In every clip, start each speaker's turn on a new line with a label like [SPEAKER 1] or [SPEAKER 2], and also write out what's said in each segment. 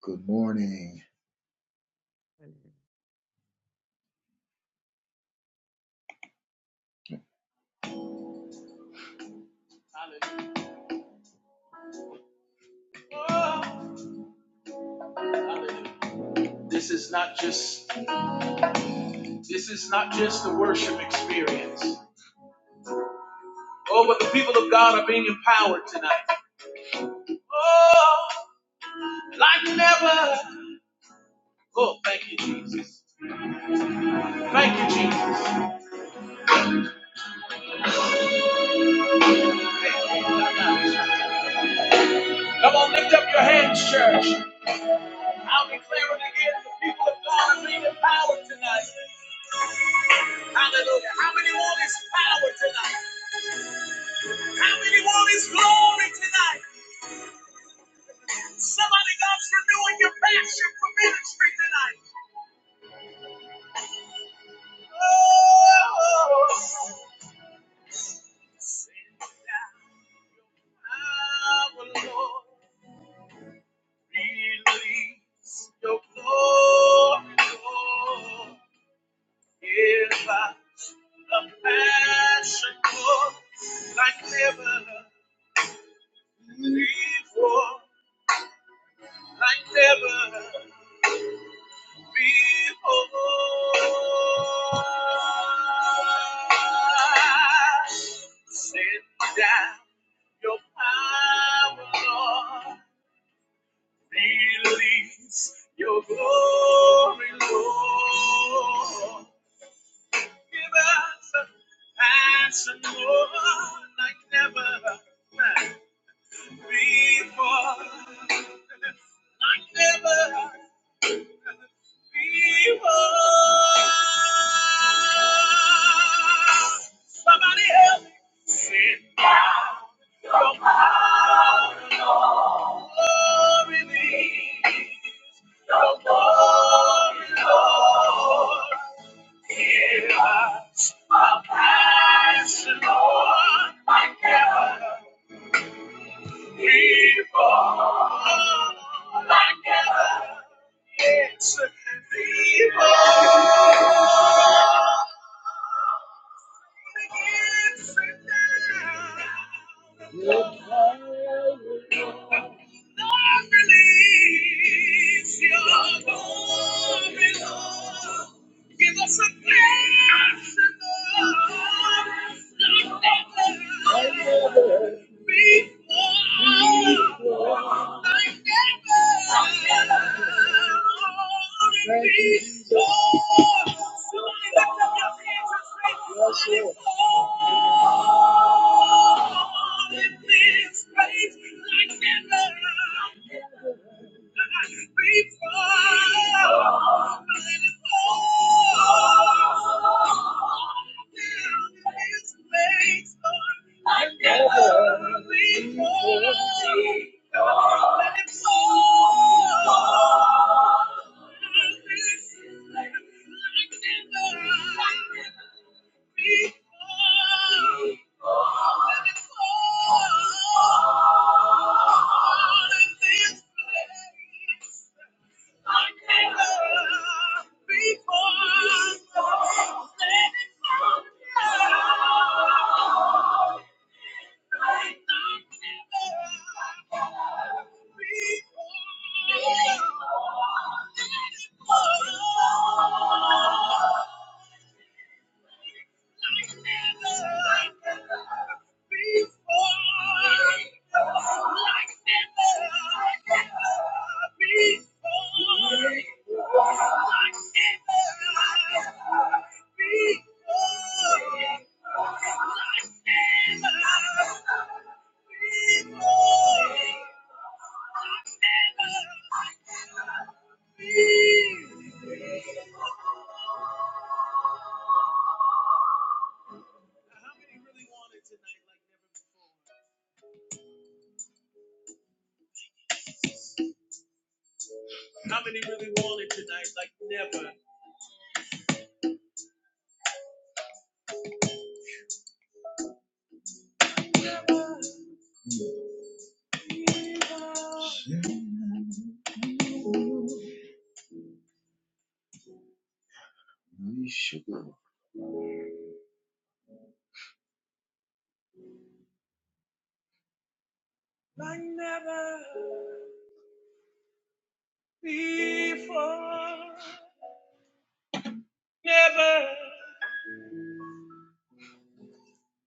[SPEAKER 1] Good morning. Hallelujah. This is not just this is not just a worship experience. Oh, but the people of God are being empowered tonight. Oh, like never. Oh, thank you, Jesus. Thank you, Jesus. Come on, lift up your hands, church. I'll declare it again. The people of God are being empowered tonight. Hallelujah. How many want his power tonight? How many want his glory tonight? Somebody God's renewing your passion for ministry tonight. Oh, our Lord, release your glory, Lord. Give us a passion for like never before, like never before. Sit down. Your power, Lord, release your glory, Lord. Give us a passion, Lord, like never before. Like never before. Somebody help me. Sit down, your power, Lord. Yes, Lord, release your glory, Lord. Give us a passion, Lord, like never before. Before, Before. Sugar.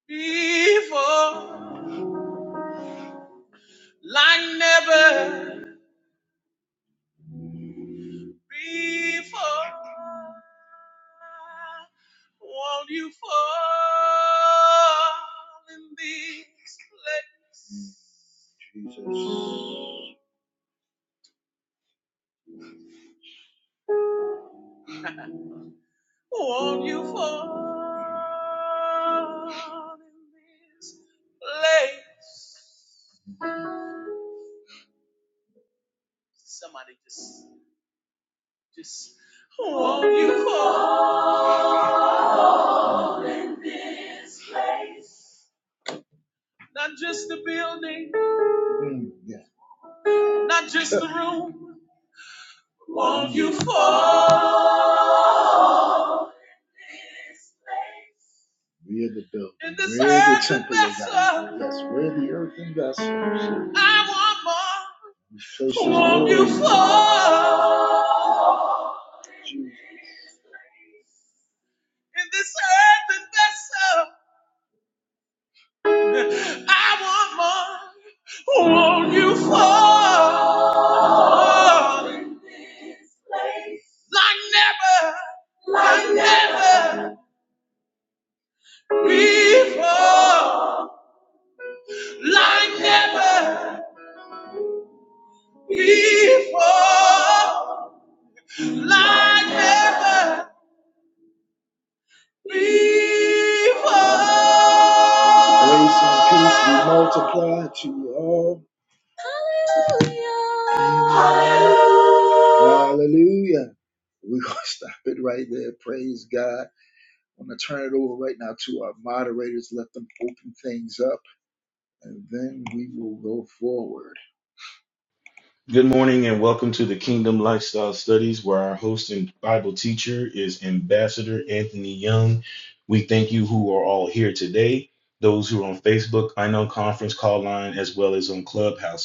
[SPEAKER 1] before, like never before. Won't you fall in this place? Jesus. Won't you fall in this place? Somebody just, just, won't you fall? Not just the building, Mm, yeah. not just the room. you fall in this place. We are the building. In this We're earth the earthen temple of God. Yes, we're the earthen vessel. We face the Won't you fall Jesus. in the- I- Won't you fall in this place. like never, like never before, like never before. like never before. Grace and peace be multiplied to you all. Hallelujah. Hallelujah. We're going to stop it right there. Praise God. I'm going to turn it over right now to our moderators. Let them open things up, and then we will go forward.
[SPEAKER 2] Good morning and welcome to the Kingdom Lifestyle Studies, where our host and Bible teacher is Ambassador Anthony Young. We thank you who are all here today, those who are on Facebook, I know Conference Call Line, as well as on Clubhouse.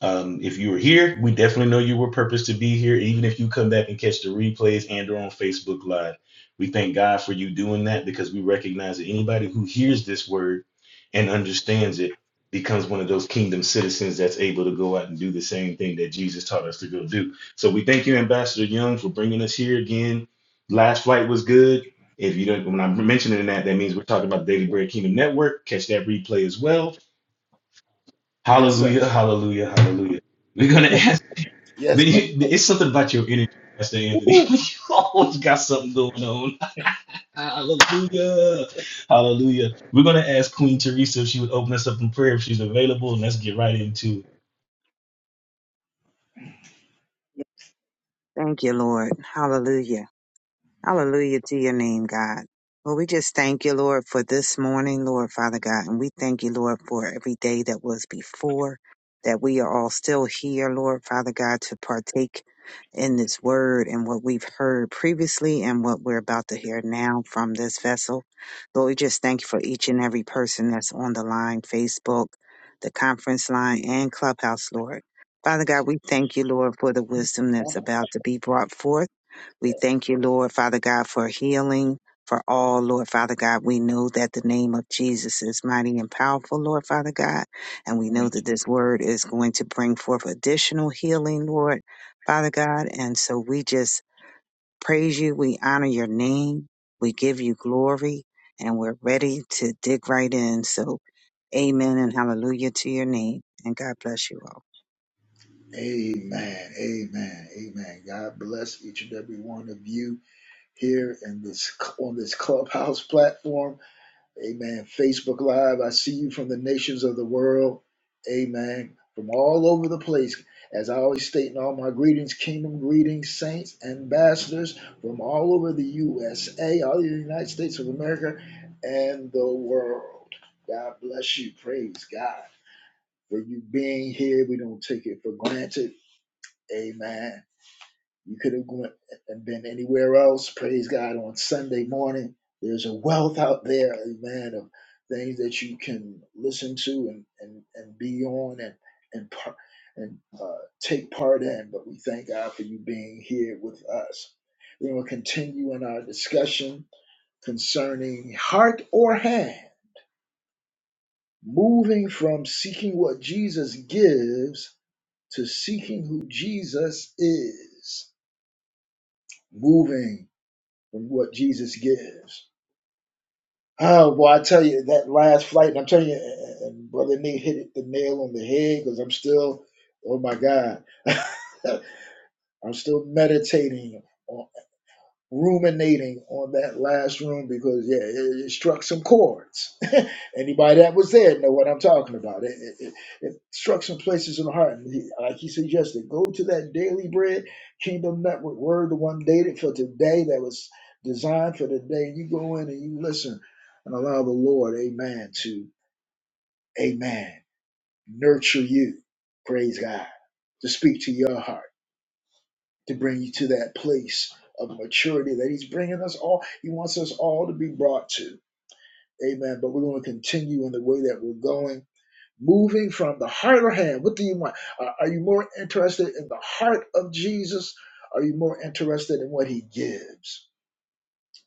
[SPEAKER 2] Um, if you were here, we definitely know you were purposed to be here. Even if you come back and catch the replays and or on Facebook Live, we thank God for you doing that because we recognize that anybody who hears this word and understands it becomes one of those kingdom citizens that's able to go out and do the same thing that Jesus taught us to go do. So we thank you, Ambassador Young, for bringing us here again. Last flight was good. If you don't, when I'm mentioning that, that means we're talking about the Daily Bread Kingdom Network. Catch that replay as well
[SPEAKER 1] Yes,
[SPEAKER 2] Hallelujah,
[SPEAKER 1] sir.
[SPEAKER 2] hallelujah, hallelujah. We're gonna ask,
[SPEAKER 1] Yes.
[SPEAKER 2] but you, it's something about your energy, Pastor Anthony.
[SPEAKER 1] Woo.
[SPEAKER 2] you always got something going on. Hallelujah, hallelujah. We're gonna ask Queen Teresa if she would open us up in prayer if she's available, and let's get right into it.
[SPEAKER 3] Thank you, Lord. Hallelujah. Hallelujah to your name, God. Well, we just thank you, Lord, for this morning, Lord, Father God. And we thank you, Lord, for every day that was before, that we are all still here, Lord, Father God, to partake in this word and what we've heard previously and what we're about to hear now from this vessel. Lord, we just thank you for each and every person that's on the line, Facebook, the conference line, and Clubhouse, Lord. Father God, we thank you, Lord, for the wisdom that's about to be brought forth. We thank you, Lord Father God, for healing for all, Lord Father God. We know that the name of Jesus is mighty and powerful, Lord Father God. And we know
[SPEAKER 1] Amen.
[SPEAKER 3] that this word is going to bring forth additional healing, Lord Father God. And so we just praise you. We honor your name. We give you glory. And we're ready to dig right in. So, amen and hallelujah to your name. And God bless you all.
[SPEAKER 1] Amen. Amen. God bless each and every one of you. here in this on this clubhouse platform. Amen. Facebook Live. I see you from the nations of the world. Amen. From all over the place. As I always state in all my greetings, kingdom greetings, saints, ambassadors from all over the USA, all the United States of America, and the world. God bless you. Praise God for you being here. We don't take it for granted. Amen. You could have went and been anywhere else. Praise God on Sunday morning. There's a wealth out there, amen, of things that you can listen to and and, and be on and and par- and uh, take part in. But we thank God for you being here with us. we will continue in our discussion concerning heart or hand, moving from seeking what Jesus gives to seeking who Jesus is. Moving and what Jesus gives. Oh boy, I tell you that last flight, and I'm telling you, and and brother Nate hit it, the nail on the head because I'm still, oh my God, I'm still meditating ruminating on that last room because yeah, it, it struck some chords. Anybody that was there know what I'm talking about. It, it, it, it struck some places in the heart. And he, like he suggested, go to that daily bread, Kingdom Network Word, the one dated for today that was designed for today. You go in and you listen and allow the Lord, Amen, to Amen, nurture you. Praise God to speak to your heart to bring you to that place of maturity that He's bringing us all. He wants us all to be brought to. Amen. But we're going to continue in the way that we're going, moving from the heart of hand. What do you want? Are are you more interested in the heart of Jesus? Are you more interested in what He gives?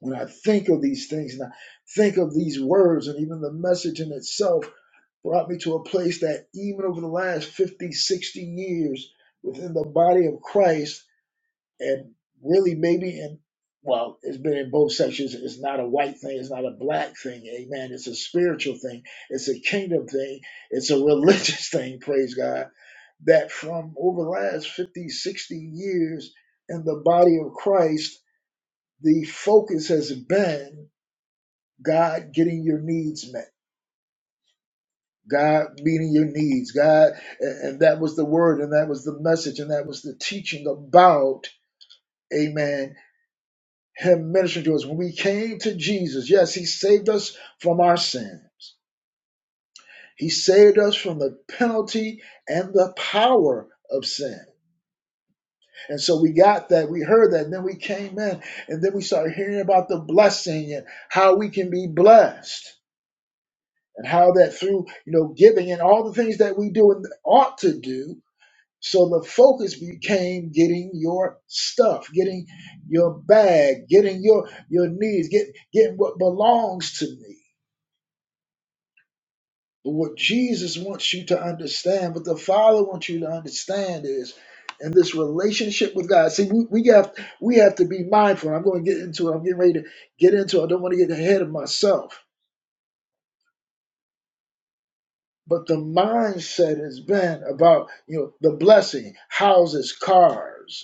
[SPEAKER 1] When I think of these things and I think of these words and even the message in itself brought me to a place that even over the last 50, 60 years within the body of Christ, and really maybe in well it's been in both sections it's not a white thing it's not a black thing amen it's a spiritual thing it's a kingdom thing it's a religious thing praise god that from over the last 50, 60 years in the body of christ the focus has been god getting your needs met god meeting your needs god and and that was the word and that was the message and that was the teaching about amen him ministering to us. When we came to Jesus, yes, he saved us from our sins. He saved us from the penalty and the power of sin. And so we got that, we heard that, and then we came in, and then we started hearing about the blessing and how we can be blessed, and how that through you know giving and all the things that we do and ought to do. So the focus became getting your stuff, getting your bag, getting your your needs, get getting what belongs to me. what Jesus wants you to understand, what the Father wants you to understand is in this relationship with God. See, we, we have we have to be mindful. I'm going to get into it. I'm getting ready to get into it. I don't want to get ahead of myself. But the mindset has been about, you know, the blessing, houses, cars.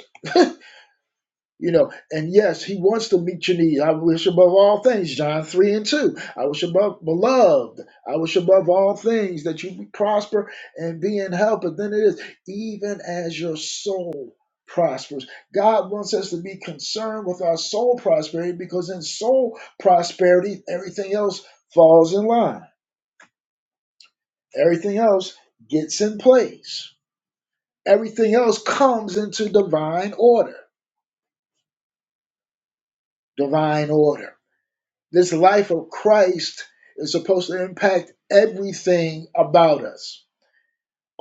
[SPEAKER 1] You know, and yes, he wants to meet your needs. I wish above all things, John 3 and 2. I wish above, beloved, I wish above all things that you be prosper and be in health. But then it is, even as your soul prospers. God wants us to be concerned with our soul prosperity because in soul prosperity, everything else falls in line, everything else gets in place, everything else comes into divine order. Divine order. This life of Christ is supposed to impact everything about us.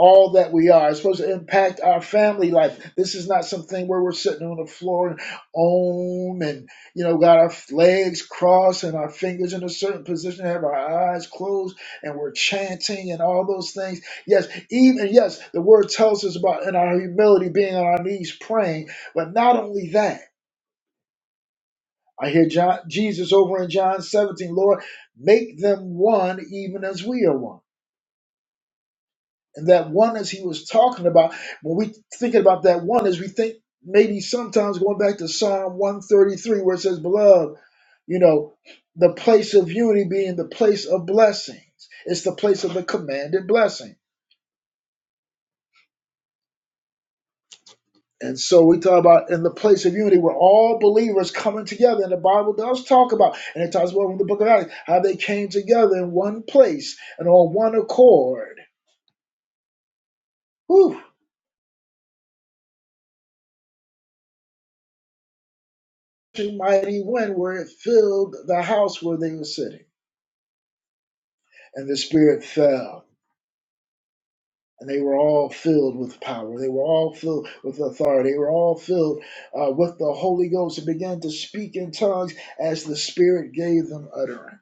[SPEAKER 1] All that we are. It's supposed to impact our family life. This is not something where we're sitting on the floor and own and, you know, got our legs crossed and our fingers in a certain position, have our eyes closed and we're chanting and all those things. Yes, even, yes, the word tells us about in our humility being on our knees praying, but not only that. I hear John, Jesus over in John 17, Lord, make them one even as we are one. And that oneness he was talking about, when we thinking about that oneness, we think maybe sometimes going back to Psalm 133, where it says, Beloved, you know, the place of unity being the place of blessings. It's the place of the commanded blessing. And so we talk about in the place of unity where all believers coming together, and the Bible does talk about, and it talks about in the book of Acts how they came together in one place and on one accord. Whew! Such a mighty wind where it filled the house where they were sitting, and the Spirit fell, and they were all filled with power. They were all filled with authority. They were all filled uh, with the Holy Ghost and began to speak in tongues as the Spirit gave them utterance.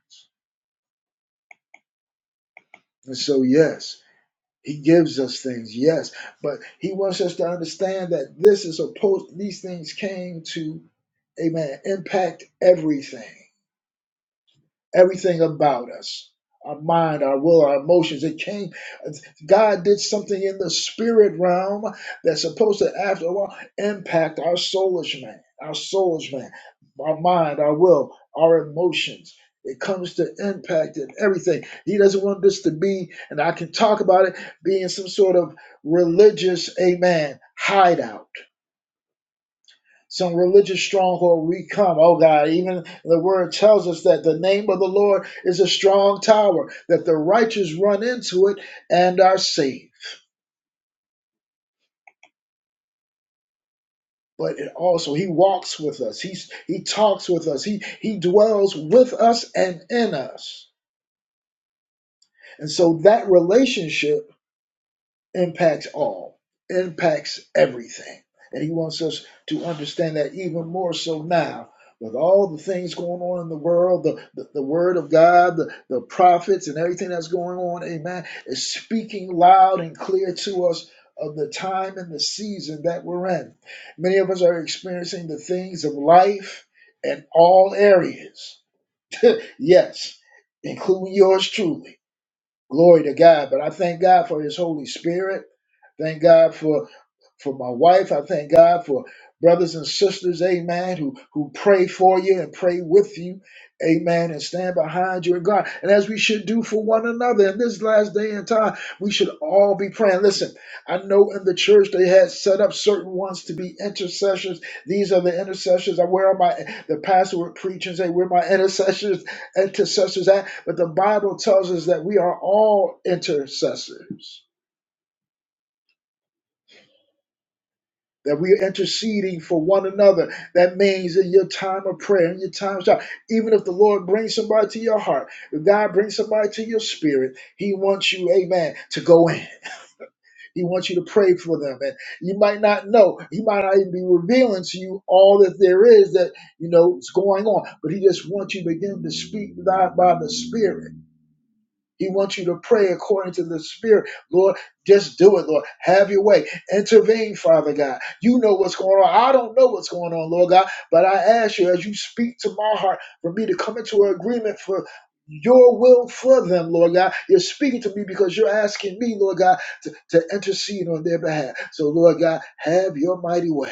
[SPEAKER 1] And so, yes. He gives us things, yes, but he wants us to understand that this is supposed these things came to, amen, impact everything everything about us our mind our will our emotions it came god did something in the spirit realm that's supposed to after a while impact our soulish man our soulish man our mind our will our emotions it comes to impact and everything he doesn't want this to be and i can talk about it being some sort of religious amen hideout some religious stronghold we come. Oh God, even the word tells us that the name of the Lord is a strong tower, that the righteous run into it and are saved. But it also he walks with us, he's he talks with us, he he dwells with us and in us. And so that relationship impacts all, impacts everything. And he wants us to understand that even more so now. With all the things going on in the world, the, the, the word of God, the, the prophets, and everything that's going on, amen, is speaking loud and clear to us of the time and the season that we're in. Many of us are experiencing the things of life in all areas. Yes, including yours truly. Glory to God. But I thank God for his Holy Spirit. Thank God for for my wife. I thank God for brothers and sisters, amen, who, who pray for you and pray with you, amen, and stand behind you in God. And as we should do for one another in this last day and time, we should all be praying. Listen, I know in the church they had set up certain ones to be intercessors. These are the intercessors. I where are my the pastor would preach and say, Where my intercessors, intercessors at? But the Bible tells us that we are all intercessors that we are interceding for one another. That means in your time of prayer, in your time of shout, even if the Lord brings somebody to your heart, if God brings somebody to your spirit, He wants you, amen, to go in. He wants you to pray for them. And you might not know, He might not even be revealing to you all that there is that, you know, is going on, but He just wants you to begin to speak to God by the Spirit. He wants you to pray according to the Spirit. Lord, just do it, Lord. Have your way. Intervene, Father God. You know what's going on. I don't know what's going on, Lord God, but I ask you as you speak to my heart for me to come into an agreement for your will for them, Lord God. You're speaking to me because you're asking me, Lord God, to, to intercede on their behalf. So, Lord God, have your mighty way.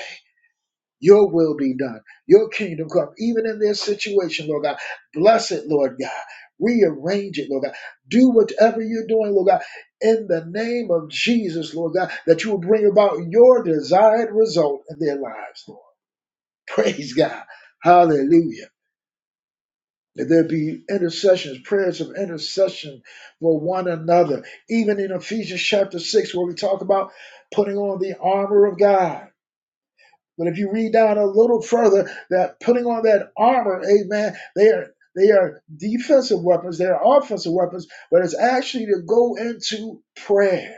[SPEAKER 1] Your will be done. Your kingdom come. Even in their situation, Lord God, bless it, Lord God. Rearrange it, Lord God. Do whatever you're doing, Lord God, in the name of Jesus, Lord God, that you will bring about your desired result in their lives, Lord. Praise God. Hallelujah. That there be intercessions, prayers of intercession for one another. Even in Ephesians chapter 6, where we talk about putting on the armor of God but if you read down a little further, that putting on that armor, amen, they are they are defensive weapons, they are offensive weapons, but it's actually to go into prayer.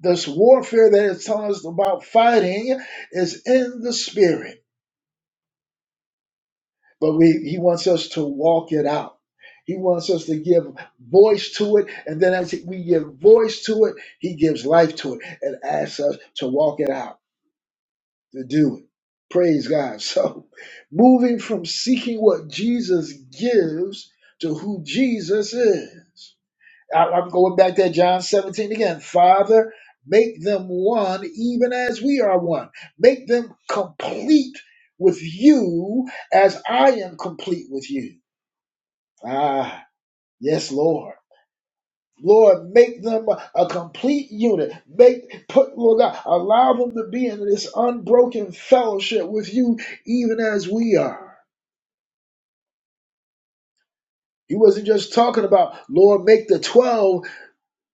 [SPEAKER 1] This warfare that it's telling us about fighting is in the spirit, but we, he wants us to walk it out. He wants us to give voice to it, and then as we give voice to it, he gives life to it and asks us to walk it out. to do it. Praise God. So, moving from seeking what Jesus gives to who Jesus is. I- am going back to John 17 again. Father, make them one, even as we are one. Make them complete with you as I am complete with you. Ah, yes, Lord. Lord, make them a, a complete unit. Make put Lord God, allow them to be in this unbroken fellowship with you, even as we are. He wasn't just talking about Lord, make the twelve,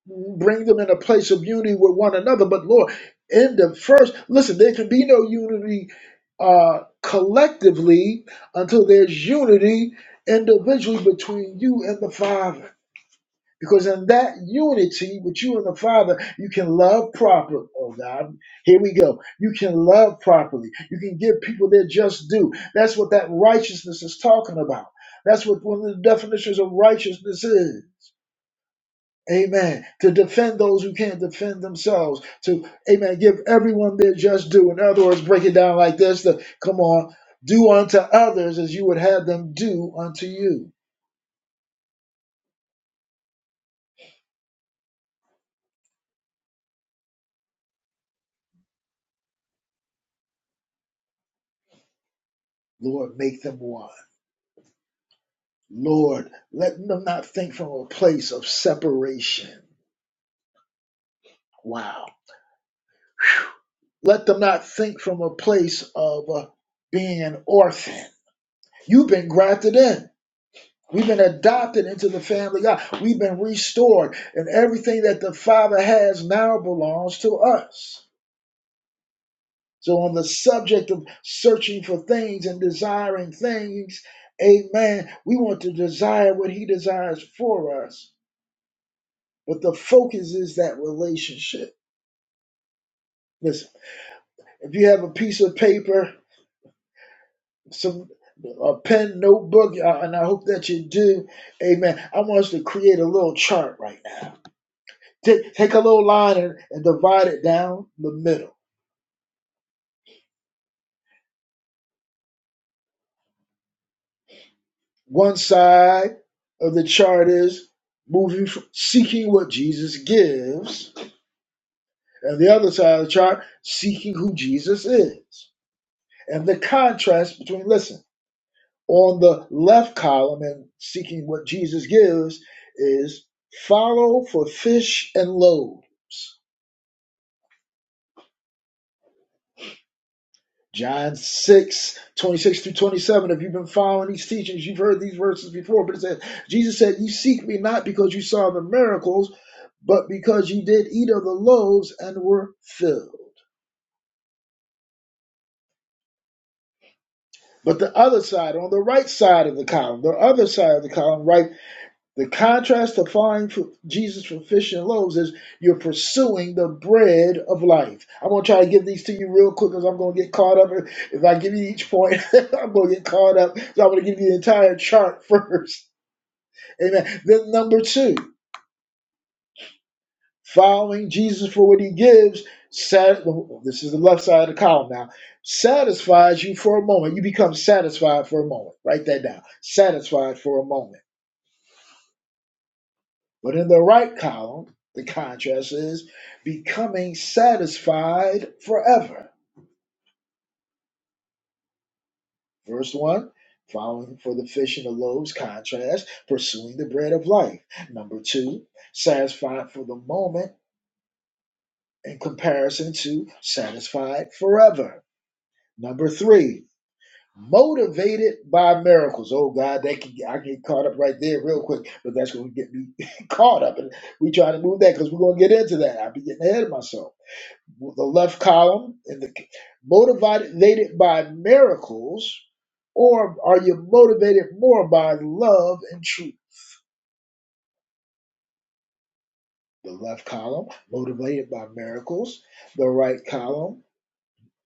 [SPEAKER 1] bring them in a place of unity with one another. But Lord, in the first, listen, there can be no unity uh, collectively until there's unity individually between you and the Father. Because in that unity with you and the Father, you can love properly. Oh God, here we go. You can love properly. You can give people their just due. That's what that righteousness is talking about. That's what one of the definitions of righteousness is. Amen. To defend those who can't defend themselves. To, amen, give everyone their just due. In other words, break it down like this. To, come on. Do unto others as you would have them do unto you. Lord, make them one. Lord, let them not think from a place of separation. Wow. Let them not think from a place of uh, being an orphan. You've been grafted in. We've been adopted into the family of God. We've been restored, and everything that the Father has now belongs to us. So, on the subject of searching for things and desiring things, amen, we want to desire what He desires for us. But the focus is that relationship. Listen. If you have a piece of paper, some a pen, notebook, uh, and I hope that you do, amen. I want us to create a little chart right now. Take, take a little line and, and divide it down the middle. One side of the chart is moving, f- seeking what Jesus gives, and the other side of the chart, seeking who Jesus is. And the contrast between, listen, on the left column and seeking what Jesus gives is follow for fish and loaves. John six twenty six through 27. If you've been following these teachings, you've heard these verses before, but it says, Jesus said, You seek me not because you saw the miracles, but because you did eat of the loaves and were filled. But the other side, on the right side of the column, the other side of the column, right The contrast to following Jesus for fish and loaves is you're pursuing the bread of life. I'm gonna try to give these to you real quick because I'm gonna get caught up. If I give you each point, I'm gonna get caught up. So I'm gonna give you the entire chart first. Amen. Then number two, following Jesus for what He gives. Sat- oh, this is the left side of the column now. Satisfies you for a moment. You become satisfied for a moment. Write that down. Satisfied for a moment. But in the right column, the contrast is becoming satisfied forever. Verse 1, following for the fish and the loaves contrast, pursuing the bread of life. Number 2, satisfied for the moment in comparison to satisfied forever. Number 3, motivated by miracles. Oh God, that can, I get caught up right there real quick, but that's going to get me caught up. And we trying to move that because we're going to get into that. I'll be getting ahead of myself the left column in the motivated by miracles or are you motivated more by love and truth the left column motivated by miracles the right column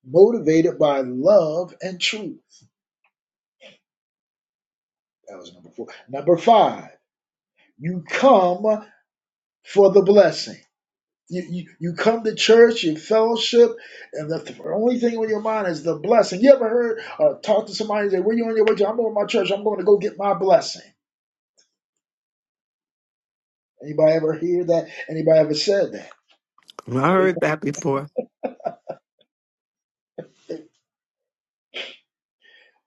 [SPEAKER 1] motivated by love and truth that was number four number five you come for the blessing you, you, you come to church, you fellowship, and the, the only thing on your mind is the blessing. You ever heard or talk to somebody and say, Where you on your way to? I'm going to my church. I'm going to go get my blessing. Anybody ever hear that? Anybody ever said that?
[SPEAKER 4] I heard that before.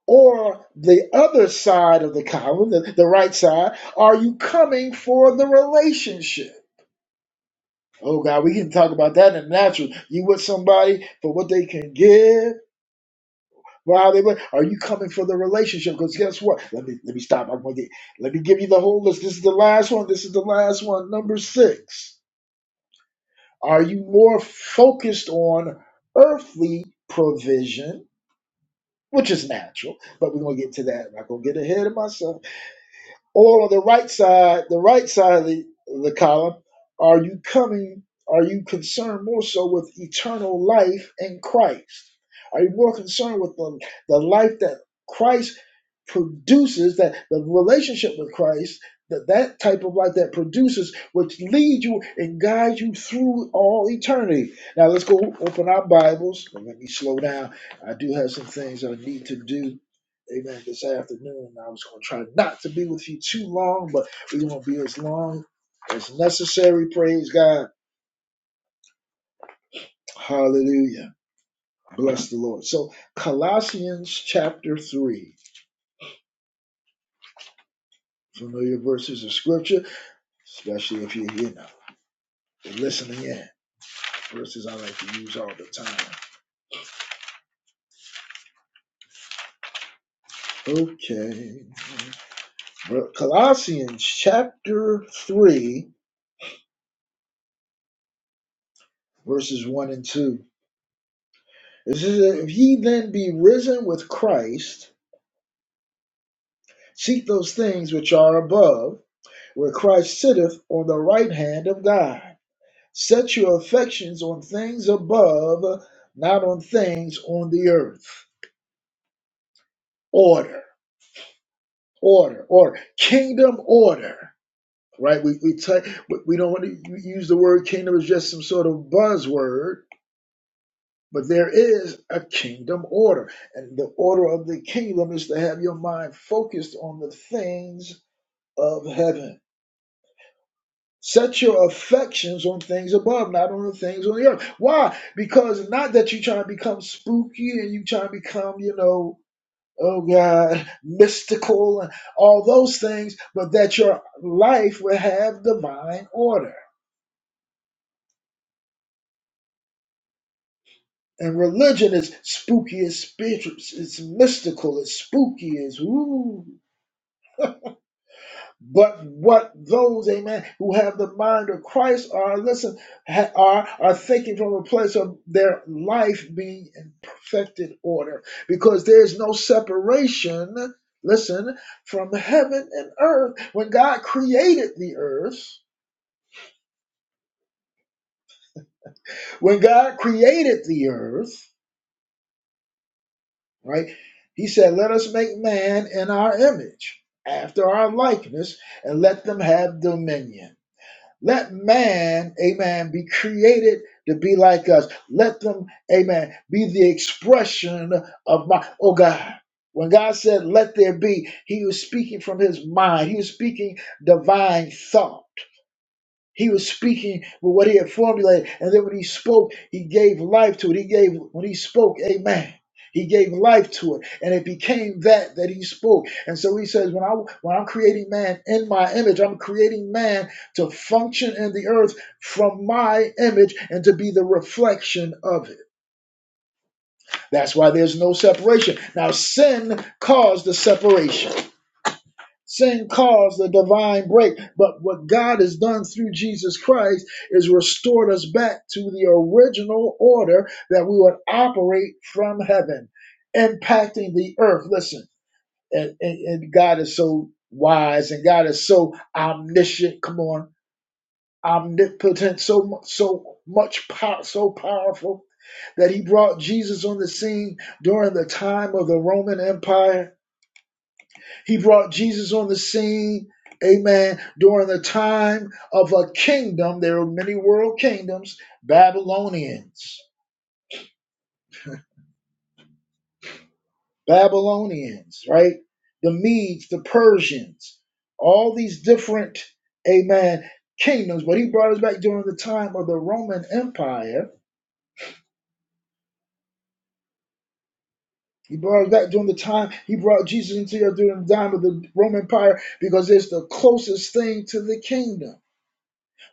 [SPEAKER 1] Or the other side of the column, the, the right side, are you coming for the relationship? Oh God, we can talk about that in the natural. You with somebody for what they can give. Wow, they are you coming for the relationship? Because guess what? Let me let me stop. I'm gonna get let me give you the whole list. This is the last one. This is the last one. Number six. Are you more focused on earthly provision which is natural, but we're gonna get to that. I'm not gonna get ahead of myself. All on the right side, the right side of the, the column, are you coming? Are you concerned more so with eternal life in Christ? Are you more concerned with the, the life that Christ produces that the relationship with Christ, that that type of life that produces, which leads you and guides you through all eternity. Now let's go open our Bibles. Well, let me slow down. I do have some things I need to do. Amen. This afternoon, I was going to try not to be with you too long, but we're going to be as long as necessary. Praise God. Hallelujah. Bless the Lord. So, Colossians chapter 3, familiar verses of scripture, especially if you're here now. and listening in. Verses I like to use all the time. Okay. Well, Colossians chapter 3, verses 1 and 2. It says, If ye then be risen with Christ, seek those things which are above, where Christ sitteth on the right hand of God. Set your affections on things above, not on things on the earth. Order, order, order. Kingdom order. right? We we t- we don't want to use the word kingdom as just some sort of buzzword, but there is a kingdom order, and the order of the kingdom is to have your mind focused on the things of heaven. Set your affections on things above, not on the things on the earth. Why? Because not that you try to become spooky and you try to become, you know, oh God, mystical and all those things, but that your life will have divine order And religion is spooky, it's spiritual, it's it's mystical, it's spooky, it's ooh. But what those, amen, who have the mind of Christ are, listen, ha- are, are thinking from a place of their life being in perfected order. Because there's no separation, listen, from heaven and earth. When God created the earth, when God created the earth, right? He said, Let us make man in our image, after our likeness, and let them have dominion. Let man, amen, be created to be like us. Let them, amen, be the expression of my, oh God. When God said, Let there be, he was speaking from his mind, he was speaking divine thought. He was speaking with what he had formulated, and then when he spoke, he gave life to it. He gave when he spoke, Amen. He gave life to it, and it became that that he spoke. And so he says, when I when I'm creating man in my image, I'm creating man to function in the earth from my image and to be the reflection of it. That's why there's no separation. Now sin caused the separation. Sin caused the divine break, but what God has done through Jesus Christ is restored us back to the original order that we would operate from heaven, impacting the earth. Listen, and, and, and God is so wise and God is so omniscient. Come on, omnipotent, so mu- so much power, so powerful that He brought Jesus on the scene during the time of the Roman Empire he brought Jesus on the scene, amen, during the time of a kingdom. There were many world kingdoms, Babylonians, Babylonians, right? The Medes, the Persians, all these different, amen, kingdoms. But he brought us back during the time of the Roman Empire. He brought us back during the time, he brought Jesus into here during the time of the Roman Empire because it's the closest thing to the kingdom.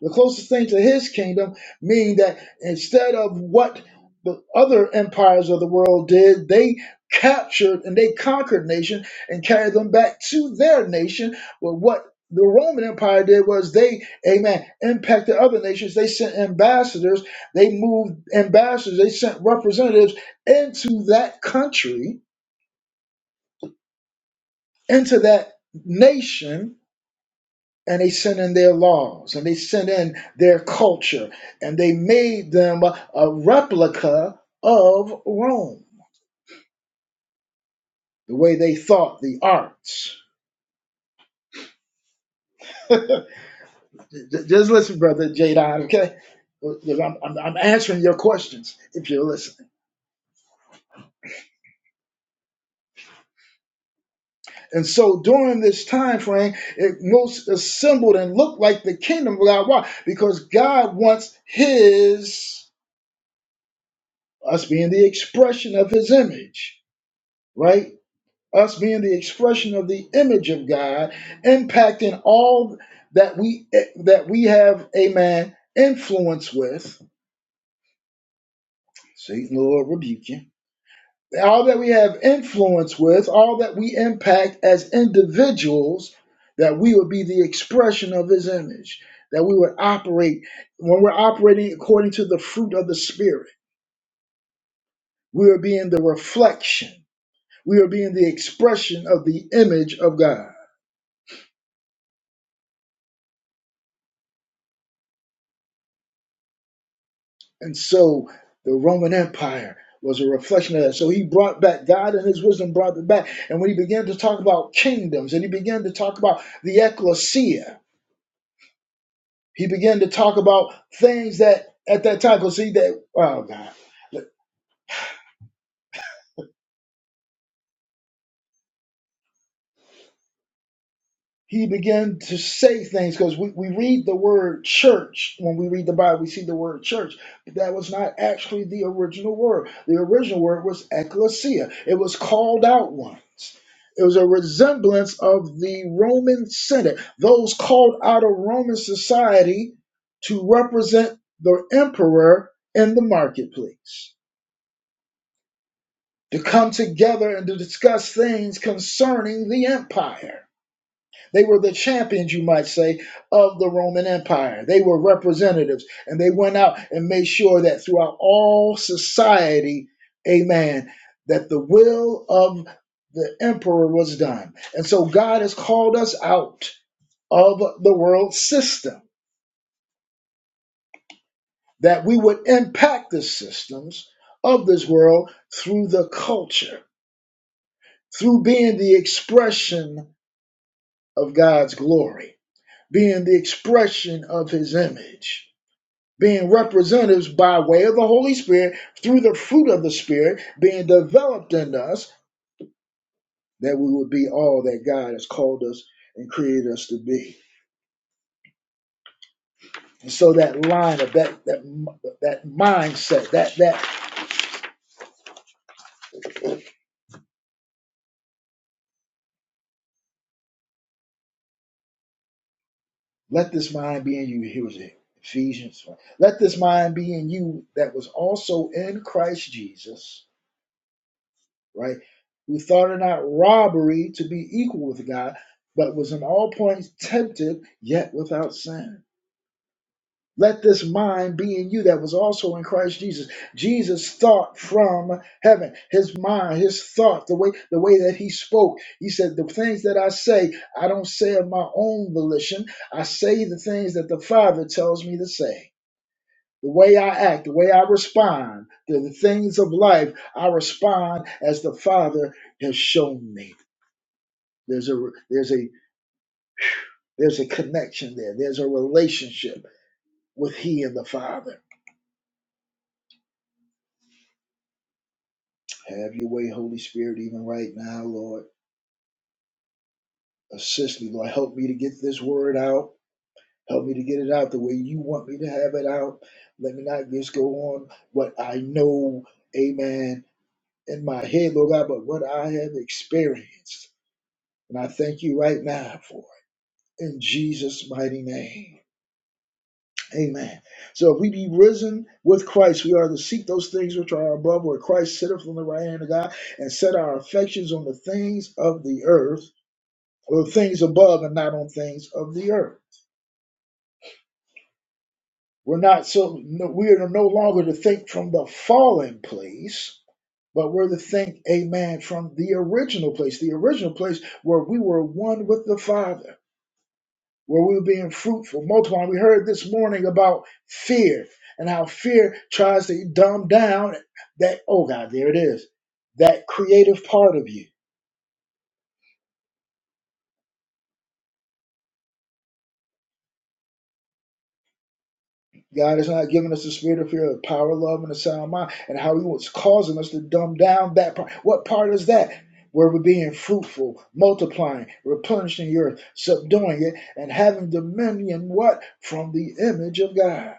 [SPEAKER 1] The closest thing to his kingdom meaning that instead of what the other empires of the world did, they captured and they conquered nation and carried them back to their nation. But what the Roman Empire did was they, amen, impacted other nations. They sent ambassadors, they moved ambassadors, they sent representatives into that country, into that nation and they sent in their laws and they sent in their culture and they made them a, replica of Rome, the way they thought the arts. Just listen, brother Jadon, okay? I'm, I'm, I'm answering your questions if you're listening. And so during this time frame, it most assembled and looked like the kingdom of God. Why? Because God wants His, us being the expression of His image, right? us being the expression of the image of God, impacting all that we that we have, amen, influence with. Satan, Lord, rebuke you. All that we have influence with, all that we impact as individuals, that we would be the expression of His image. That we would operate when we're operating according to the fruit of the Spirit. We are being the reflection. We are being the expression of the image of God. And so the Roman Empire was a reflection of that. So he brought back God and his wisdom brought it back. And when he began to talk about kingdoms and he began to talk about the ecclesia, he began to talk about things that at that time, because see that, oh God. he began to say things because we, we read the word church when we read the Bible, we see the word church. But that was not actually the original word. The original word was ecclesia, it was called out ones. It was a resemblance of the Roman Senate, those called out of Roman society to represent the emperor in the marketplace, to come together and to discuss things concerning the empire. They were the champions, you might say, of the Roman Empire. They were representatives, and they went out and made sure that throughout all society, amen, that the will of the emperor was done. And so God has called us out of the world system, that we would impact the systems of this world through the culture, through being the expression of God's glory, being the expression of his image being representatives by way of the Holy Spirit through the fruit of the Spirit being developed in us, that we would be all that God has called us and created us to be. And so that line of that that that mindset, that that let this mind be in you. Here was it. Ephesians 1. Let this mind be in you that was also in Christ Jesus, right? Who thought it not robbery to be equal with God, but was in all points tempted, yet without sin Let this mind be in you that was also in Christ Jesus. Jesus thought from heaven. His mind, his thought, the way the way that he spoke. He said, "The things that I say, I don't say of my own volition. I say the things that the Father tells me to say." The way I act, the way I respond to the things of life, I respond as the Father has shown me. There's a there's a there's a connection there. There's a relationship with He and the Father. Have your way, Holy Spirit, even right now, Lord. Assist me, Lord. Help me to get this word out. Help me to get it out the way you want me to have it out. Let me not just go on what I know, amen, in my head, Lord God, but what I have experienced. And I thank you right now for it. In Jesus' mighty name. Amen. So if we be risen with Christ, we are to seek those things which are above where Christ sitteth on the right hand of God and set our affections on the things of the earth Or things above and not on things of the earth. We're not so no, we are no longer to think from the fallen place, but we're to think, amen, from the original place, the original place where we were one with the Father, where we were being fruitful, multiplying. We heard this morning about fear and how fear tries to dumb down that, oh God, there it is, that creative part of you God has not given us the spirit of fear, of power, love, and a sound mind. And how He was causing us to dumb down that part. What part is that? Where we're being fruitful, multiplying, replenishing the earth, subduing it, and having dominion. What? From the image of God,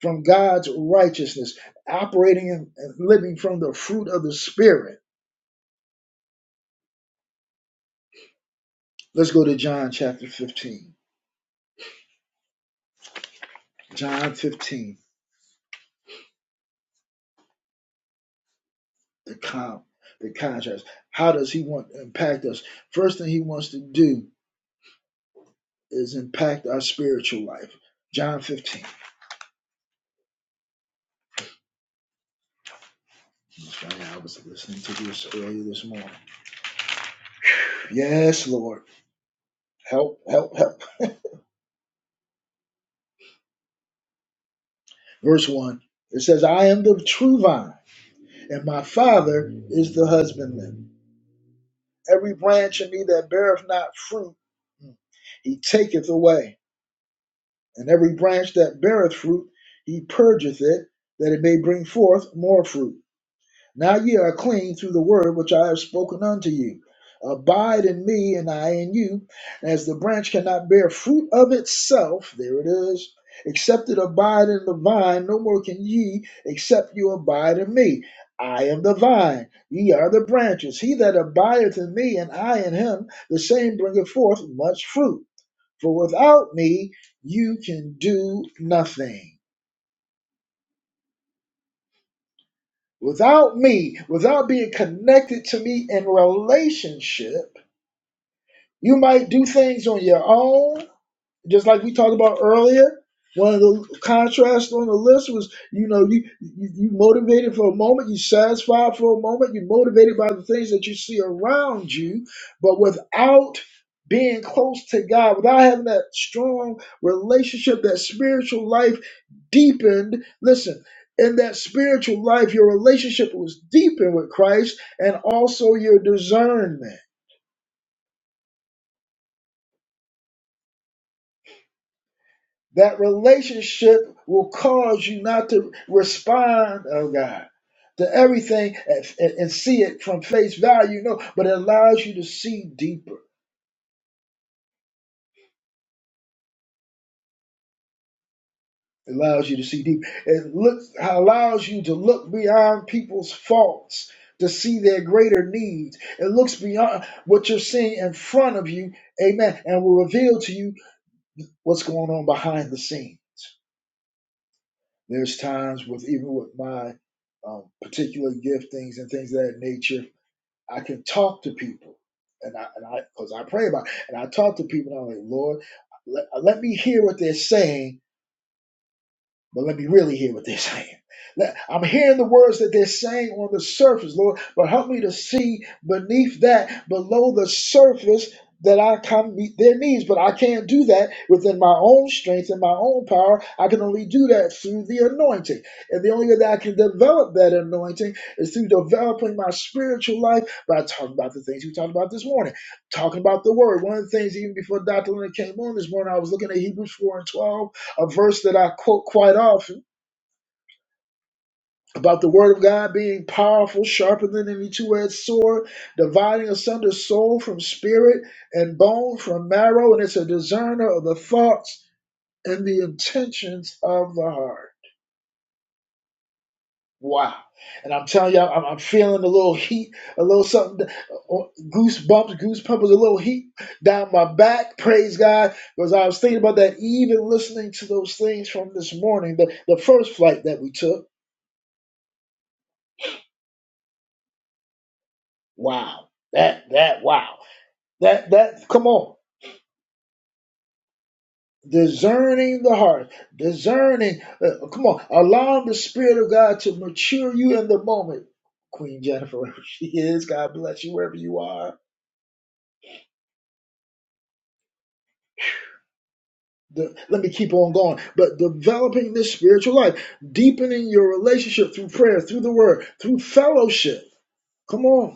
[SPEAKER 1] from God's righteousness, operating and living from the fruit of the Spirit. Let's go to John chapter 15. John 15, the com, the contrast. How does He want to impact us? First thing He wants to do is impact our spiritual life. John 15. Funny, I was listening to this earlier this morning. Yes, Lord. Help, help, help. Verse 1. It says, I am the true vine, and my Father is the husbandman. Every branch in me that beareth not fruit, he taketh away. And every branch that beareth fruit, he purgeth it, that it may bring forth more fruit. Now ye are clean through the word which I have spoken unto you. Abide in me, and I in you. As the branch cannot bear fruit of itself, there it is, except it abide in the vine, no more can ye, except you abide in me. I am the vine, ye are the branches. He that abideth in me, and I in him, the same bringeth forth much fruit. For without me, you can do nothing. Without me, without being connected to me in relationship, you might do things on your own, just like we talked about earlier. One of the contrasts on the list was, you know, you, you you motivated for a moment, you satisfied for a moment, you motivated by the things that you see around you, but without being close to God, without having that strong relationship, that spiritual life deepened. Listen, in that spiritual life, your relationship was deepened with Christ and also your discernment. That relationship will cause you not to respond, oh God, to everything and, and- see it from face value. No, but it allows you to see deeper. It allows you to see deep. It looks allows you to look beyond people's faults to see their greater needs. It looks beyond what you're seeing in front of you, amen, and will reveal to you what's going on behind the scenes. There's times with even with my um, particular giftings and things of that nature, I can talk to people, and I and I because I pray about, it, and I talk to people, and I'm like, Lord, let, let me hear what they're saying But let me really hear what they're saying. I'm hearing the words that they're saying on the surface, Lord, but help me to see beneath that, below the surface, that I can meet their needs. But I can't do that within my own strength and my own power. I can only do that through the anointing. And the only way that I can develop that anointing is through developing my spiritual life by talking about the things we talked about this morning, talking about the word. One of the things, even before Dr. Leonard came on this morning, I was looking at Hebrews 4 and 12 a verse that I quote quite often about the word of God being powerful, sharper than any two-edged sword, dividing asunder soul from spirit and bone from marrow, and it's a discerner of the thoughts and the intentions of the heart. Wow. And I'm telling you, I'm, I'm feeling a little heat, a little something, goosebumps, goosebumps, a little heat down my back. Praise God. Because I was thinking about that, even listening to those things from this morning, the, the first flight that we took. Wow. That that wow. That that come on. Discerning the heart, discerning. uh, come on, allowing the Spirit of God to mature you in the moment. Queen Jennifer, wherever she is, God bless you wherever you are. The- let me keep on going. But developing this spiritual life, deepening your relationship through prayer, through the Word, through fellowship. Come on.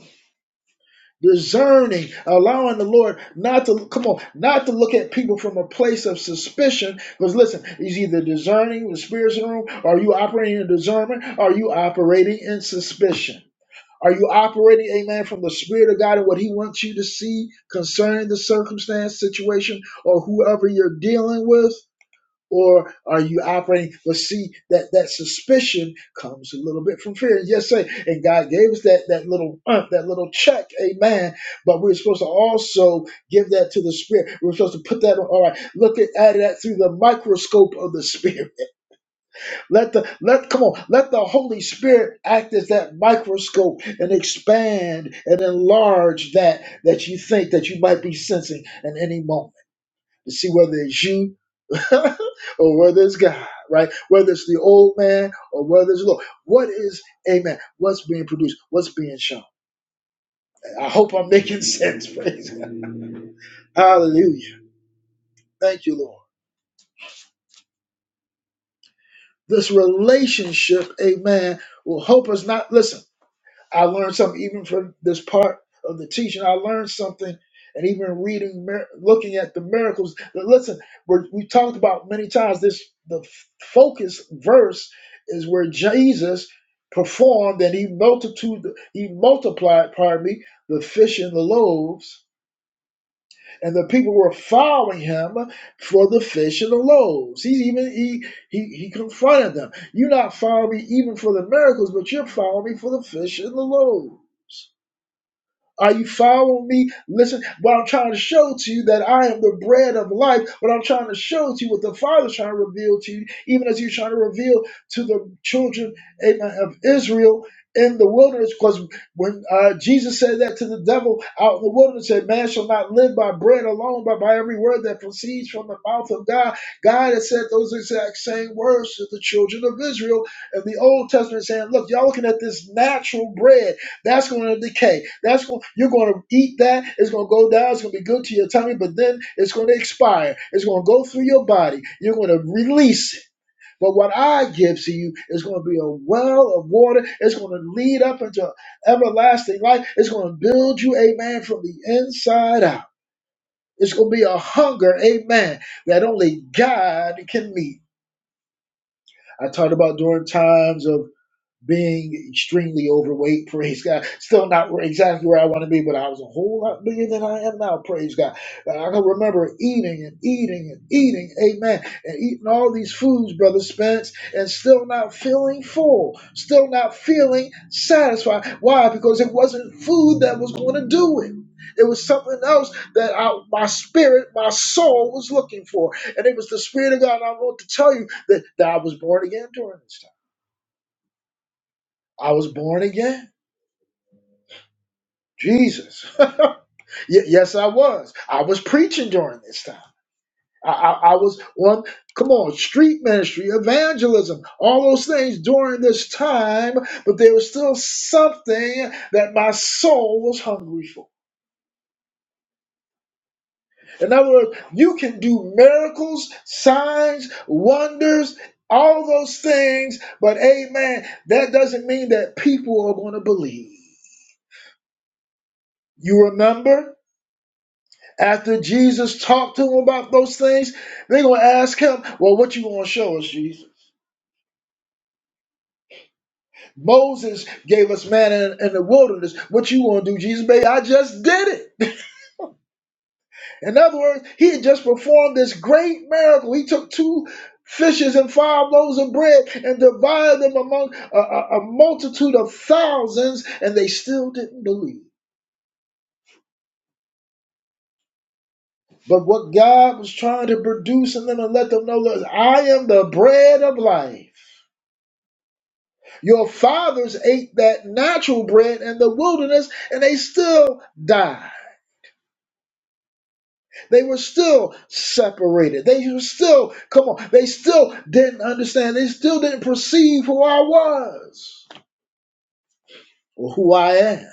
[SPEAKER 1] discerning, allowing the Lord not to come on, not to look at people from a place of suspicion. Because listen, he's either discerning the spirits in the room, or are you operating in discernment? Or Are you operating in suspicion? Are you operating, amen, from the Spirit of God and what He wants you to see concerning the circumstance, situation, or whoever you're dealing with? or are you operating? But see, that that suspicion comes a little bit from fear. yes, sir. and God gave us that that little uh, that little check, Amen. But we're supposed to also give that to the Spirit. We're supposed to put that on. All right, look at, at that through the microscope of the Spirit. Let the let come on, let the Holy Spirit act as that microscope and expand and enlarge that that you think that you might be sensing in any moment to see whether it's you or whether it's God, right? Whether it's the old man or whether it's the Lord. What is, amen, what's being produced, what's being shown? I hope I'm making sense. Praise God. Hallelujah. Thank you, Lord. This relationship, amen, will help us not, listen. I learned something even from this part of the teaching. I learned something, and even reading, mir- looking at the miracles. But listen, we're, we talked about many times. This the f- focus verse is where Jesus performed and he multitude he multiplied pardon me the fish and the loaves and the people were following him for the fish and the loaves he even he he, he confronted them you're not following me even for the miracles but you're following me for the fish and the loaves are you following me? Listen, what I'm trying to show to you that I am the bread of life. What I'm trying to show to you, what the Father's trying to reveal to you, even as you're trying to reveal to the children amen, of Israel in the wilderness. Because when uh, Jesus said that to the devil out in the wilderness, said, "Man shall not live by bread alone, but by every word that proceeds from the mouth of God." God had said those exact same words to the children of Israel in the Old Testament, saying, "Look, y'all looking at this natural bread." That's going to decay. That's going you're going to eat that. It's going to go down. It's going to be good to your tummy, but then it's going to expire. It's going to go through your body. You're going to release it. But what I give to you is going to be a well of water. It's going to lead up into everlasting life. It's going to build you, amen, from the inside out. It's going to be a hunger, amen, that only God can meet. I talked about during times of being extremely overweight, praise God. Still not where- exactly where I want to be, but I was a whole lot bigger than I am now, praise God. And I can remember eating and eating and eating, amen, and eating all these foods, Brother Spence, and still not feeling full, still not feeling satisfied. Why? Because it wasn't food that was going to do it. It was something else that I, my spirit, my soul was looking for. And it was the Spirit of God. And I want to tell you that, that I was born again during this time. I was born again. Jesus. Y- yes, I was. I was preaching during this time. I, I, I was on, come on, street ministry, evangelism, all those things during this time, but there was still something that my soul was hungry for. In other words, you can do miracles, signs, wonders, all those things, but amen, that doesn't mean that people are going to believe. You remember? After Jesus talked to them about those things, they're going to ask him, Well, what you going to show us, Jesus? Moses gave us manna in, in the wilderness. What you going to do, Jesus? Baby, I just did it. In other words, he had just performed this great miracle. He took two fishes and five loaves of bread and divided them among a, a a multitude of thousands, and they still didn't believe. But what God was trying to produce in them and let them know, look, I am the bread of life. Your fathers ate that natural bread in the wilderness and they still died. They were still separated. They were still, come on, they still didn't understand. They still didn't perceive who I was or who I am.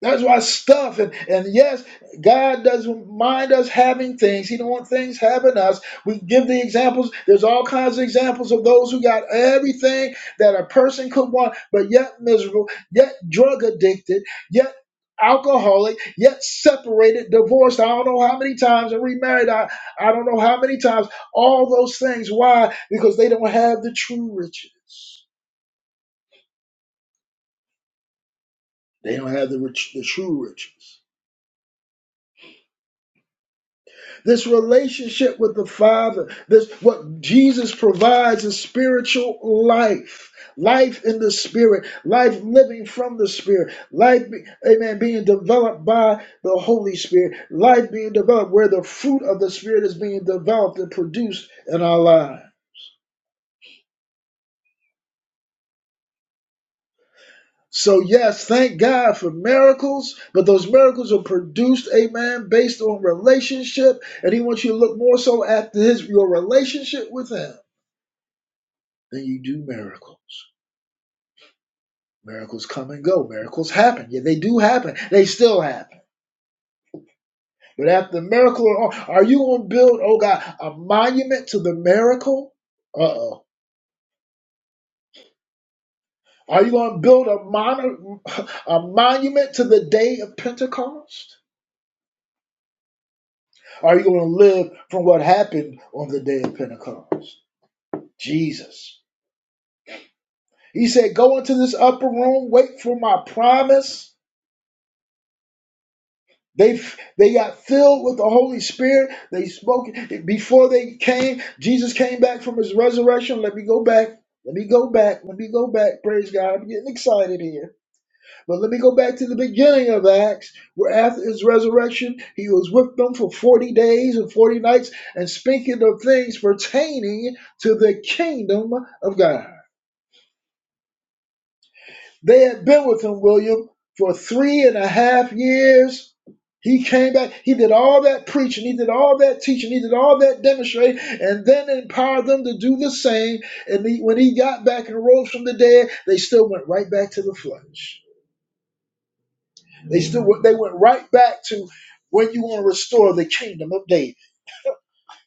[SPEAKER 1] That's why stuff and, and yes, God doesn't mind us having things. He don't want things having us. We give the examples. There's all kinds of examples of those who got everything that a person could want, but yet miserable, yet drug addicted, yet alcoholic, yet separated, divorced. I don't know how many times and remarried. I, I don't know how many times. All those things. Why? Because they don't have the true riches. They don't have the rich, the true riches. This relationship with the Father, this what Jesus provides is spiritual life, life in the Spirit, life living from the Spirit, life, be- amen, being developed by the Holy Spirit, life being developed where the fruit of the Spirit is being developed and produced in our lives. So, yes, thank God for miracles, but those miracles are produced, amen, based on relationship. And he wants you to look more so at his your relationship with him then you do miracles. Miracles come and go. Miracles happen. Yeah, they do happen. They still happen. But after the miracle, are you going to build, oh God, a monument to the miracle? Uh oh. Are you going to build a, mon- a monument to the day of Pentecost? Are you going to live from what happened on the day of Pentecost? Jesus. He said, Go into this upper room, wait for my promise. They they got filled with the Holy Spirit. They spoke before they came. Jesus came back from his resurrection. Let me go back. Let me go back. Let me go back. Praise God. I'm getting excited here. But let me go back to the beginning of Acts, where after his resurrection, he was with them for 40 days and 40 nights and speaking of things pertaining to the kingdom of God. They had been with him, William, for three and a half years. He came back. He did all that preaching. He did all that teaching. He did all that demonstrating, and then empowered them to do the same. And he, when he got back and rose from the dead, they still went right back to the flesh. They still went- they went right back to when you want to restore the kingdom of David.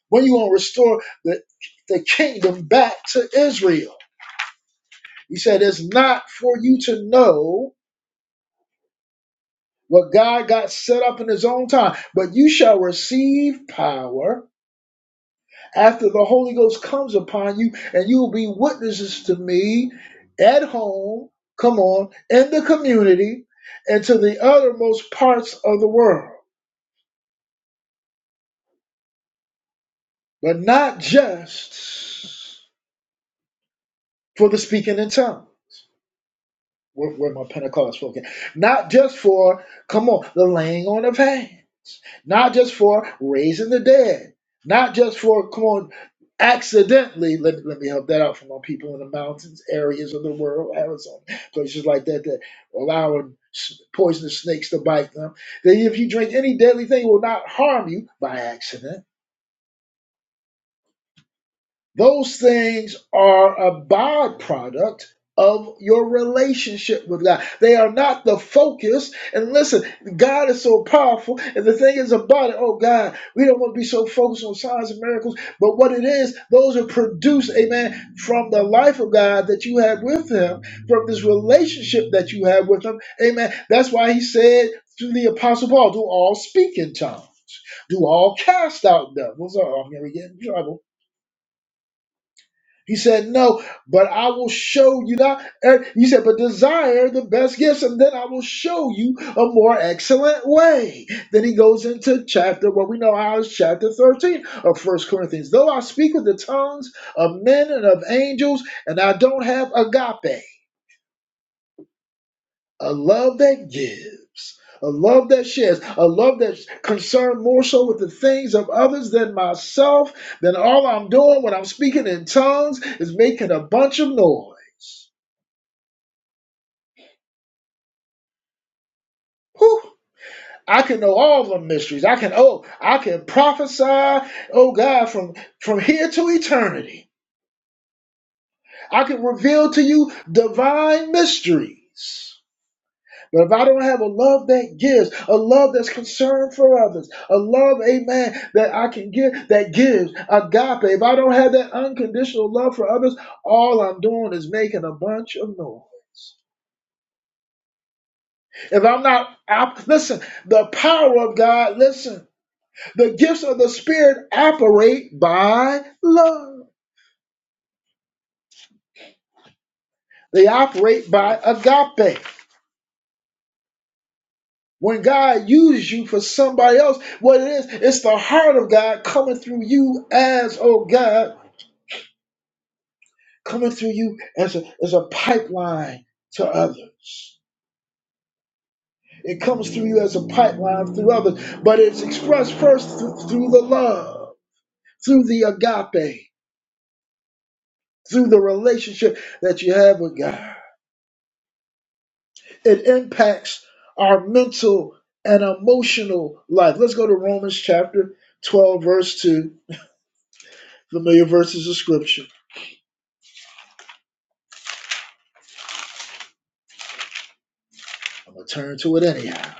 [SPEAKER 1] When you want to restore the the kingdom back to Israel. He said, "It's not for you to know." what God got set up in his own time. But you shall receive power after the Holy Ghost comes upon you, and you will be witnesses to me at home, come on, in the community, and to the uttermost parts of the world, but not just for the speaking in tongues. Where, where my Pentecost folk at? Not just for, come on, the laying on of hands. Not just for raising the dead. Not just for, come on, accidentally, let, let me help that out for my people in the mountains, areas of the world, Arizona, places like that that allowing s- poisonous snakes to bite them. That if you drink any deadly thing, it will not harm you by accident those things are a byproduct of your relationship with God. They are not the focus. And listen, God is so powerful. And the thing is about it, oh God, we don't want to be so focused on signs and miracles. But what it is, those are produced, amen, from the life of God that you have with Him, from this relationship that you have with Him. Amen. That's why He said to the Apostle Paul, do all speak in tongues. Do all cast out devils. Oh, I'm going to get in trouble he said, No, but I will show you that. And he said, But desire the best gifts, and then I will show you a more excellent way. Then he goes into chapter, what we know how is chapter 13 of First Corinthians. Though I speak with the tongues of men and of angels, and I don't have agape a love that gives, a love that shares, a love that's concerned more so with the things of others than myself, then all I'm doing when I'm speaking in tongues is making a bunch of noise. Whew. I can know all the mysteries. I can oh, I can prophesy, oh God, from from here to eternity. I can reveal to you divine mysteries. But if I don't have a love that gives, a love that's concerned for others, a love, amen, that I can give, that gives, agape, if I don't have that unconditional love for others, all I'm doing is making a bunch of noise. If I'm not, out, listen, the power of God, listen, the gifts of the Spirit operate by love, they operate by agape. When God uses you for somebody else, what it is, it's the heart of God coming through you as, oh God. coming through you as a, as a pipeline to others. It comes through you as a pipeline through others, but it's expressed first through, through the love, through the agape, through the relationship that you have with God. It impacts our mental and emotional life. Let's go to Romans chapter 12, verse 2, familiar verses of scripture. I'm going to turn to it anyhow.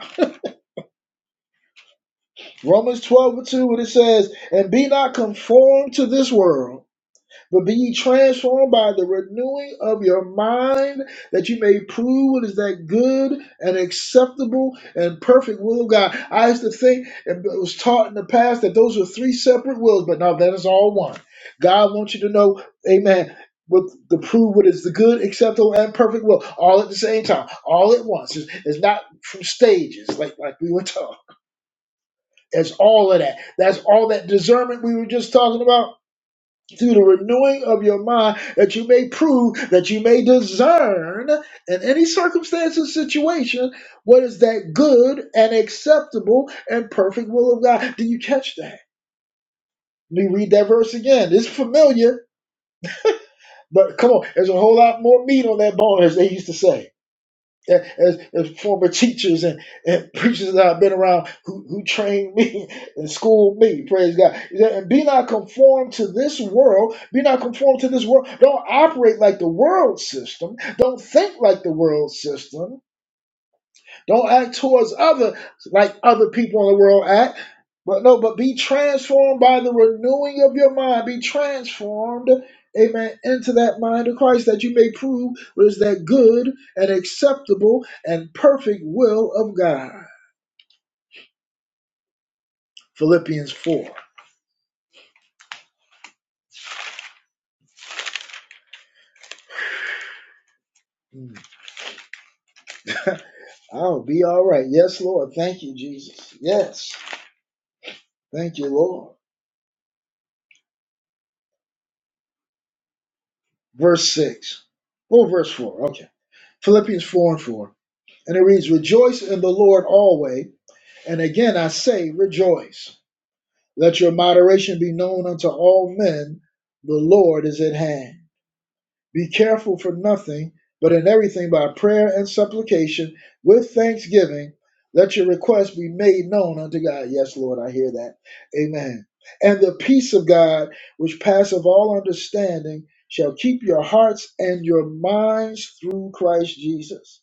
[SPEAKER 1] Romans 12 and 2, what it says, And be not conformed to this world But be ye transformed by the renewing of your mind, that you may prove what is that good and acceptable and perfect will of God. I used to think and it was taught in the past that those were three separate wills, but now that is all one. God wants you to know, amen, what to prove what is the good, acceptable, and perfect will, all at the same time, all at once. It's, it's not from stages like, like we were taught. It's all of that. That's all that discernment we were just talking about through the renewing of your mind that you may prove that you may discern in any circumstance and situation what is that good and acceptable and perfect will of God. Do you catch that? Let me read that verse again. It's familiar, but come on, there's a whole lot more meat on that bone, as they used to say. as, as former teachers and, and preachers that I've been around who, who trained me and schooled me, praise God. He said, And be not conformed to this world, be not conformed to this world. Don't operate like the world system, don't think like the world system. Don't act towards other like other people in the world act. But no, but be transformed by the renewing of your mind. Be transformed, amen, into that mind of Christ that you may prove what is that good and acceptable and perfect will of God. Philippians 4. Mm. I'll be all right. Yes, Lord. Thank you, Jesus. Yes. Thank you, Lord. Verse 6. Well, verse 4. Okay. Philippians 4 and 4. And it reads, Rejoice in the Lord always. And again I say, rejoice. Let your moderation be known unto all men. The Lord is at hand. Be careful for nothing, but in everything by prayer and supplication with thanksgiving, let your requests be made known unto God. Yes, Lord, I hear that. Amen. And the peace of God, which passeth all understanding, shall keep your hearts and your minds through Christ Jesus.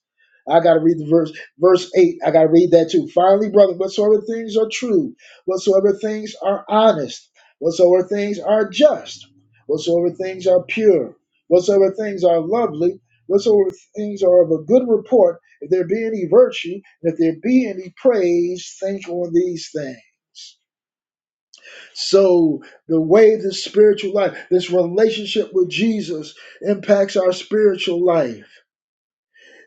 [SPEAKER 1] I gotta read the verse, verse eight. I gotta read that too. Finally, brother, whatsoever things are true, whatsoever things are honest, whatsoever things are just, whatsoever things are pure whatsoever things are lovely, whatsoever things are of a good report, if there be any virtue, and if there be any praise, think on these things. So, the way this spiritual life, this relationship with Jesus impacts our spiritual life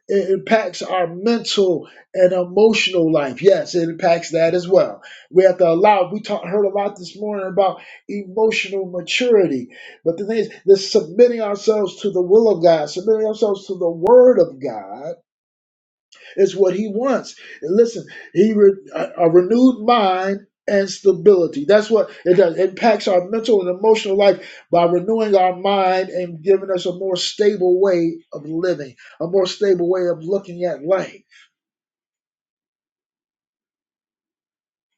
[SPEAKER 1] it impacts our mental and emotional life. Yes, it impacts that as well. We have to allow. We talk, heard a lot this morning about emotional maturity, but the thing is, this submitting ourselves to the will of God, submitting ourselves to the Word of God it's what he wants. And listen, he re, a, a renewed mind and stability. That's what it does. It impacts our mental and emotional life by renewing our mind and giving us a more stable way of living, a more stable way of looking at life.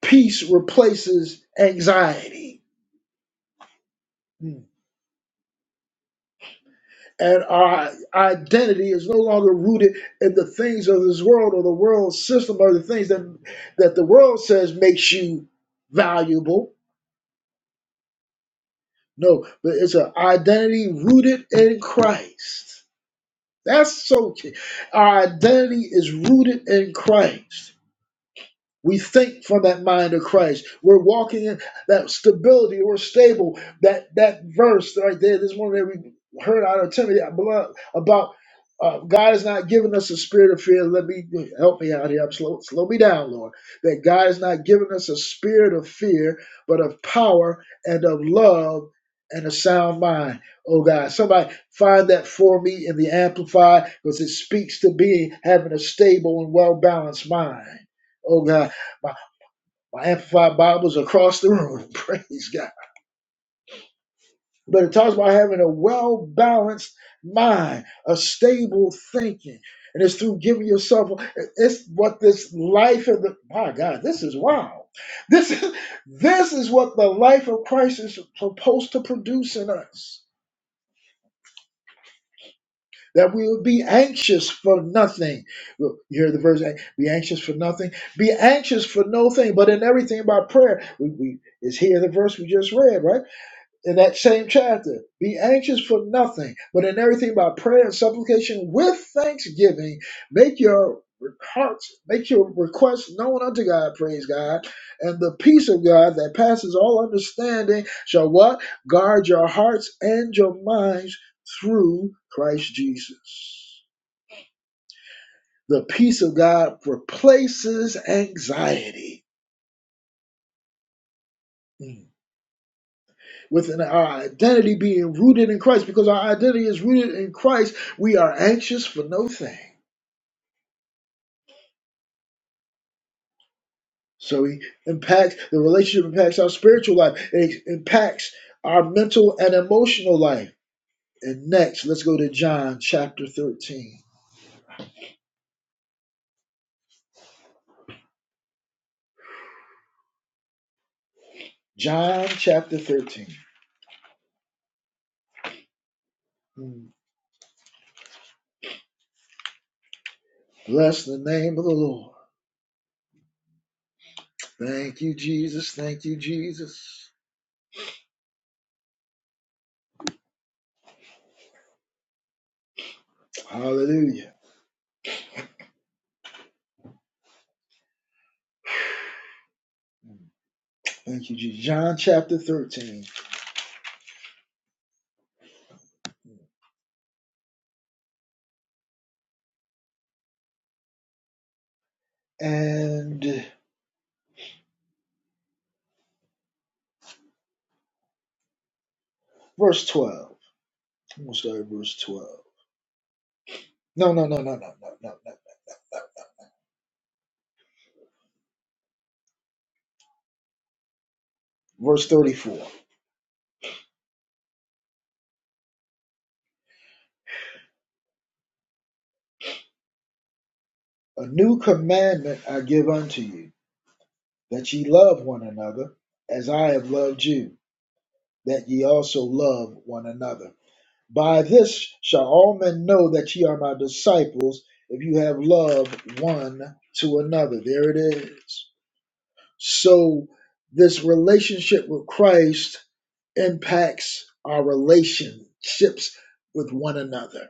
[SPEAKER 1] Peace replaces anxiety. Mm. And our identity is no longer rooted in the things of this world or the world system or the things that that the world says makes you valuable No, but it's an identity rooted in Christ. That's so key. Our identity is rooted in Christ. We think from that mind of Christ. We're walking in that stability. We're stable. That that verse right there, this one that we heard out of Timothy I believe, about uh, God has not given us a spirit of fear. Let me help me out here. I'm slow, slow me down, Lord. That God has not given us a spirit of fear, but of power and of love and a sound mind. Oh God, somebody find that for me in the Amplified because it speaks to being having a stable and well balanced mind. Oh God. My, my Amplified Bible's across the room. Praise God. But it talks about having a well balanced mind, a stable thinking. And it's through giving yourself, it's what this life of the, my God, this is wow. This is, this is what the life of Christ is supposed to produce in us. That we would be anxious for nothing. You hear the verse, be anxious for nothing. Be anxious for no thing, but in everything by prayer. We, we, is here the verse we just read, right? in that same chapter. Be anxious for nothing, but in everything by prayer and supplication with thanksgiving, make your hearts, make your requests known unto God, praise God, and the peace of God that passes all understanding shall what? Guard your hearts and your minds through Christ Jesus. The peace of God replaces anxiety. Mm. within our identity being rooted in Christ, because our identity is rooted in Christ, we are anxious for no thing. So he impacts the relationship impacts our spiritual life. It impacts our mental and emotional life. And next, let's go to John chapter 13. John chapter 13. Mm. Bless the name of the Lord. Thank you, Jesus. Thank you, Jesus. Hallelujah. Thank you, Jesus. John chapter 13 and verse 12. I'm gonna verse 12. No, no, no, no, no, no, no, no. Verse 34. A new commandment I give unto you, that ye love one another, as I have loved you, that ye also love one another. By this shall all men know that ye are my disciples, if you have love one to another. There it is. So this relationship with Christ impacts our relationships with one another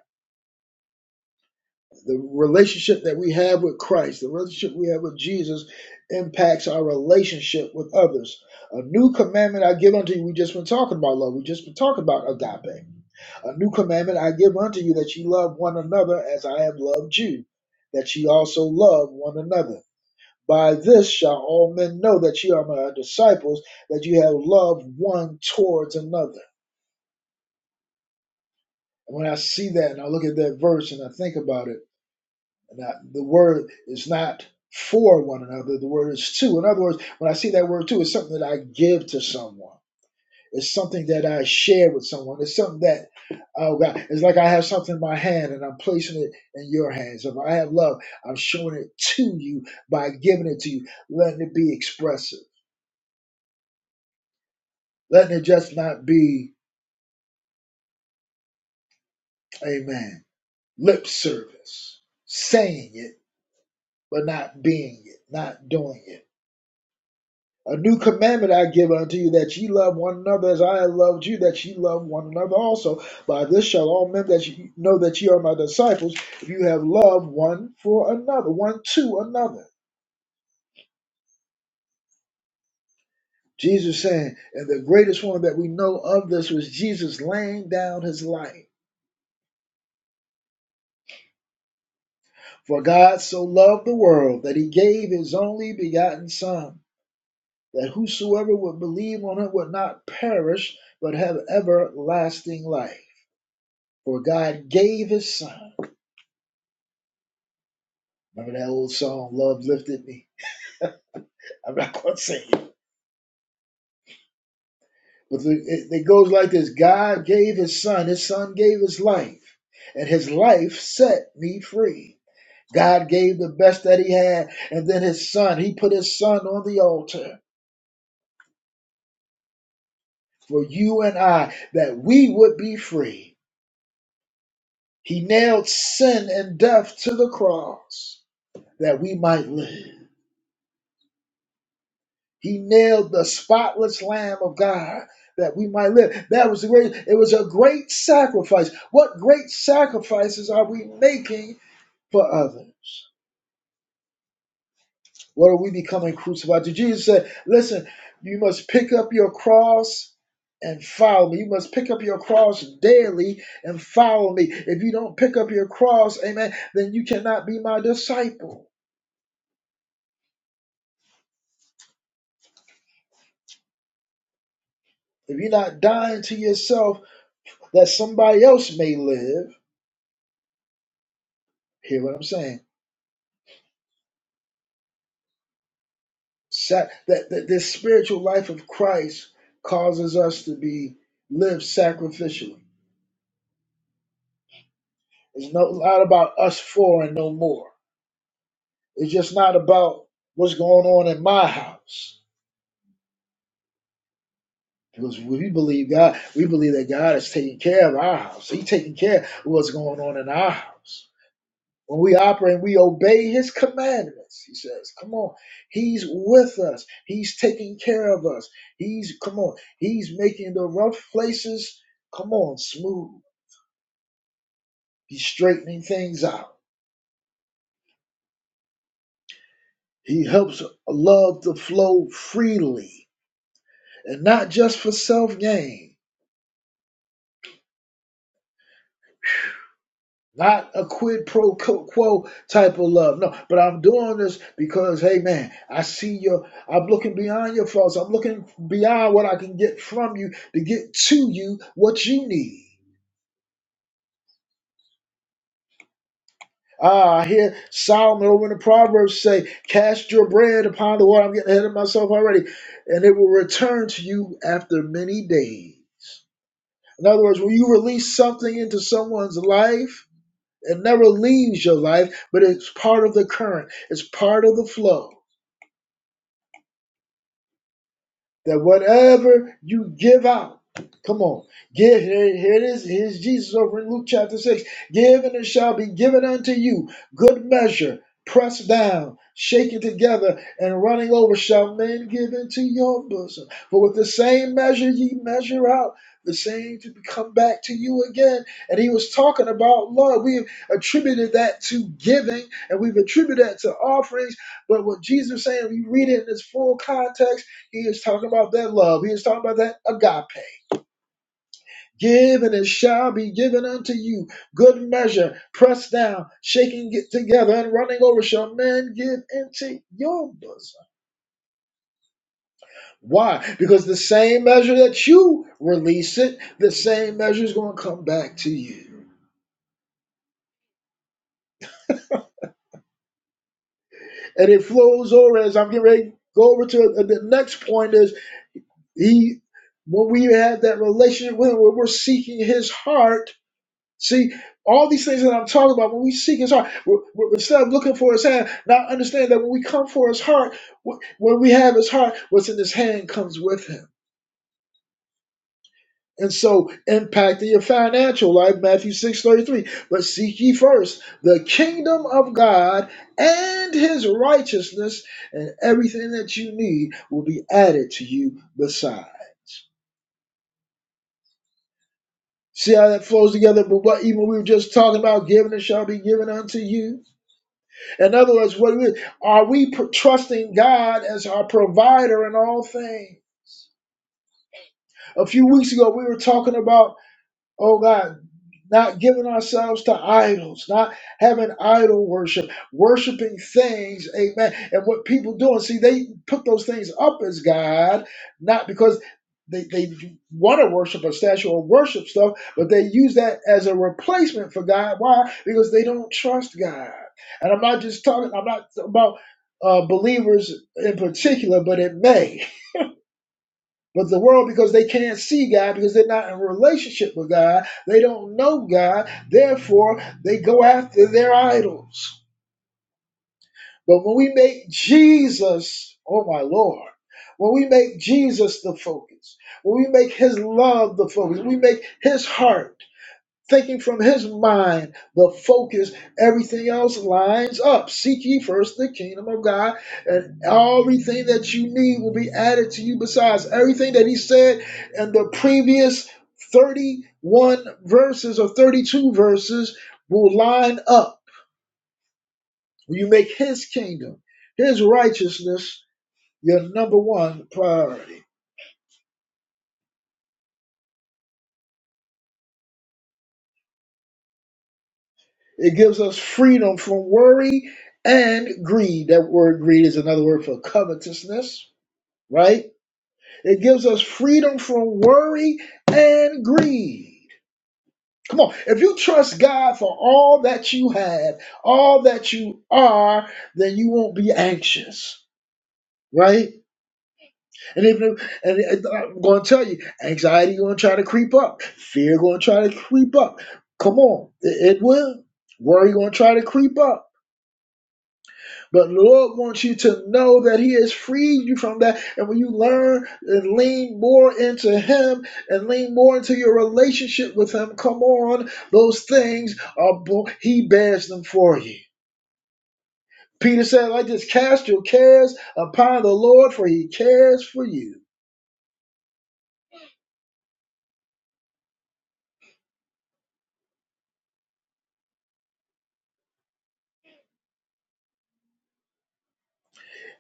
[SPEAKER 1] the relationship that we have with Christ, the relationship we have with Jesus, impacts our relationship with others. A new commandment I give unto you. We just been talking about love. We just been talking about agape. A new commandment I give unto you that ye love one another as I have loved you, that ye also love one another. By this shall all men know that ye are my disciples, that you have love one towards another. And when I see that and I look at that verse and I think about it, Now, the word is not for one another, the word is to. In other words, when I see that word to, it's something that I give to someone. It's something that I share with someone. It's something that, oh God, it's like I have something in my hand and I'm placing it in your hands. If I have love, I'm showing it to you by giving it to you, letting it be expressive, letting it just not be, amen, lip service, saying it, but not being it, not doing it. A new commandment I give unto you, that ye love one another as I have loved you, that ye love one another also. By this shall all men that ye know that ye are my disciples, if you have love one for another, one to another. Jesus saying, and the greatest one that we know of this was Jesus laying down his life. For God so loved the world that he gave his only begotten Son, that whosoever would believe on him would not perish, but have everlasting life. For God gave his Son. Remember that old song, Love Lifted Me? I'm not going to sing it. But it, it it goes like this God gave his son, his son gave his life, and his life set me free. God gave the best that he had, and then his son, he put his son on the altar for you and I that we would be free. He nailed sin and death to the cross that we might live. He nailed the spotless Lamb of God that we might live. That was the great, it was a great sacrifice. What great sacrifices are we making for others? What are we becoming crucified to? Jesus said, Listen, you must pick up your cross and follow me. You must pick up your cross daily and follow me. If you don't pick up your cross, amen, then you cannot be my disciple. If you're not dying to yourself that somebody else may live, hear what I'm saying Sac- that, that this spiritual life of Christ causes us to be live sacrificially. It's no, not about us four and no more. It's just not about what's going on in my house. Because we believe God, we believe that God is taking care of our house. He's taking care of what's going on in our house. When we operate, we obey his commandments. He says, Come on. He's with us. He's taking care of us. He's, come on. He's making the rough places, come on, smooth. He's straightening things out. He helps love to flow freely and not just for self gain Not a quid pro quo type of love. No, but I'm doing this because, hey man, I see your, I'm looking beyond your faults. I'm looking beyond what I can get from you to get to you what you need. Ah, I hear Solomon over in the Proverbs say, Cast your bread upon the water. I'm getting ahead of myself already. And it will return to you after many days. In other words, when you release something into someone's life, It never leaves your life, but it's part of the current, it's part of the flow. that whatever you give out, come on, give here, here it is. Here's Jesus over in Luke chapter 6. Give and it shall be given unto you. Good measure, pressed down, shaken together, and running over shall men give into your bosom. For with the same measure ye measure out. The same to come back to you again. And he was talking about love. We've attributed that to giving and we've attributed that to offerings. But what Jesus is saying, we read it in its full context he is talking about that love. He is talking about that agape. Give and it shall be given unto you. Good measure, pressed down, shaking it together, and running over shall men give into your bosom. Why? Because the same measure that you release it, the same measure is going to come back to you. And it flows over as I'm getting ready to go over to uh, the next point is he when we have that relationship with him, when we're seeking his heart, See, all these things that I'm talking about, when we seek his heart, we we- instead of looking for his hand, now understand that when we come for his heart, wh- when we have his heart, what's in his hand comes with him. And so impacting your financial life, Matthew 6 33. But seek ye first the kingdom of God and his righteousness, and everything that you need will be added to you besides. See how that flows together, but what even we were just talking about, giving it shall be given unto you In other words, what we, are we pr- trusting God as our provider in all things? A few weeks ago, we were talking about Oh God, not giving ourselves to idols, not having idol worship, worshiping things, amen. And what people doing, see, they put those things up as God, not because they, they want to worship a statue or worship stuff, but they use that as a replacement for God. Why? Because they don't trust God. And I'm not just talking, I'm not about uh, believers in particular, but it may. But the world, because they can't see God, because they're not in relationship with God, they don't know God, therefore they go after their idols. But when we make Jesus, oh my Lord, when we make Jesus the focus, when we make his love the focus, when we make his heart thinking from his mind, the focus, everything else lines up. Seek ye first the kingdom of God, and everything that you need will be added to you besides everything that he said in the previous 31 verses or 32 verses will line up. When you make his kingdom, his righteousness your number one priority. It gives us freedom from worry and greed. That word greed is another word for covetousness right? It gives us freedom from worry and greed. Come on, if you trust God for all that you have, all that you are, then you won't be anxious, right? And if and I'm going to tell you, anxiety going to try to creep up, fear going to try to creep up. Come on, it, it will. Worry going to try to creep up. But Lord wants you to know that He has freed you from that. And when you learn and lean more into Him and lean more into your relationship with Him, come on, those things are He bears them for you. Peter said, like this, cast your cares upon the Lord, for He cares for you.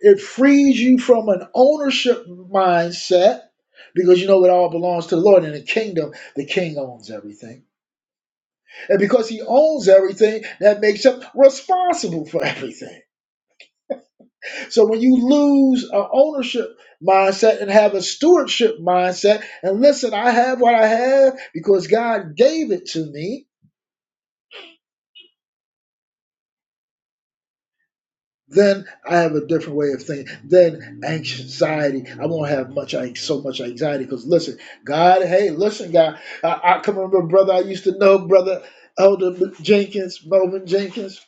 [SPEAKER 1] It frees you from an ownership mindset because you know it all belongs to the Lord. In the kingdom, the king owns everything And because he owns everything, that makes him responsible for everything. So when you lose an ownership mindset and have a stewardship mindset, and listen, I have what I have because God gave it to me, then I have a different way of thinking. Then anxiety, I won't have much so much anxiety because listen, God, hey, listen, God, I, I can remember a brother I used to know, brother Elder Jenkins, Melvin Jenkins.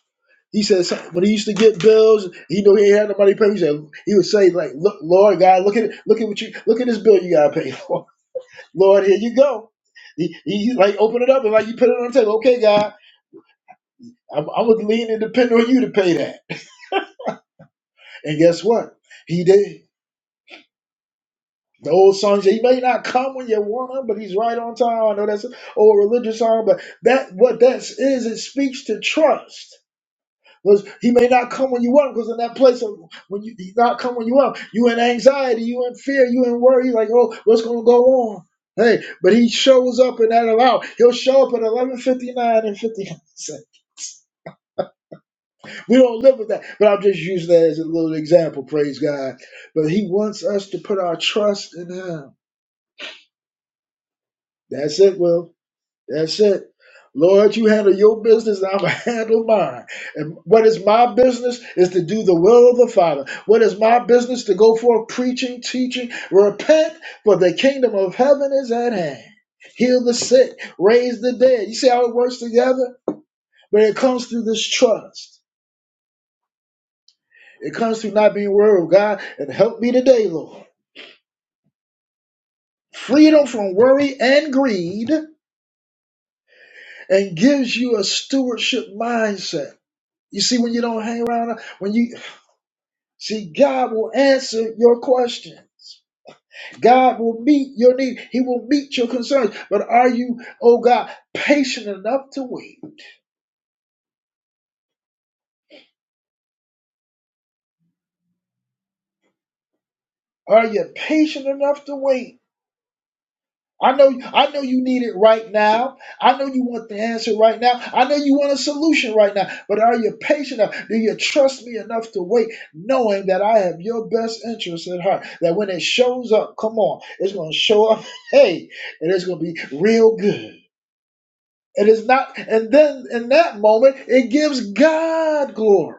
[SPEAKER 1] He said some- when he used to get bills, he knew he ain't had nobody to pay. He said he would say like, "Look, Lord God, look at look at what you look at this bill you gotta pay. Lord, here you go." He, he like open it up and like you put it on the table. Okay, God, I'm I'm gonna lean and depend on you to pay that. And guess what? He did. The old song said, "He may not come when you want him, but he's right on time." I know that's an old religious song, but that what that is, it speaks to trust Because he may not come when you want him. Because in that place of when you he not come when you want him, you in anxiety, you in fear, you in worry. you Like, oh, what's gonna go on? Hey, but he shows up in that hour. He'll show up at eleven fifty nine and fifty nine cents. We don't live with that, but I'm just using that as a little example. Praise God. But he wants us to put our trust in him. That's it, Will. That's it. Lord, you handle your business, and I'm going to handle mine. And what is my business is to do the will of the Father. What is my business to go forth preaching, teaching, repent, for the kingdom of heaven is at hand. Heal the sick, raise the dead. You see how it works together? But it comes through this trust. It comes through not being worried of God. And help me today, Lord. Freedom from worry and greed and gives you a stewardship mindset. You see, when you don't hang around, when you See, God will answer your questions. God will meet your need. He will meet your concerns. But are you, oh God, patient enough to wait? Are you patient enough to wait? I know I know you need it right now. I know you want the answer right now. I know you want a solution right now. But are you patient enough? Do you trust me enough to wait, knowing that I have your best interest at heart? That when it shows up, come on, it's gonna show up, hey, and it's gonna be real good. It is not, and then in that moment, it gives God glory.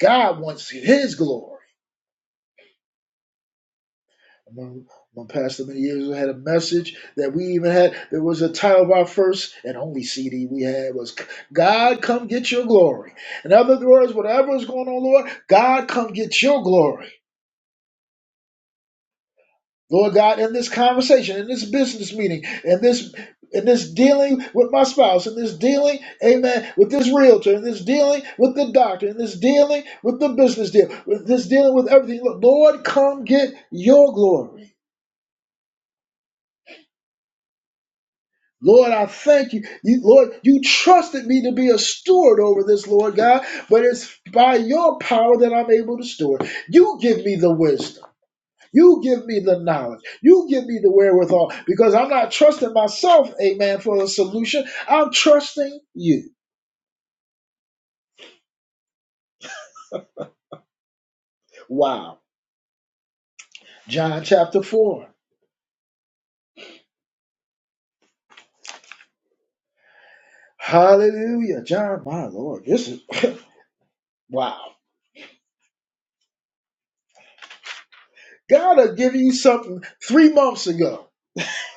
[SPEAKER 1] God wants His glory. My, pastor many years ago had a message that we even had. There was a title of our first and only CD we had was "God, come get your glory." In other words, whatever is going on, Lord, God, come get your glory. Lord God, in this conversation, in this business meeting, in this in this dealing with my spouse, in this dealing, amen, with this realtor, in this dealing with the doctor, in this dealing with the business deal, with this dealing with everything. Look, Lord, come get your glory. Lord, I thank you. you. Lord, you trusted me to be a steward over this, Lord God, but it's by your power that I'm able to steward. You give me the wisdom. You give me the knowledge. You give me the wherewithal because I'm not trusting myself, amen, for a solution. I'm trusting you. Wow. John chapter 4. Hallelujah. John, my Lord, this is wow. God will give you something three months ago.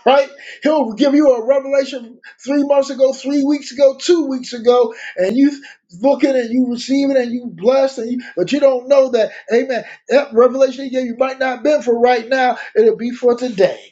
[SPEAKER 1] right? He'll give you a revelation three months ago, three weeks ago, two weeks ago, and you look at it and you receive it and you blessed, and you, but you don't know that, amen, that revelation he gave you might not have been for right now, it'll be for today.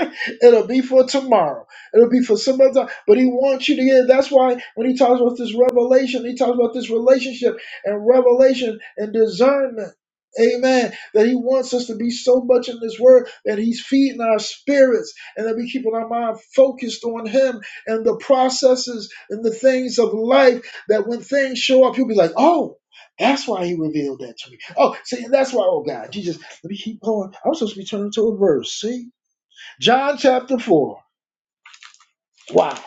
[SPEAKER 1] It'll be for tomorrow. It'll be for some other time. But he wants you to get it. That's why when he talks about this revelation, he talks about this relationship and revelation and discernment. Amen. That he wants us to be so much in this word that he's feeding our spirits and that we keeping our mind focused on him and the processes and the things of life that when things show up, you'll be like, oh, that's why he revealed that to me. Oh, see, that's why, oh God, Jesus, let me keep going. I'm supposed to be turning to a verse, see? John chapter 4. Wow.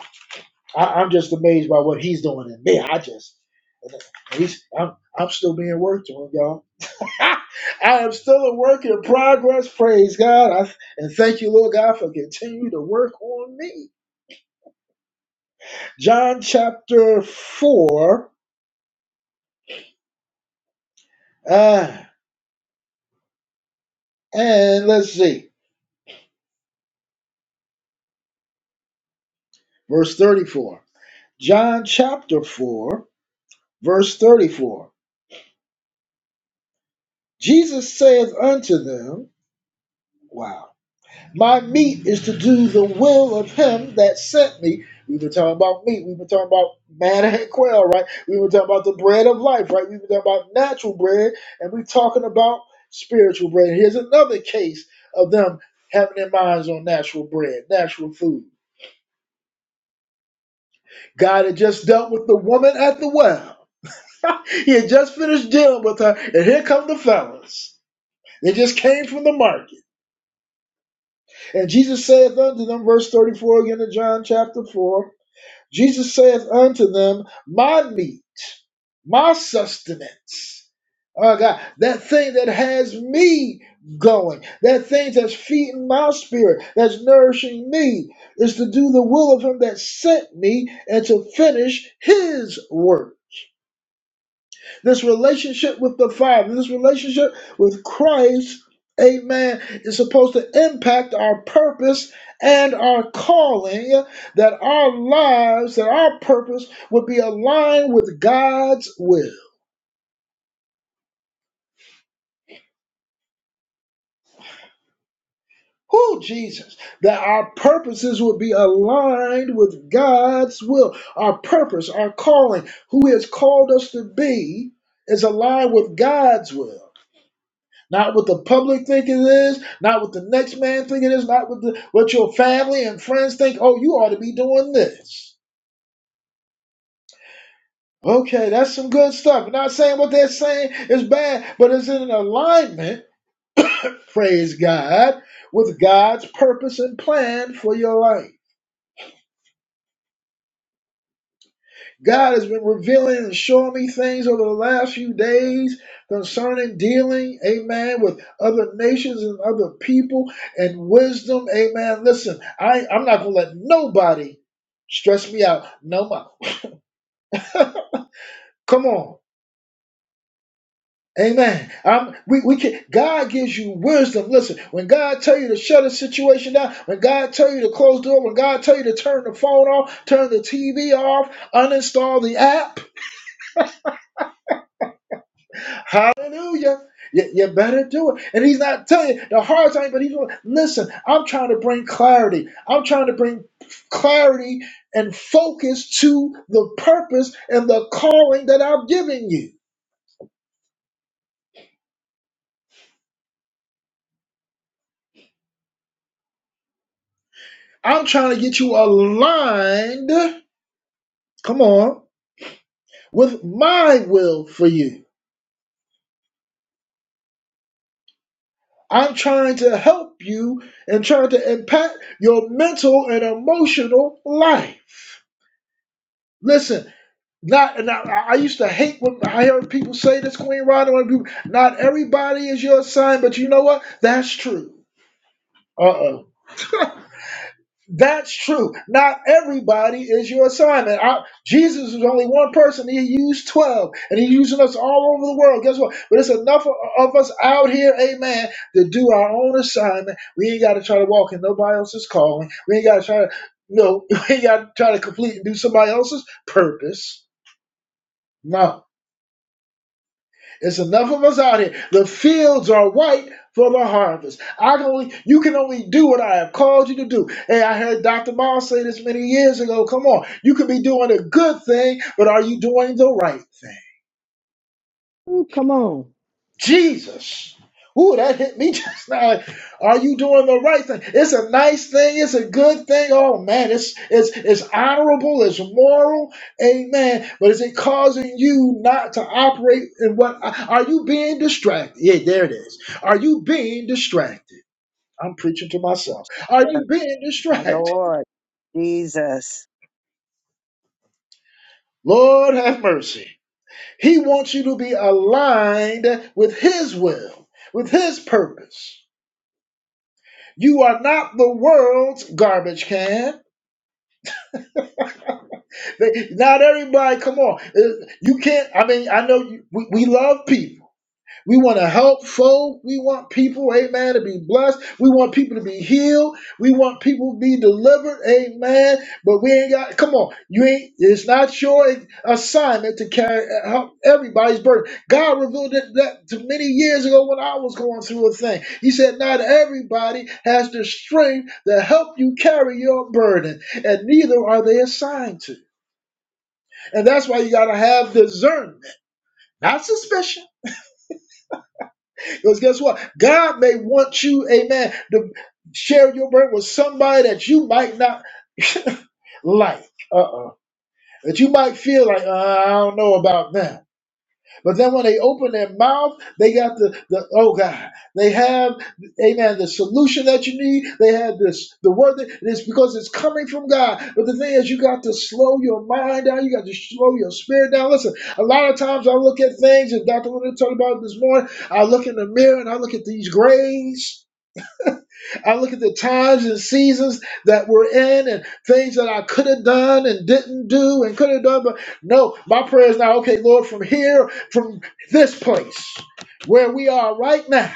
[SPEAKER 1] I, I'm just amazed by what he's doing in me. I just, he's, I'm, I'm still being worked on, y'all. I am still a work in progress. Praise God. I, and thank you, Lord God, for continuing to work on me. John chapter 4. Uh, and let's see, verse 34. John chapter 4, verse 34. Jesus saith unto them, Wow. My meat is to do the will of him that sent me. We've been talking about meat. We've been talking about manna and quail, right? We've been talking about the bread of life, right? We've been talking about natural bread, and we're talking about spiritual bread. Here's another case of them having their minds on natural bread, natural food. God had just dealt with the woman at the well. he had just finished dealing with her, and here come the fellas. They just came from the market. And Jesus saith unto them, verse 34 again in John chapter 4, Jesus says unto them, My meat, my sustenance. Oh God, that thing that has me going, that thing that's feeding my spirit, that's nourishing me, is to do the will of Him that sent me and to finish His work. This relationship with the Father, this relationship with Christ, amen, is supposed to impact our purpose and our calling, that our lives, that our purpose would be aligned with God's will. Who Jesus, that our purposes would be aligned with God's will. Our purpose, our calling, who He has called us to be, is aligned with God's will. Not what the public think it is, not what the next man think it is, not what the, what your family and friends think. Oh, you ought to be doing this. Okay, that's some good stuff. I'm not saying what they're saying is bad, but it's in alignment, praise God, with God's purpose and plan for your life. God has been revealing and showing me things over the last few days concerning dealing, amen, with other nations and other people and wisdom, amen. Listen, I, I'm not going to let nobody stress me out no more. Come on. Amen. i we, we can, God gives you wisdom. Listen, when God tell you to shut a situation down, when God tell you to close the door, when God tell you to turn the phone off, turn the TV off, uninstall the app, Hallelujah. You, you better do it. And he's not telling you the hard time, but he's going, listen, I'm trying to bring clarity. I'm trying to bring clarity and focus to the purpose and the calling that I'm giving you. I'm trying to get you aligned, come on, with my will for you. I'm trying to help you and trying to impact your mental and emotional life. Listen. Not and I, I used to hate when I heard people say this, Queen Ronda. When people, not everybody is your sign, but you know what? That's true. Uh oh. That's true. Not everybody is your assignment. I, Jesus was only one person. He used 12, and he's using us all over the world. Guess what? But it's enough of, of us out here, amen, to do our own assignment. We ain't got to try to walk in nobody else's calling. We ain't got to try to, no, we ain't got to try to complete and do somebody else's purpose. No. It's enough of us out here. The fields are white for the harvest. I can only, you can only do what I have called you to do. Hey, I heard Dr. Miles say this many years ago. Come on, you could be doing a good thing, but are you doing the right thing? Jesus. Ooh, that hit me just now. Like, are you doing the right thing? It's a nice thing. It's a good thing. Oh man, it's it's it's honorable. It's moral. Amen. But is it causing you not to operate in what? Are you being distracted? Yeah, there it is. Are you being distracted? I'm preaching to myself. Are
[SPEAKER 3] Yes,
[SPEAKER 1] you being
[SPEAKER 3] my
[SPEAKER 1] distracted?
[SPEAKER 3] Lord Jesus.
[SPEAKER 1] Lord have mercy. He wants you to be aligned with His will, with His purpose. You are not the world's garbage can. They- Not everybody, come on. Uh, You can't, I mean, I know you, we, we love people. We want to help folk. We want people, amen, to be blessed. We want people to be healed. We want people to be delivered, amen. But we ain't got, come on, you ain't, it's not your assignment to carry help everybody's burden. God revealed that, that to many years ago when I was going through a thing. He said, Not everybody has the strength to help you carry your burden, and neither are they assigned to. And that's why you got to have discernment, not suspicion Because guess what? God may want you, amen, to share your burden with somebody that you might not like. Uh-uh. That you might feel like, uh, I don't know about them. But then when they open their mouth, they got the, the oh God, they have, amen, the solution that you need. They have this, the word that and it's because it's coming from God. But the thing is, you got to slow your mind down. You got to slow your spirit down. Listen, a lot of times I look at things, and Dr. Linda talked about it this morning. I look in the mirror and I look at these grays I look at the times and seasons that we're in and things that I could have done and didn't do and could have done. But no, my prayer is now, okay, Lord, from here, from this place where we are right now,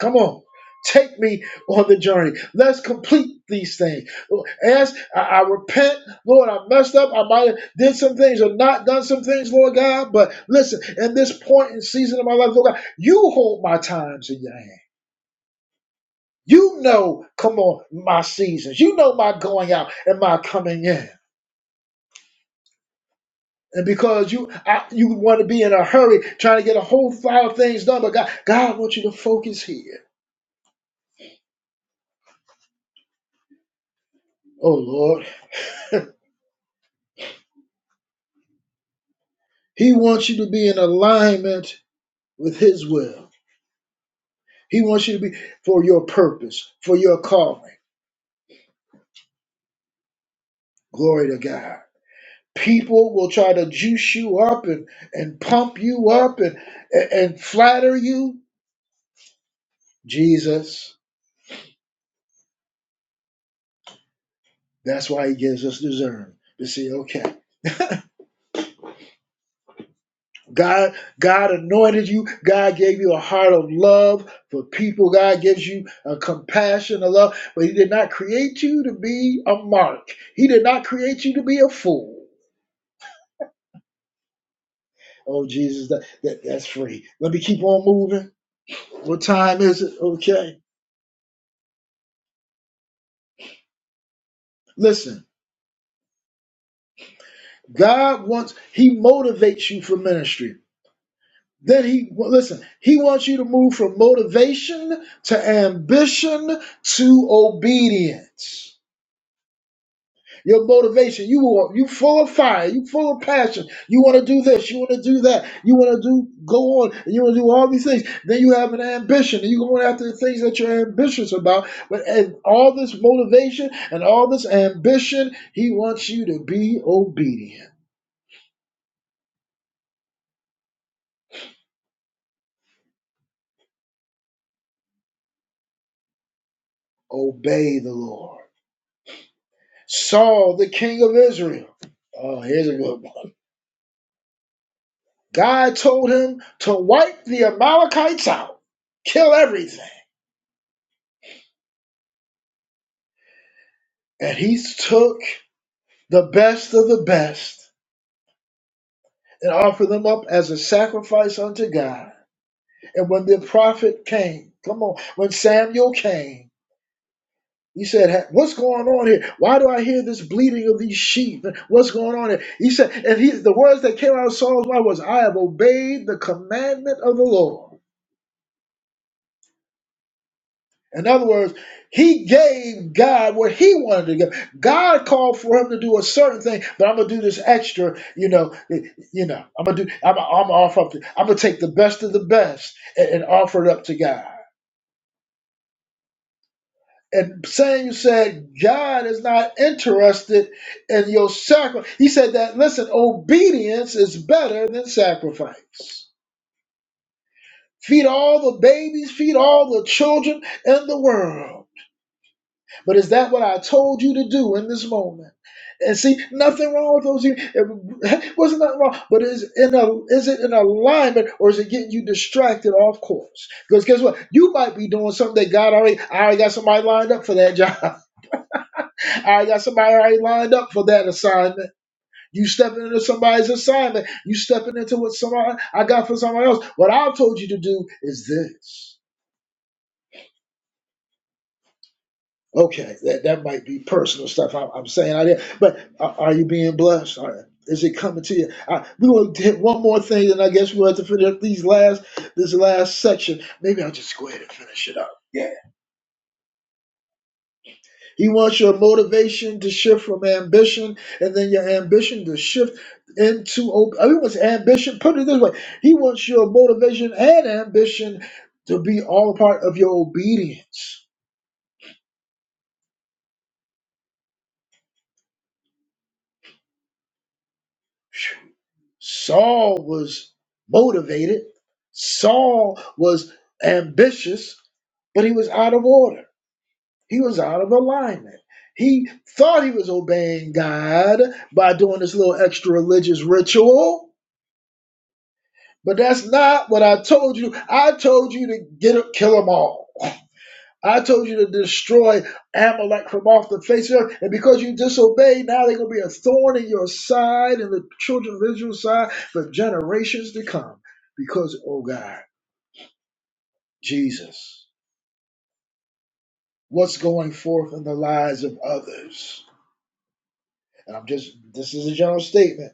[SPEAKER 1] come on. Take me on the journey. Let's complete these things. As I, I repent, Lord, I messed up. I might have did some things or not done some things, Lord God. But listen, in this point and season of my life, Lord God, you hold my times in your hand. You know, come on, my seasons. You know my going out and my coming in. And because you I, you want to be in a hurry trying to get a whole pile of things done, but God, God wants you to focus here. Oh Lord. He wants you to be in alignment with his will. He wants you to be for your purpose, for your calling. Glory to God. People will try to juice you up and, and pump you up and, and and flatter you. Jesus. That's why he gives us discernment to see, okay, God, God anointed you. God gave you a heart of love for people. God gives you a compassion, a love, but he did not create you to be a mark. He did not create you to be a fool. Oh, Jesus, that, that, that's free. Let me keep on moving. What time is it? Okay. Listen, God wants, he motivates you for ministry. Then he well, listen. He wants you to move from motivation to ambition to obedience. Your motivation, you want you full of fire, you full of passion. You want to do this, you want to do that, you want to do go on, and you want to do all these things. Then you have an ambition, and you're going after the things that you're ambitious about. But and all this motivation and all this ambition, he wants you to be obedient, obey the Lord. Saul, the king of Israel. Oh, here's a good one. God told him to wipe the Amalekites out, kill everything. And he took the best of the best and offered them up as a sacrifice unto God. And when the prophet came, come on, when Samuel came, he said, "Ha- What's going on here? Why do I hear this bleating of these sheep? What's going on here? He said, and he, the words that came out of Saul's mouth was, I have obeyed the commandment of the Lord In other words, he gave God what he wanted to give. God called for him to do a certain thing, but I'm gonna do this extra. You know, you know, I'm gonna do. I'm, I'm offer up. To, I'm gonna take the best of the best and, and offer it up to God. And saying said God is not interested in your sacrifice. He said that. Listen, obedience is better than sacrifice. Feed all the babies. Feed all the children in the world. But is that what I told you to do in this moment? And see, nothing wrong with those. It wasn't nothing wrong, but is in a is it in alignment or is it getting you distracted off course? Because guess what, you might be doing something that God already. I already got somebody lined up for that job. I already got somebody already lined up for that assignment. You stepping into somebody's assignment. You stepping into what somebody I got for somebody else. What I've told you to do is this. Okay, that that might be personal stuff I'm, I'm saying out there, but are, are you being blessed? Are, is it coming to you? I, we will hit one more thing, and I guess we'll have to finish up these last this last section. Maybe I'll just go ahead and finish it up. Yeah, he wants your motivation to shift from ambition, and then your ambition to shift into. ob- I mean, what's ambition. Put it this way, he wants your motivation and ambition to be all part of your obedience Saul was motivated, Saul was ambitious, but he was out of order. He was out of alignment. He thought he was obeying God by doing this little extra religious ritual, but that's not what I told you. I told you to get up, kill them all. I told you to destroy Amalek from off the face of the earth. And because you disobeyed, now they're going to be a thorn in your side and the children of Israel's side for generations to come. Because, oh God, Jesus, what's going forth in the lives of others? And I'm just, this is a general statement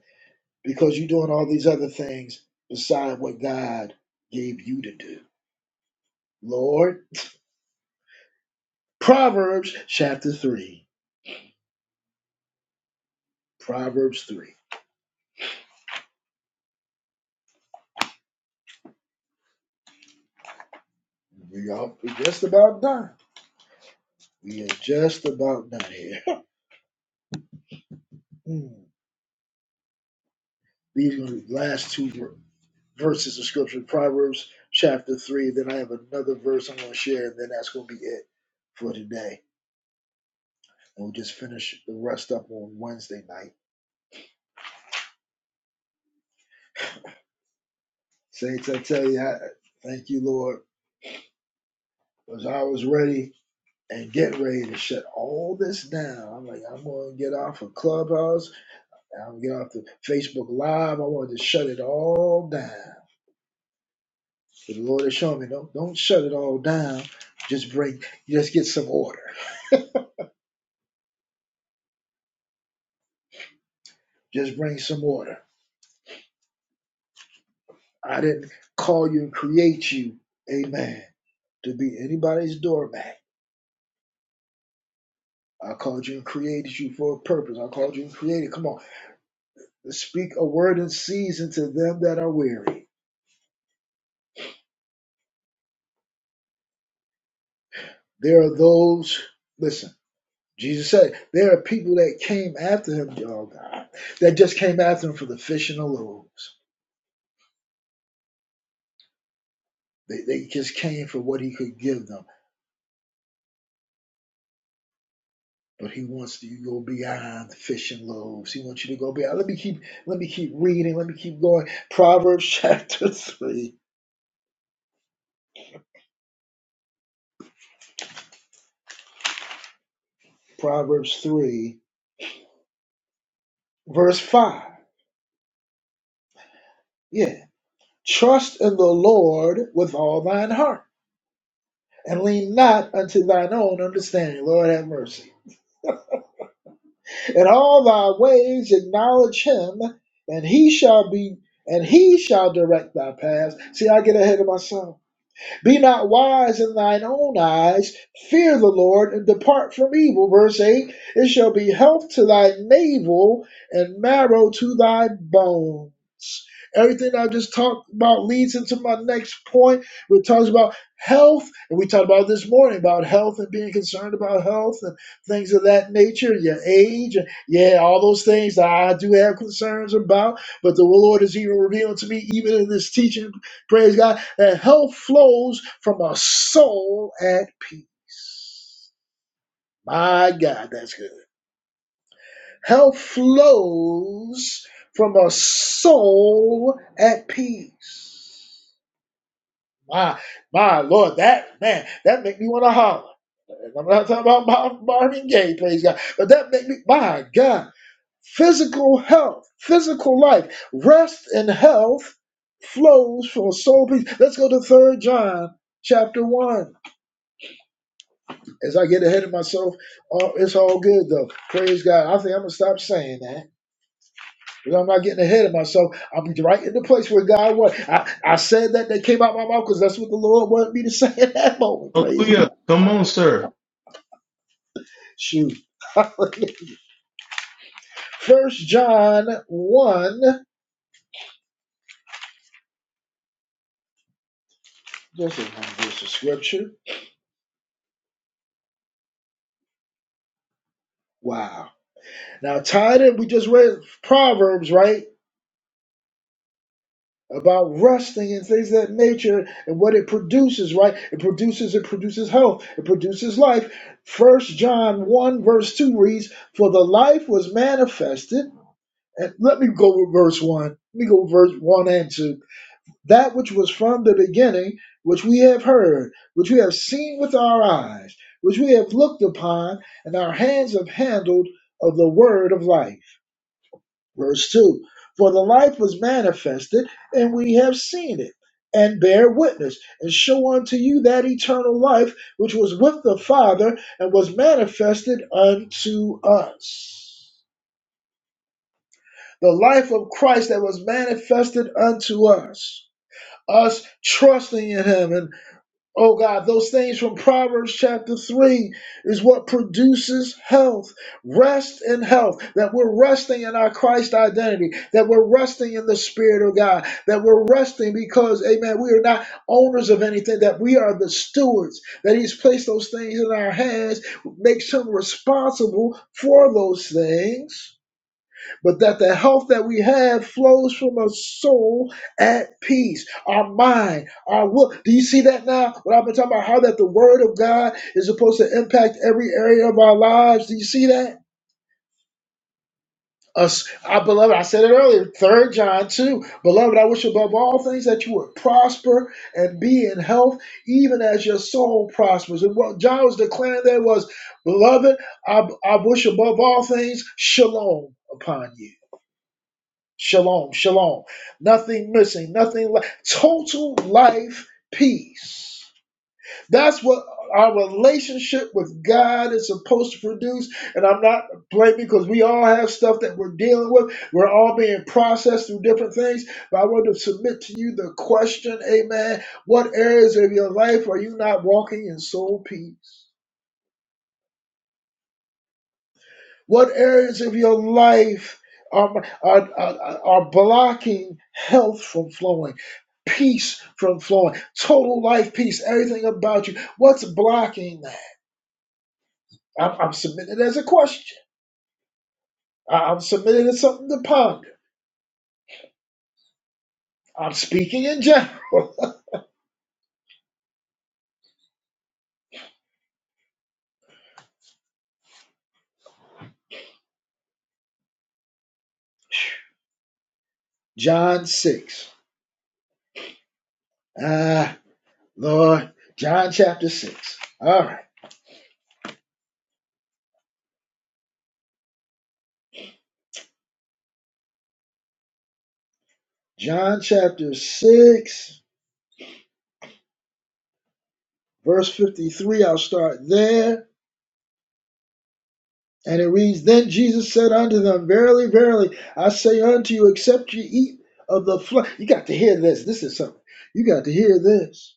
[SPEAKER 1] because you're doing all these other things beside what God gave you to do. Lord, Proverbs chapter 3. Proverbs 3. We are just about done. We are just about done here. Mm. These are the last two ver- verses of scripture, Proverbs chapter three. Then I have another verse I'm going to share, and then that's going to be it for today. And we'll just finish the rest up on Wednesday night. Saints, I tell you, I, thank you, Lord, because I was ready and getting ready to shut all this down. I'm like, I'm going to get off of Clubhouse, and I'm going to get off the Facebook Live. I wanted to shut it all down. The Lord is showing me don't don't shut it all down. Just bring just get some order. Just bring some order. I didn't call you and create you, amen, to be anybody's doormat. I called you and created you for a purpose. I called you and created. Come on. Speak a word in season to them that are weary. There are those, listen, Jesus said, there are people that came after him, oh God, that just came after him for the fish and the loaves. They, they just came for what he could give them. but he wants you to go beyond fish and loaves. He wants you to go beyond. Let me keep let me keep reading. Let me keep going. Proverbs chapter three. Proverbs three, verse five. Yeah. Trust in the Lord with all thine heart. And lean not unto thine own understanding. Lord have mercy. In all thy ways acknowledge him, and he shall be and he shall direct thy paths. See, I get ahead of myself. Be not wise in thine own eyes. Fear the Lord and depart from evil. Verse 8 It shall be health to thy navel and marrow to thy bones. Everything I just talked about leads into my next point. We talked about health, and we talked about this morning about health and being concerned about health and things of that nature, your age, and yeah, all those things that I do have concerns about. But the Lord is even revealing to me, even in this teaching, praise God and health flows from a soul at peace. My God, that's good. Health flows from a soul at peace. My, my Lord, that man, that make me want to holler. I'm not talking about Marvin Gaye, praise God, but that make me, my God, physical health, physical life, rest and health flows from a soul peace. Let's go to Third John chapter 1. As I get ahead of myself, all, it's all good though. Praise God. I think I'm gonna stop saying that. Because I'm not getting ahead of myself. I'll be right in the place where God was. I, I said that that came out my mouth because that's what the Lord wanted me to say at that moment. Praise
[SPEAKER 2] Hallelujah.
[SPEAKER 1] God.
[SPEAKER 2] Come on, sir.
[SPEAKER 1] Shoot. First John 1. Just a, verse of scripture. Wow. Now tied in, we just read Proverbs, right? about wrestling and things of that nature and what it produces, right? It produces, it produces health, it produces life. First John 1, verse 2 reads, For the life was manifested. And let me go with verse 1. Let me go with verse 1 and 2. That which was from the beginning, which we have heard, which we have seen with our eyes, which we have looked upon, and our hands have handled of the word of life. Verse 2 For the life was manifested, and we have seen it, and bear witness, and show unto you that eternal life which was with the Father and was manifested unto us. The life of Christ that was manifested unto us. Us trusting in Him and. Oh God, those things from Proverbs chapter 3 is what produces health, rest and health. That we're resting in our Christ identity, that we're resting in the Spirit of God, that we're resting because, amen, we are not owners of anything, that we are the stewards, that He's placed those things in our hands, makes Him responsible for those things but that the health that we have flows from a soul at peace, our mind, our will. Do you see that now? What I've been talking about, how that the word of God is supposed to impact every area of our lives. Do you see that? Us, our beloved, I said it earlier, third John 2. Beloved, I wish above all things that you would prosper and be in health, even as your soul prospers. And what John was declaring there was, Beloved, I, I wish above all things shalom upon you. Shalom, shalom. Nothing missing, nothing left. Total life peace. That's what our relationship with God is supposed to produce. And I'm not blaming because we all have stuff that we're dealing with. We're all being processed through different things. But I want to submit to you the question, amen. What areas of your life are you not walking in soul peace? What areas of your life are, are, are, are blocking health from flowing, peace from flowing, total life peace, everything about you? What's blocking that? I'm, I'm submitting it as a question. I- I'm submitting it as something to ponder. I'm speaking in general. John 6. Ah, Lord. John chapter 6. All right. John chapter 6, verse 53. I'll start there And it reads, Then Jesus said unto them, Verily, verily, I say unto you, except ye eat of the flesh. You got to hear this. This is something. You got to hear this.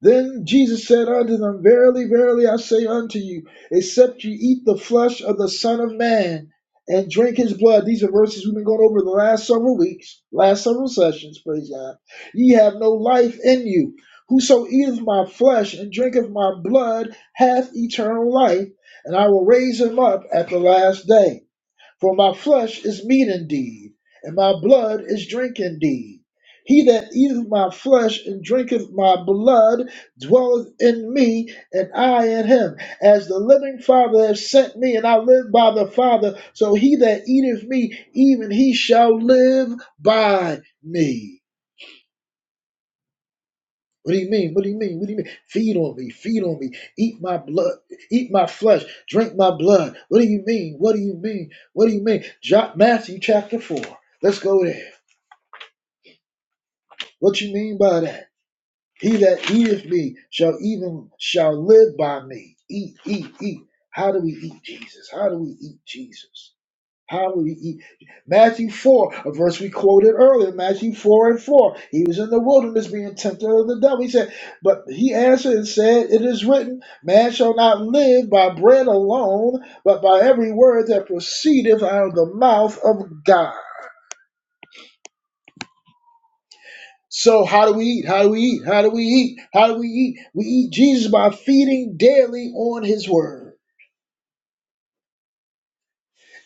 [SPEAKER 1] Then Jesus said unto them, Verily, verily, I say unto you, except you eat the flesh of the Son of Man and drink his blood. These are verses we've been going over the last several weeks, last several sessions, praise God. Ye have no life in you. Whoso eateth my flesh and drinketh my blood hath eternal life, and I will raise him up at the last day. For my flesh is meat indeed, and my blood is drink indeed. He that eateth my flesh and drinketh my blood dwelleth in me, and I in him. As the living Father hath sent me, and I live by the Father, so he that eateth me, even he shall live by me. What do you mean? What do you mean? What do you mean? Feed on me, feed on me, eat my blood, eat my flesh, drink my blood. What do you mean? What do you mean? What do you mean? Jo- Matthew chapter 4. Let's go there. What you mean by that? He that eateth me shall even shall live by me. Eat, eat, eat. How do we eat Jesus? How do we eat Jesus? How will he eat? Matthew 4, a verse we quoted earlier, Matthew 4 and 4. He was in the wilderness being tempted of the devil. He said, But he answered and said, It is written, Man shall not live by bread alone, but by every word that proceedeth out of the mouth of God. So how do we eat? How do we eat? How do we eat? How do we eat? We eat Jesus by feeding daily on his word.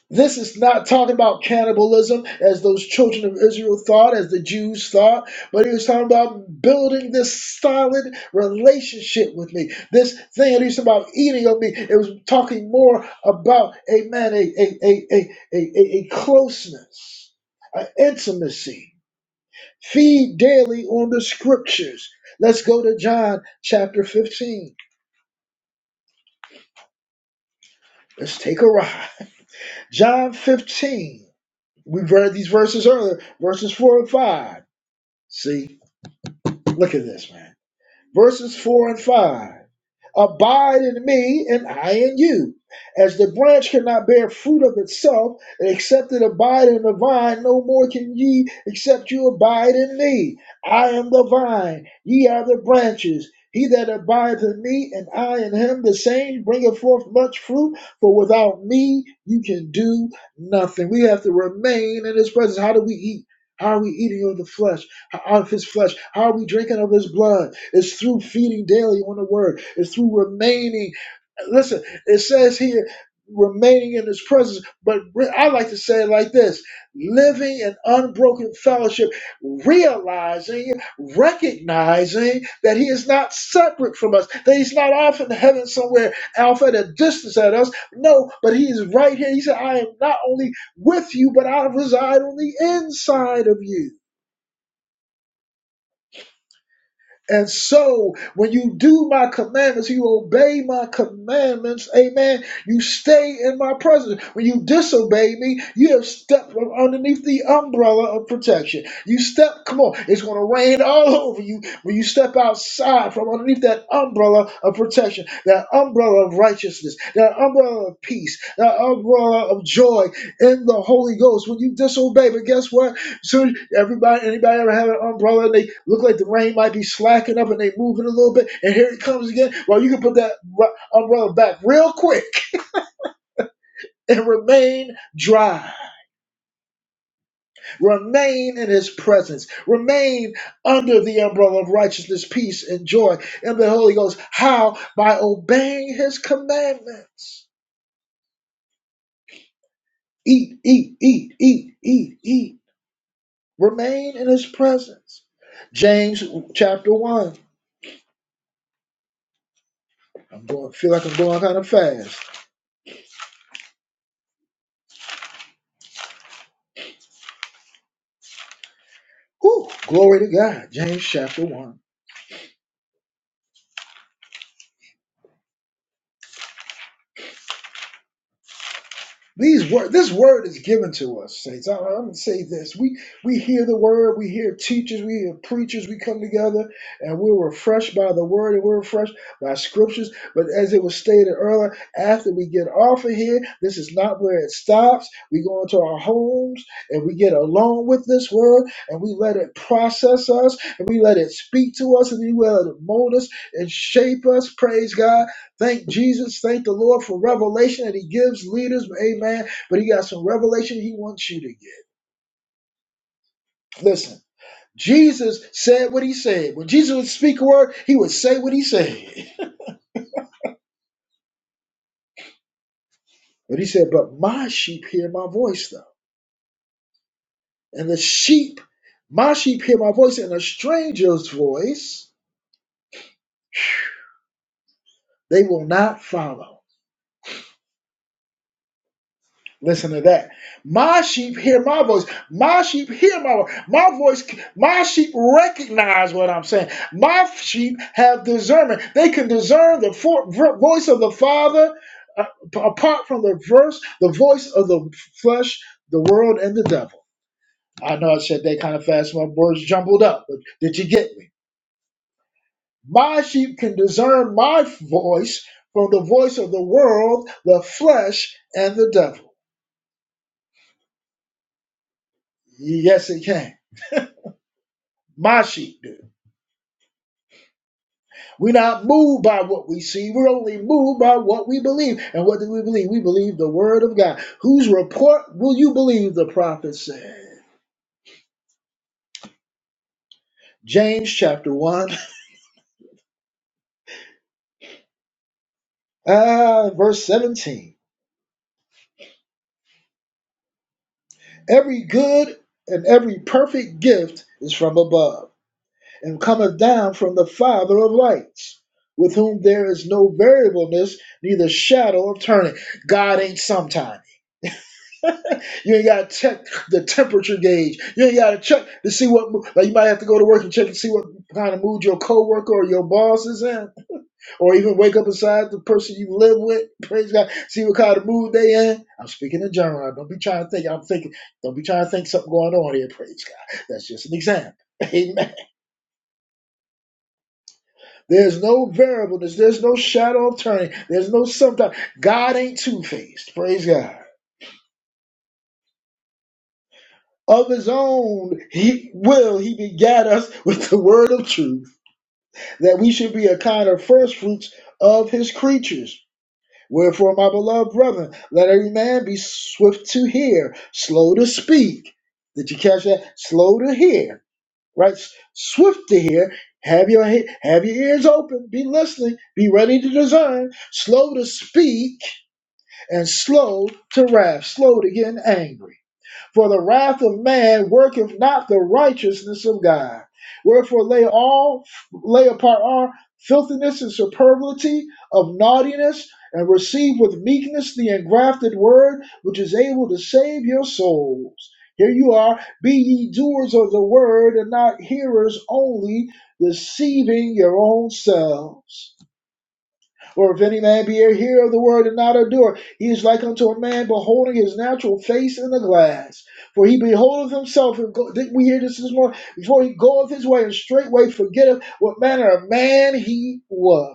[SPEAKER 1] This is not talking about cannibalism as those children of Israel thought, as the Jews thought, but he was talking about building this solid relationship with me. This thing that he was about eating of me, it was talking more about, amen, a, a, a, a, a, a a closeness, an intimacy. Feed daily on the scriptures. Let's go to John chapter 15. Let's take a ride. John 15. We've read these verses earlier, verses 4 and 5. See, look at this, man. Verses 4 and 5. Abide in me, and I in you. As the branch cannot bear fruit of itself, except it abide in the vine, no more can ye, except you abide in me. I am the vine, ye are the branches. He that abideth in me, and I in him, the same bringeth forth much fruit, for without me you can do nothing. We have to remain in his presence. How do we eat? How are we eating of the flesh, out of his flesh? How are we drinking of his blood? It's through feeding daily on the word. It's through remaining. Listen, it says here, remaining in his presence. But re- I like to say it like this living in unbroken fellowship, realizing, recognizing that he is not separate from us, that he's not off in heaven somewhere, off at a distance at us. No, but he is right here. He said, I am not only with you, but I reside on the inside of you. And so, when you do my commandments, you obey my commandments, amen, you stay in my presence. When you disobey me, you have stepped from underneath the umbrella of protection. You step, come on, it's going to rain all over you when you step outside from underneath that umbrella of protection, that umbrella of righteousness, that umbrella of peace, that umbrella of joy in the Holy Ghost. When you disobey, but guess what? Soon everybody, anybody ever have an umbrella and they look like the rain might be slacking up and they moving a little bit, and here it comes again. Well, you can put that umbrella back real quick and remain dry. Remain in His presence. Remain under the umbrella of righteousness, peace, and joy in the Holy Ghost. How? By obeying His commandments. Eat, eat, eat, eat, eat, eat. Remain in His presence. James chapter one. I'm going. Feel like I'm going kind of fast. Whew, glory to God. James chapter 1. These word, this word is given to us, saints. I, I'm gonna say this: we we hear the word, we hear teachers, we hear preachers. We come together and we're refreshed by the word, and we're refreshed by scriptures. But as it was stated earlier, after we get off of here, this is not where it stops. We go into our homes and we get alone with this word, and we let it process us, and we let it speak to us, and we let it mold us and shape us. Praise God Thank Jesus. Thank the Lord for revelation that He gives leaders. Amen. But He got some revelation He wants you to get. Listen, Jesus said what He said. When Jesus would speak a word, He would say what He said. But He said, But my sheep hear my voice, though. And the sheep, my sheep hear my voice, and a stranger's voice they will not follow. Listen to that. My sheep hear my voice. My sheep hear my voice. My voice, my sheep recognize what I'm saying. My sheep have discernment. They can discern the for, voice of the Father uh, apart from the verse, the voice of the flesh, the world, and the devil. I know I said that kind of fast, my words jumbled up, but did you get me? My sheep can discern my voice from the voice of the world, the flesh, and the devil. Yes, it can. My sheep. We're not moved by what we see. We're only moved by what we believe. And what do we believe? We believe the word of God. Whose report will you believe? The prophet said. James chapter 1, ah, verse 17. Every good and every perfect gift is from above and cometh down from the Father of lights, with whom there is no variableness, neither shadow of turning. God ain't sometime. You ain't gotta check the temperature gauge. You ain't gotta check to see what like you might have to go to work and check and see what kind of mood your coworker or your boss is in, or even wake up beside the person you live with. Praise God, see what kind of mood they in. I'm speaking in general. Don't be trying to think. I'm thinking. Don't be trying to think something going on here. Praise God. That's just an example. Amen. There's no variableness. There's no shadow of turning. There's no sometimes. God ain't two faced. Praise God. of his own he will he begat us with the word of truth that we should be a kind of first fruits of his creatures wherefore my beloved brethren let every man be swift to hear slow to speak did you catch that slow to hear right S- swift to hear have your he- have your ears open be listening be ready to discern slow to speak and slow to wrath slow to getting angry for the wrath of man worketh not the righteousness of God. Wherefore lay all lay apart all filthiness and superfluity of naughtiness, and receive with meekness the engrafted word which is able to save your souls. Here you are, be ye doers of the word and not hearers only, deceiving your own selves. For if any man be a hearer of the word and not a doer, he is like unto a man beholding his natural face in a glass. For he beholdeth himself, and go, didn't we hear this this morning? Before he goeth his way and straightway forgetteth what manner of man he was.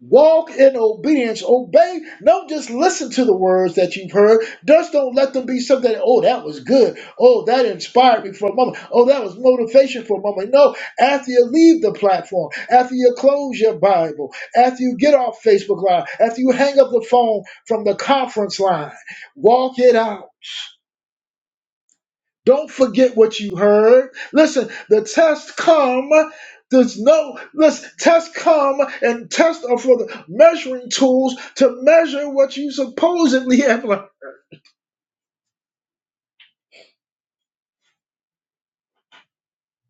[SPEAKER 1] Walk in obedience. Obey. Don't just listen to the words that you've heard. Just don't let them be something. Oh, that was good. Oh, that inspired me for a moment. Oh, that was motivation for a moment. No. After you leave the platform, after you close your Bible, after you get off Facebook Live, after you hang up the phone from the conference line, walk it out. Don't forget what you heard. Listen, the test come. There's no listen, test come and test are for the measuring tools to measure what you supposedly have learned.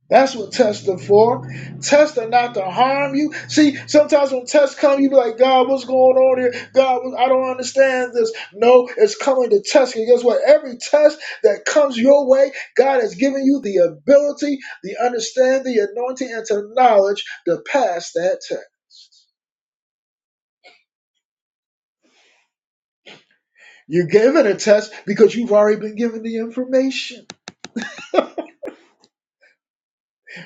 [SPEAKER 1] That's what tests are for. Tests are not to harm you. See, sometimes when tests come, you be like, God, what's going on here? God, I don't understand this. No, it's coming to test you. Guess what? Every test that comes your way, God has given you the ability, the understanding, the anointing, and the knowledge to pass that test. You're given a test because you've already been given the information.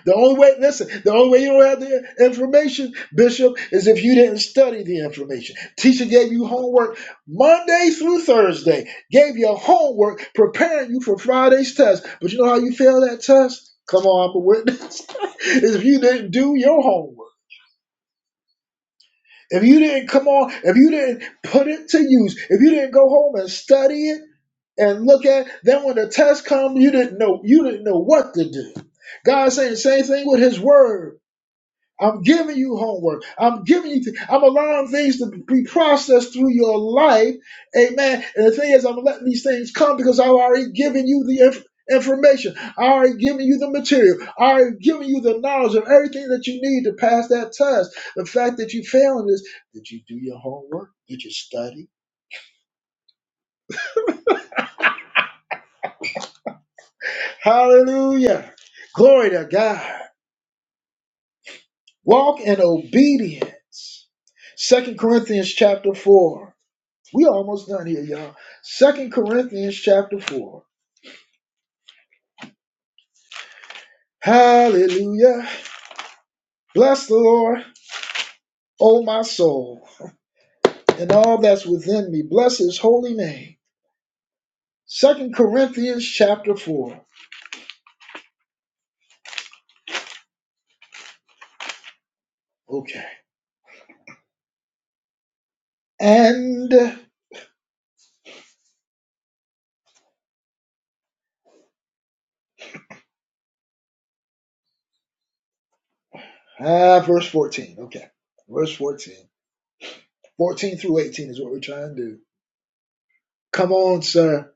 [SPEAKER 1] The only way, listen, the only way you don't have the information, Bishop, is if you didn't study the information. Teacher gave you homework Monday through Thursday, gave you homework preparing you for Friday's test. But you know how you fail that test? Come on, I'm a witness. is if you didn't do your homework. If you didn't come on, if you didn't put it to use, if you didn't go home and study it and look at, it, then when the test comes, you didn't know you didn't know what to do. God's saying the same thing with his word. I'm giving you homework. I'm giving you. th- I'm allowing things to be processed through your life, amen. And the thing is, I'm letting these things come because I've already given you the inf- information. I already given you the material. I already given you the knowledge of everything that you need to pass that test. The fact that you failing is, did you do your homework? Did you study? Hallelujah! Glory to God. Walk in obedience. Second Corinthians chapter four. We almost done here, y'all. Second Corinthians chapter four. Hallelujah. Bless the Lord, O my soul, and all that's within me. Bless his holy name. Second Corinthians chapter four. Okay. And ah, verse 14. Okay. Verse 14. 14 through 18 is what we're trying to do. Come on, sir.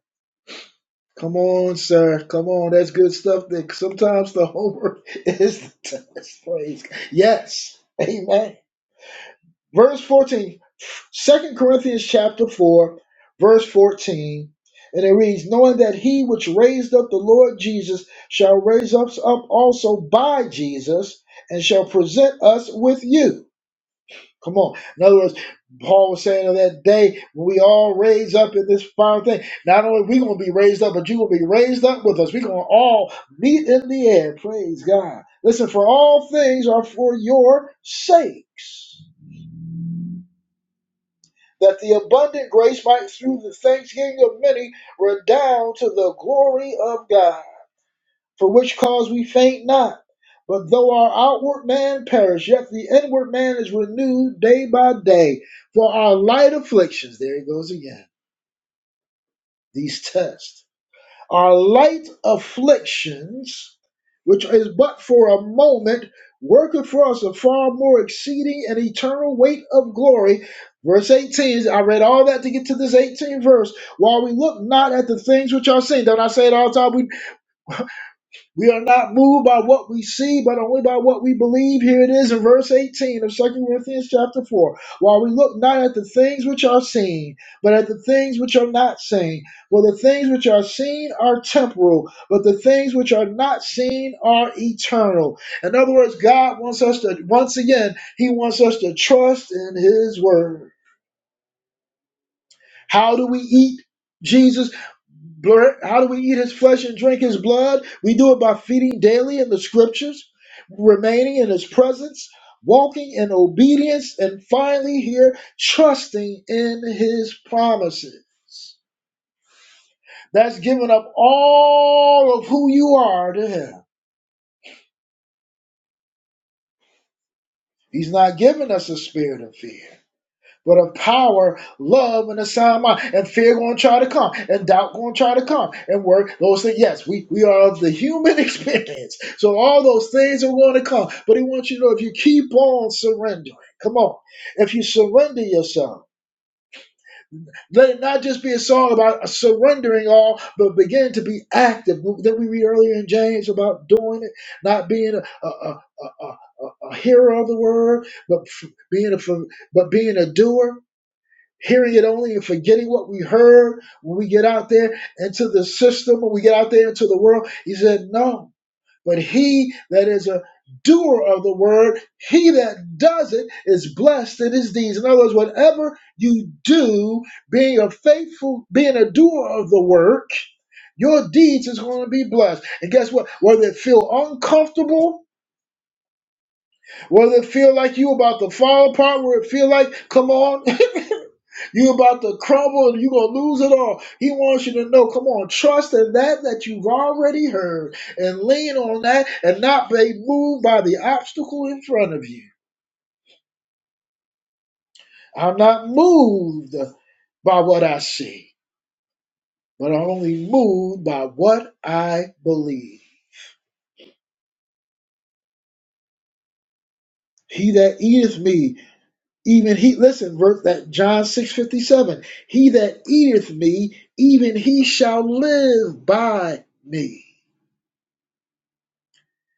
[SPEAKER 1] Come on, sir. Come on. That's good stuff. That sometimes the homework is the test. Praise. God. Yes. Amen. Verse 14, Second Corinthians chapter 4, verse 14, and it reads, Knowing that he which raised up the Lord Jesus shall raise us up also by Jesus and shall present us with you. Come on. In other words, Paul was saying on that day, we all raise up in this final thing. Not only are we going to be raised up, but you're going to be raised up with us. We're going to all meet in the air. Praise God. Listen, for all things are for your sakes that the abundant grace might through the thanksgiving of many redound to the glory of God. For which cause we faint not, but though our outward man perish, yet the inward man is renewed day by day. For our light afflictions, there he goes again, these tests our light afflictions, which is but for a moment, worketh for us a far more exceeding and eternal weight of glory. Verse 18, I read all that to get to this 18 verse. While we look not at the things which are seen, don't I say it all the time? We we are not moved by what we see, but only by what we believe. Here it is in verse 18 of Second Corinthians chapter 4. While we look not at the things which are seen, but at the things which are not seen. For the things which are seen are temporal, but the things which are not seen are eternal. In other words, God wants us to, once again, He wants us to trust in His word. How do we eat Jesus? How do we eat his flesh and drink his blood? We do it by feeding daily in the scriptures, remaining in his presence, walking in obedience, and finally, here, trusting in his promises. That's giving up all of who you are to him. He's not giving us a spirit of fear. But a power, love, and a sound mind, and fear gonna try to come, and doubt gonna try to come, and work those things. Yes, we, we are of the human experience. So all those things are gonna come. But he wants you to know if you keep on surrendering, come on. If you surrender yourself, let it not just be a song about surrendering all, but begin to be active. Then we read earlier in James about doing it, not being a, a, a, a, a, a a hearer of the word, but f- being a f- but being a doer hearing it only and forgetting what we heard when we get out there into the system, when we get out there into the world. He said, No. But he that is a doer of the word, he that does it is blessed in his deeds. In other words, whatever you do, being a faithful, being a doer of the work, your deeds is going to be blessed. And guess what? Whether it feel uncomfortable, whether it feel like you about to fall apart, where it feel like, come on, You about to crumble and you gonna lose it all. He wants you to know, come on, trust in that that you've already heard and lean on that and not be moved by the obstacle in front of you. I'm not moved by what I see, but I'm only moved by what I believe. He that eateth me, even he listen, verse that John 6 57. He that eateth me, even he shall live by me.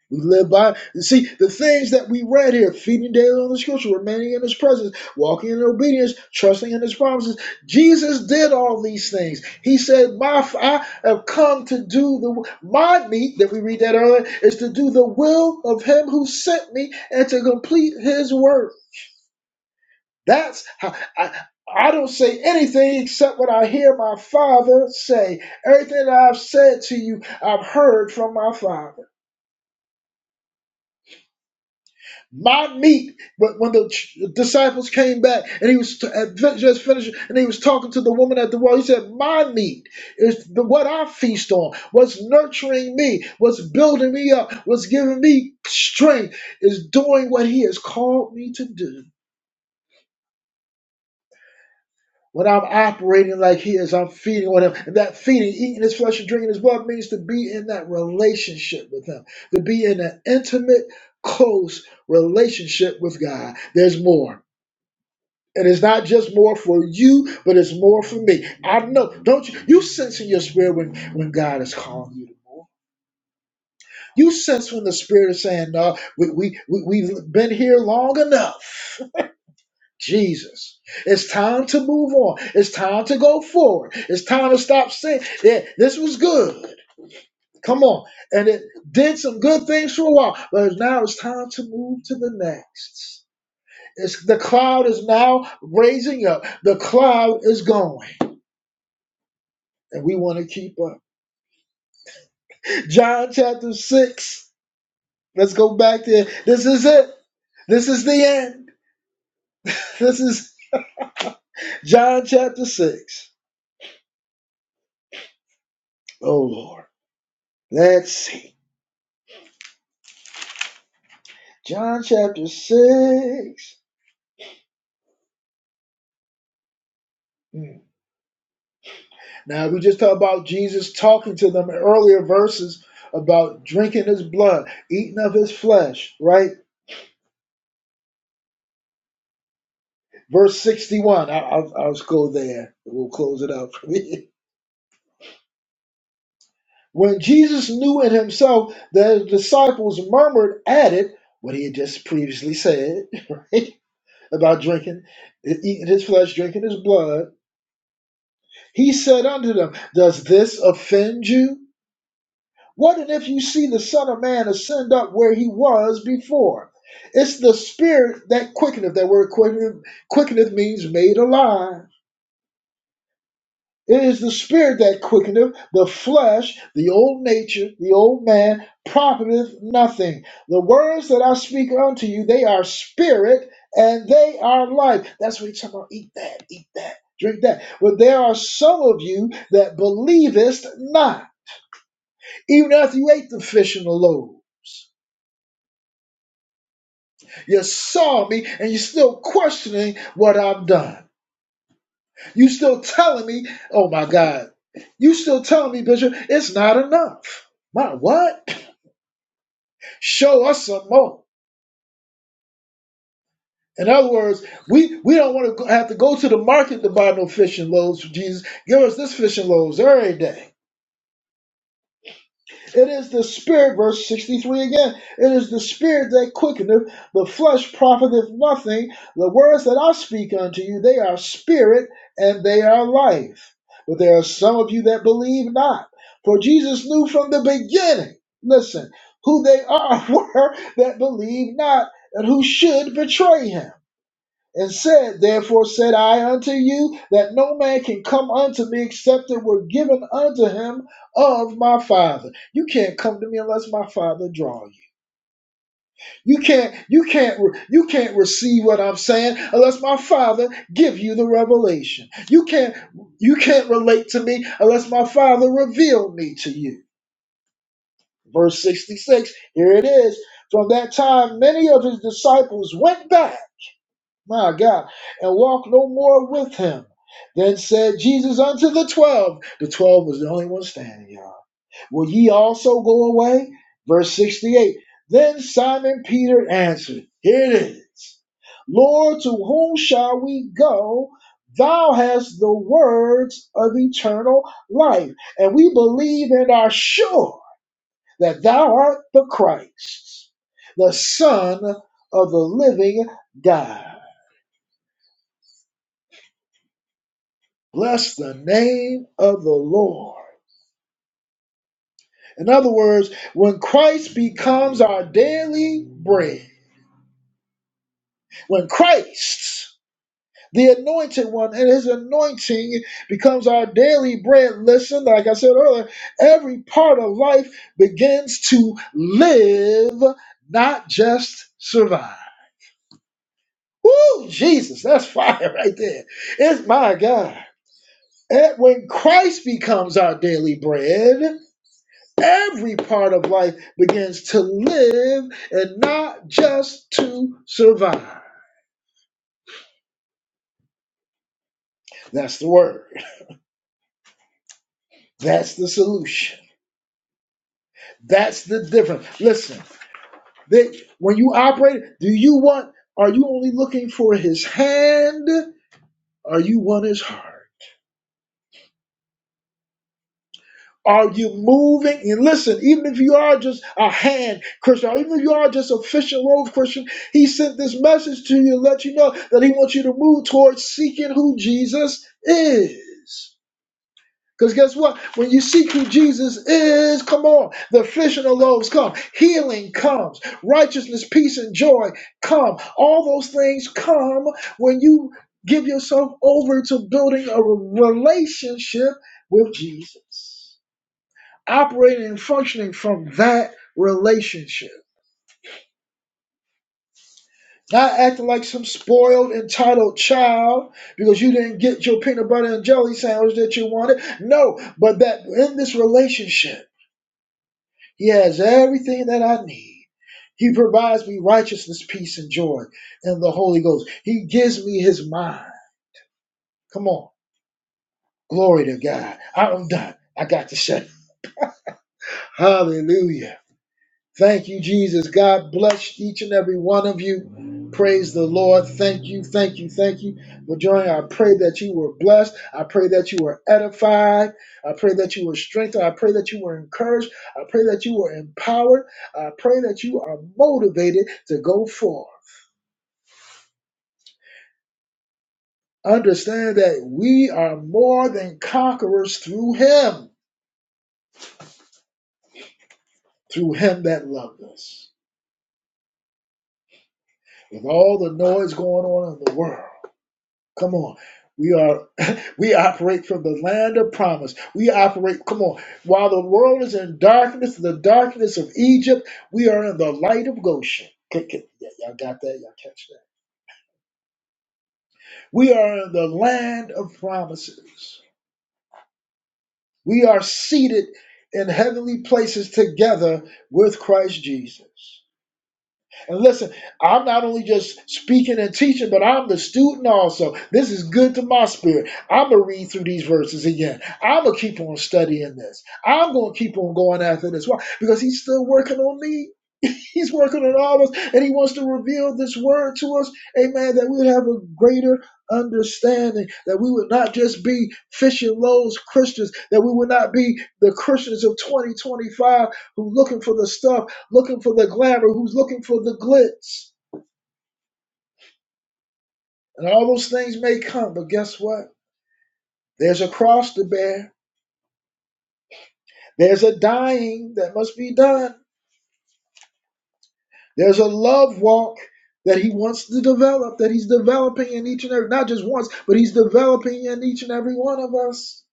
[SPEAKER 1] We live by, see, the things that we read here, feeding daily on the scripture, remaining in his presence, walking in obedience, trusting in his promises. Jesus did all these things. He said, my, I have come to do the, my meat, that we read that earlier, is to do the will of him who sent me and to complete his work. That's how, I, I don't say anything except what I hear my father say. Everything that I've said to you, I've heard from my father. my meat. But when the ch- disciples came back and he was t- had fin- just finished and he was talking to the woman at the well, he said, My meat is the, what I feast on, what's nurturing me, what's building me up, what's giving me strength, is doing what he has called me to do. When I'm operating like he is, I'm feeding on him. And that feeding, eating his flesh and drinking his blood means to be in that relationship with him, to be in an intimate, close relationship with God. There's more. And it's not just more for you, but it's more for me. I know. Don't you? You sense in your spirit when, when God is calling you to move. You sense when the Spirit is saying, no, we, we, we, we've been here long enough. Jesus, it's time to move on. It's time to go forward. It's time to stop saying, yeah, this was good. Come on. And it did some good things for a while, but now it's time to move to the next. It's, the cloud is now raising up. The cloud is going. and we want to keep up. John chapter 6. Let's go back there. This is it. This is the end. This is John chapter 6. Oh, Lord. Let's see. John chapter 6. Hmm. Now, we just talked about Jesus talking to them in earlier verses about drinking his blood, eating of his flesh, right? Verse 61. I, I'll, I'll just go there. We'll close it out. for me. When Jesus knew in himself that his disciples murmured at it, what he had just previously said, right? About drinking, eating his flesh, drinking his blood, he said unto them, Does this offend you? What and if you see the Son of Man ascend up where he was before? It's the spirit that quickeneth. That word quickeneth, quickeneth means made alive. It is the spirit that quickeneth, the flesh, the old nature, the old man, profiteth nothing. The words that I speak unto you, they are spirit and they are life. That's what he's talking about. Eat that, eat that, drink that. But there are some of you that believest not, even after you ate the fish and the loaves. You saw me and you're still questioning what I've done. You still telling me, oh my God, you still telling me, Bishop, it's not enough. My what? Show us some more. In other words, we, we don't want to have to go to the market to buy no fish and loaves for Jesus. Give us this fish and loaves every day. It is the spirit, verse 63 again. It is the spirit that quickeneth, the flesh profiteth nothing. The words that I speak unto you, they are spirit and they are life. But there are some of you that believe not. For Jesus knew from the beginning, listen, who they are were that believe not and who should betray him and said, Therefore said I unto you, that no man can come unto me except it were given unto him of my Father. You can't come to me unless my Father draw you. You can't, you can't, you can't receive what I'm saying unless my Father give you the revelation. You can't, you can't relate to me unless my Father revealed me to you. Verse 66, here it is. From that time, many of his disciples went back my God, and walk no more with him. Then said Jesus unto the twelve, the twelve was the only one standing, y'all. Will ye also go away? Verse 68. Then Simon Peter answered, Here it is. Lord, to whom shall we go? Thou hast the words of eternal life, and we believe and are sure that thou art the Christ, the Son of the living God. Bless the name of the Lord. In other words, when Christ becomes our daily bread, when Christ, the anointed one, and his anointing becomes our daily bread, listen, like I said earlier, every part of life begins to live, not just survive. Woo, Jesus, that's fire right there. It's my God. And when Christ becomes our daily bread, every part of life begins to live and not just to survive. That's the word. That's the solution. That's the difference. Listen, that when you operate, do you want, are you only looking for his hand? Are you want his heart? Are you moving? And listen, even if you are just a hand Christian, or even if you are just a fish and loaves Christian, he sent this message to you to let you know that he wants you to move towards seeking who Jesus is. Because guess what? When you seek who Jesus is, come on, the fish and the loaves come. Healing comes. Righteousness, peace, and joy come. All those things come when you give yourself over to building a relationship with Jesus operating and functioning from that relationship. Not acting like some spoiled, entitled child because you didn't get your peanut butter and jelly sandwich that you wanted. No, but that in this relationship, He has everything that I need. He provides me righteousness, peace, and joy in the Holy Ghost. He gives me His mind. Come on. Glory to God. I'm done. I got to say, Hallelujah. Thank you, Jesus. God bless each and every one of you. Praise the Lord. Thank you, thank you, thank you for joining. I pray that you were blessed. I pray that you were edified. I pray that you were strengthened. I pray that you were encouraged. I pray that you were empowered. I pray that you are motivated to go forth. Understand that we are more than conquerors through Him, through Him that loved us. With all the noise going on in the world, come on. We are We operate from the land of promise. We operate, come on, while the world is in darkness, the darkness of Egypt, we are in the light of Goshen. K- k- yeah, Y'all got that? Y'all catch that? We are in the land of promises. We are seated in heavenly places together with Christ Jesus. And listen, I'm not only just speaking and teaching, but I'm the student also. This is good to my spirit. I'm going to read through these verses again. I'm going to keep on studying this. I'm going to keep on going after this. Why? Because he's still working on me. He's working on all of us, and he wants to reveal this word to us, amen, that we would have a greater understanding, that we would not just be fishing loaves Christians, that we would not be the Christians of 2025 who looking for the stuff looking for the glamour, who's looking for the glitz. And all those things may come, but guess what? There's a cross to bear. There's a dying that must be done. There's a love walk that he wants to develop, that he's developing in each and every, not just once, but he's developing in each and every one of us.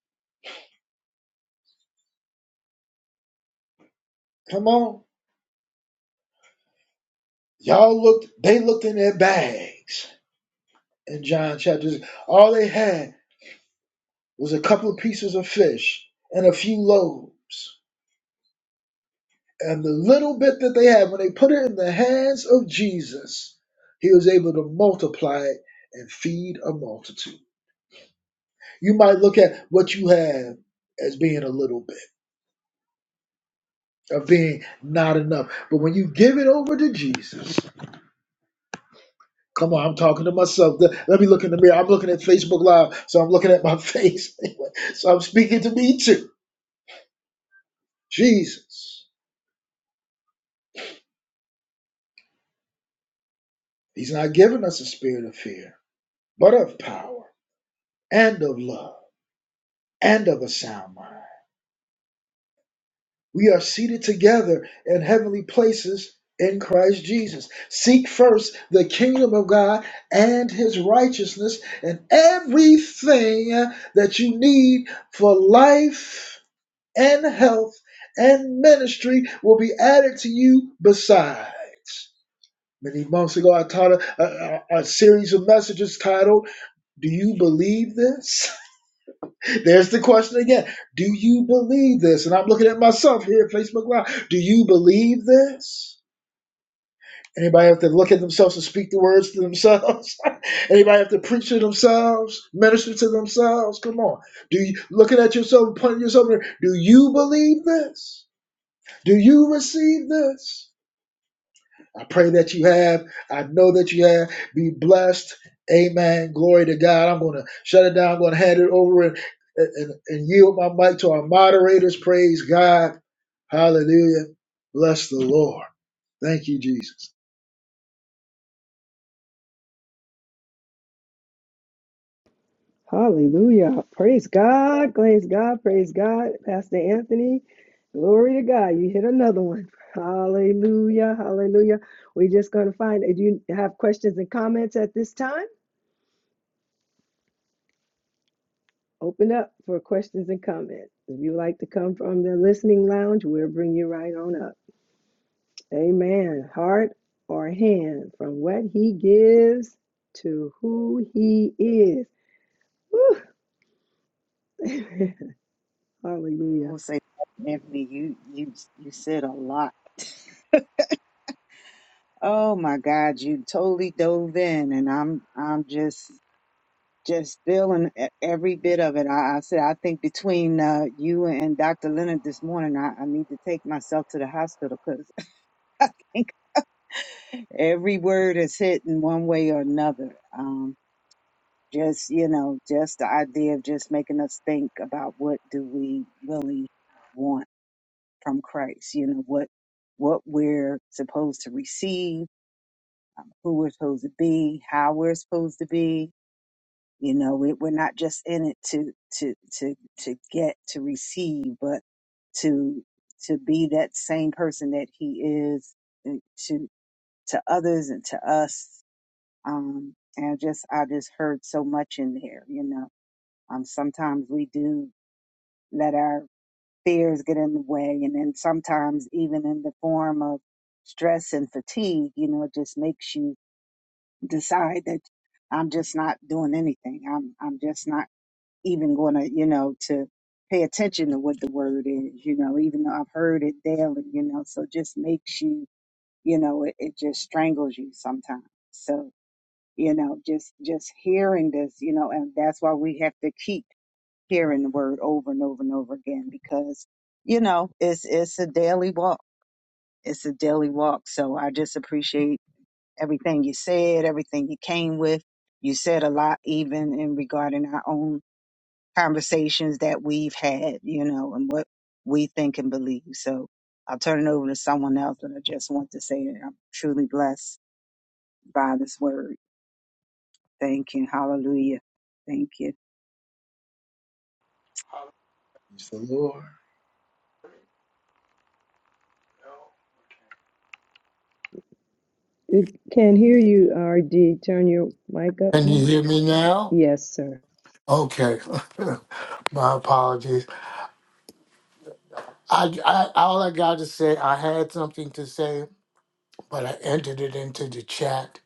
[SPEAKER 1] Come on. Y'all looked, they looked in their bags in John chapter. All they had was a couple of pieces of fish and a few loaves. And the little bit that they had, when they put it in the hands of Jesus, he was able to multiply it and feed a multitude. You might look at what you have as being a little bit, of being not enough. But when you give it over to Jesus, come on, I'm talking to myself. Let let me look in the mirror. I'm looking at Facebook Live, so I'm looking at my face. Anyway, so I'm speaking to me too. Jesus, he's not giving us a spirit of fear, but of power and of love and of a sound mind. We are seated together in heavenly places in Christ Jesus. Seek first the kingdom of God and his righteousness, and everything that you need for life and health and ministry will be added to you besides. Many months ago, I taught a, a, a series of messages titled, Do You Believe This? There's the question again. Do you believe this? And I'm looking at myself here at Facebook Live. Do you believe this? Anybody have to look at themselves and speak the words to themselves? Anybody have to preach to themselves, minister to themselves? Come on. Do you looking at yourself and pointing yourself? Do you believe this? Do you receive this? I pray that you have. I know that you have. Be blessed. Amen. Glory to God. I'm going to shut it down. I'm going to hand it over and, and, and yield my mic to our moderators. Praise God. Hallelujah. Bless the Lord. Thank you, Jesus.
[SPEAKER 4] Hallelujah. Praise God. Praise God. Praise God. Pastor Anthony. Glory to God. You hit another one. Hallelujah. Hallelujah. We're just going to find if you have questions and comments at this time, open up for questions and comments. If you like to come from the listening lounge, we'll bring you right on up. Amen. Heart or hand from what he gives to who he is. Woo.
[SPEAKER 3] I
[SPEAKER 4] Hallelujah.
[SPEAKER 3] will say, Anthony, you you you said a lot. Oh my God, you totally dove in, and I'm I'm just just feeling e- every bit of it. I, I said I think between uh, you and Dr. Leonard this morning, I, I need to take myself to the hospital because I think every word is hit in one way or another. Um, just you know, just the idea of just making us think about what do we really want from Christ. You know what what we're supposed to receive, um, who we're supposed to be, how we're supposed to be. You know, we, we're not just in it to to to to get to receive, but to to be that same person that He is uh, to to others and to us. Um, and I just I just heard so much in there. You know, um, sometimes we do. let our fears get in the way and then sometimes even in the form of stress and fatigue you know it just makes you decide that i'm just not doing anything i'm i'm just not even going to you know to pay attention to what the word is you know even though i've heard it daily you know so it just makes you you know it, it just strangles you sometimes so you know just just hearing this you know and that's why we have to keep hearing the word over and over and over again because you know it's it's a daily walk it's a daily walk so i just appreciate everything you said everything you came with you said a lot even in regarding our own conversations that we've had you know and what we think and believe so i'll turn it over to someone else but i just want to say that i'm truly blessed by this word thank you hallelujah thank you
[SPEAKER 1] Bless the Lord.
[SPEAKER 4] It can hear you, RD. Turn your mic up,
[SPEAKER 5] Can you
[SPEAKER 4] man.
[SPEAKER 5] hear me now?
[SPEAKER 4] Yes, sir.
[SPEAKER 5] Okay, my apologies. I, I all I got to say, I had something to say, but I entered it into the chat.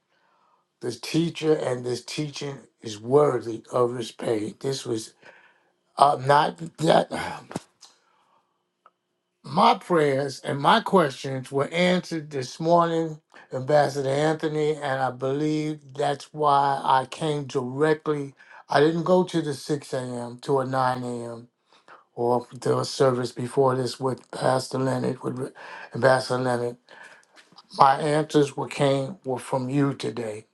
[SPEAKER 5] This teacher and this teaching is worthy of respect. This was uh, not that my prayers and my questions were answered this morning, Ambassador Anthony, and I believe that's why I came directly. I didn't go to the 6 a.m. to a 9 a.m. or if there was service before this with Pastor Leonard, with Ambassador Leonard. My answers were came were from you today,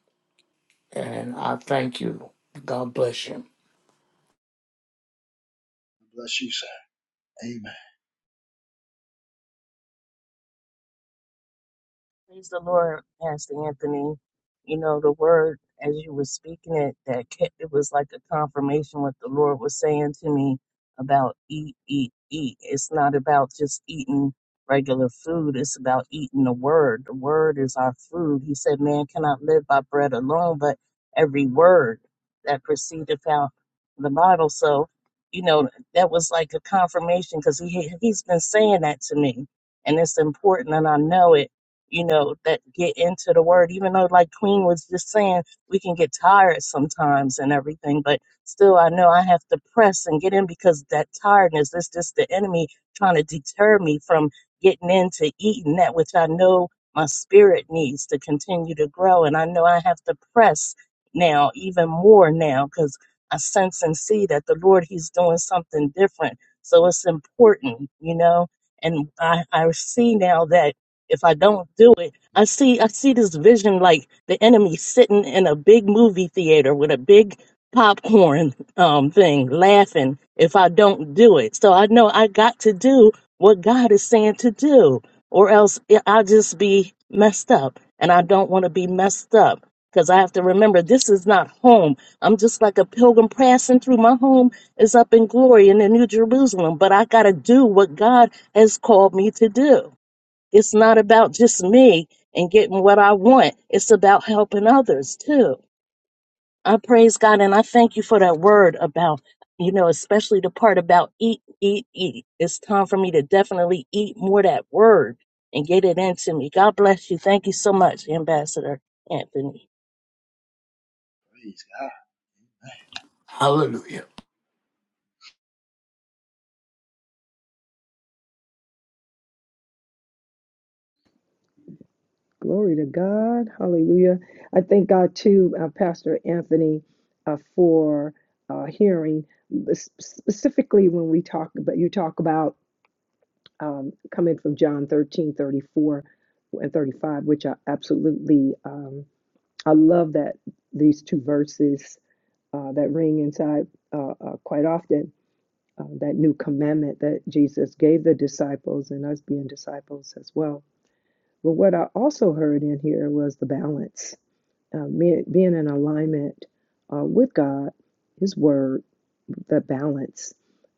[SPEAKER 5] and I thank you. God bless you.
[SPEAKER 1] Bless you, sir. Amen.
[SPEAKER 6] Praise the Lord, Pastor Anthony. You know, the word as you were speaking it, that kept, it was like a confirmation what the Lord was saying to me about eat, eat, eat. It's not about just eating regular food. It's about eating the word. The word is our food. He said, man cannot live by bread alone, but every word that proceedeth out the Bible. So, you know, that was like a confirmation because he, he's been saying that to me and it's important and I know it you know, that get into the word, even though, like Queen was just saying, we can get tired sometimes and everything, but still, I know I have to press and get in because that tiredness is just the enemy trying to deter me from getting into eating that which I know my spirit needs to continue to grow. And I know I have to press now, even more now, because I sense and see that the Lord, He's doing something different. So it's important, you know. And I, I see now that if I don't do it. I see I see this vision like the enemy sitting in a big movie theater with a big popcorn um thing laughing if I don't do it. So I know I got to do what God is saying to do or else I- I'll just be messed up and I don't want to be messed up because I have to remember this is not home. I'm just like a pilgrim passing through my home is up in glory in the New Jerusalem, but I got to do what God has called me to do. It's not about just me and getting what I want. It's about helping others too. I praise God and I thank you for that word about, you know, especially the part about eat, eat, eat. It's time for me to definitely eat more of that word and get it into me. God bless you. Thank you so much, Ambassador Anthony.
[SPEAKER 1] Praise God.
[SPEAKER 5] Hallelujah.
[SPEAKER 4] Glory to God. Hallelujah. I thank God, too, uh, Pastor Anthony, uh, for uh, hearing s- specifically when we talk about, you talk about um, coming from John 13:34 and 35, which I absolutely, um, I love that these two verses uh, that ring inside uh, uh, quite often uh, that new commandment that Jesus gave the disciples and us being disciples as well. But what I also heard in here was the balance, uh, being in alignment uh, with God, His Word, the balance.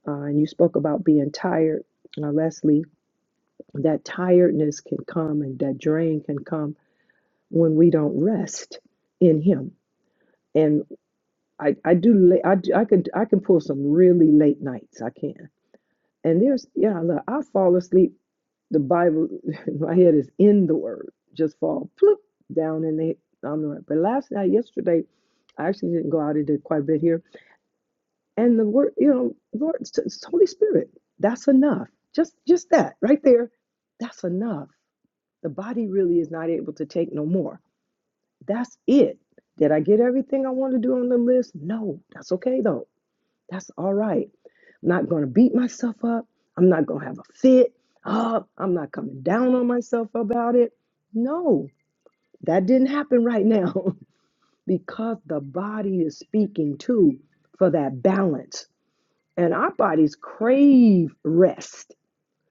[SPEAKER 4] Uh, and you spoke about being tired, uh, Leslie. That tiredness can come and that drain can come when we don't rest in Him. And I, I do, la- I, do- I can, I can pull some really late nights. I can. And there's, yeah, look, I fall asleep. The Bible, my head is in the Word, just fall ploop down in the, on the Word. But last night, yesterday, I actually didn't go out and did quite a bit here. And the Word, you know, Lord, it's it's Holy Spirit. That's enough. Just, just that right there. That's enough. The body really is not able to take no more. That's it. Did I get everything I want to do on the list? No, that's okay though that's all right. I'm not going to beat myself up. I'm not going to have a fit. Uh, I'm not coming down on myself about it. No, that didn't happen right now because the body is speaking too for that balance. And our bodies crave rest.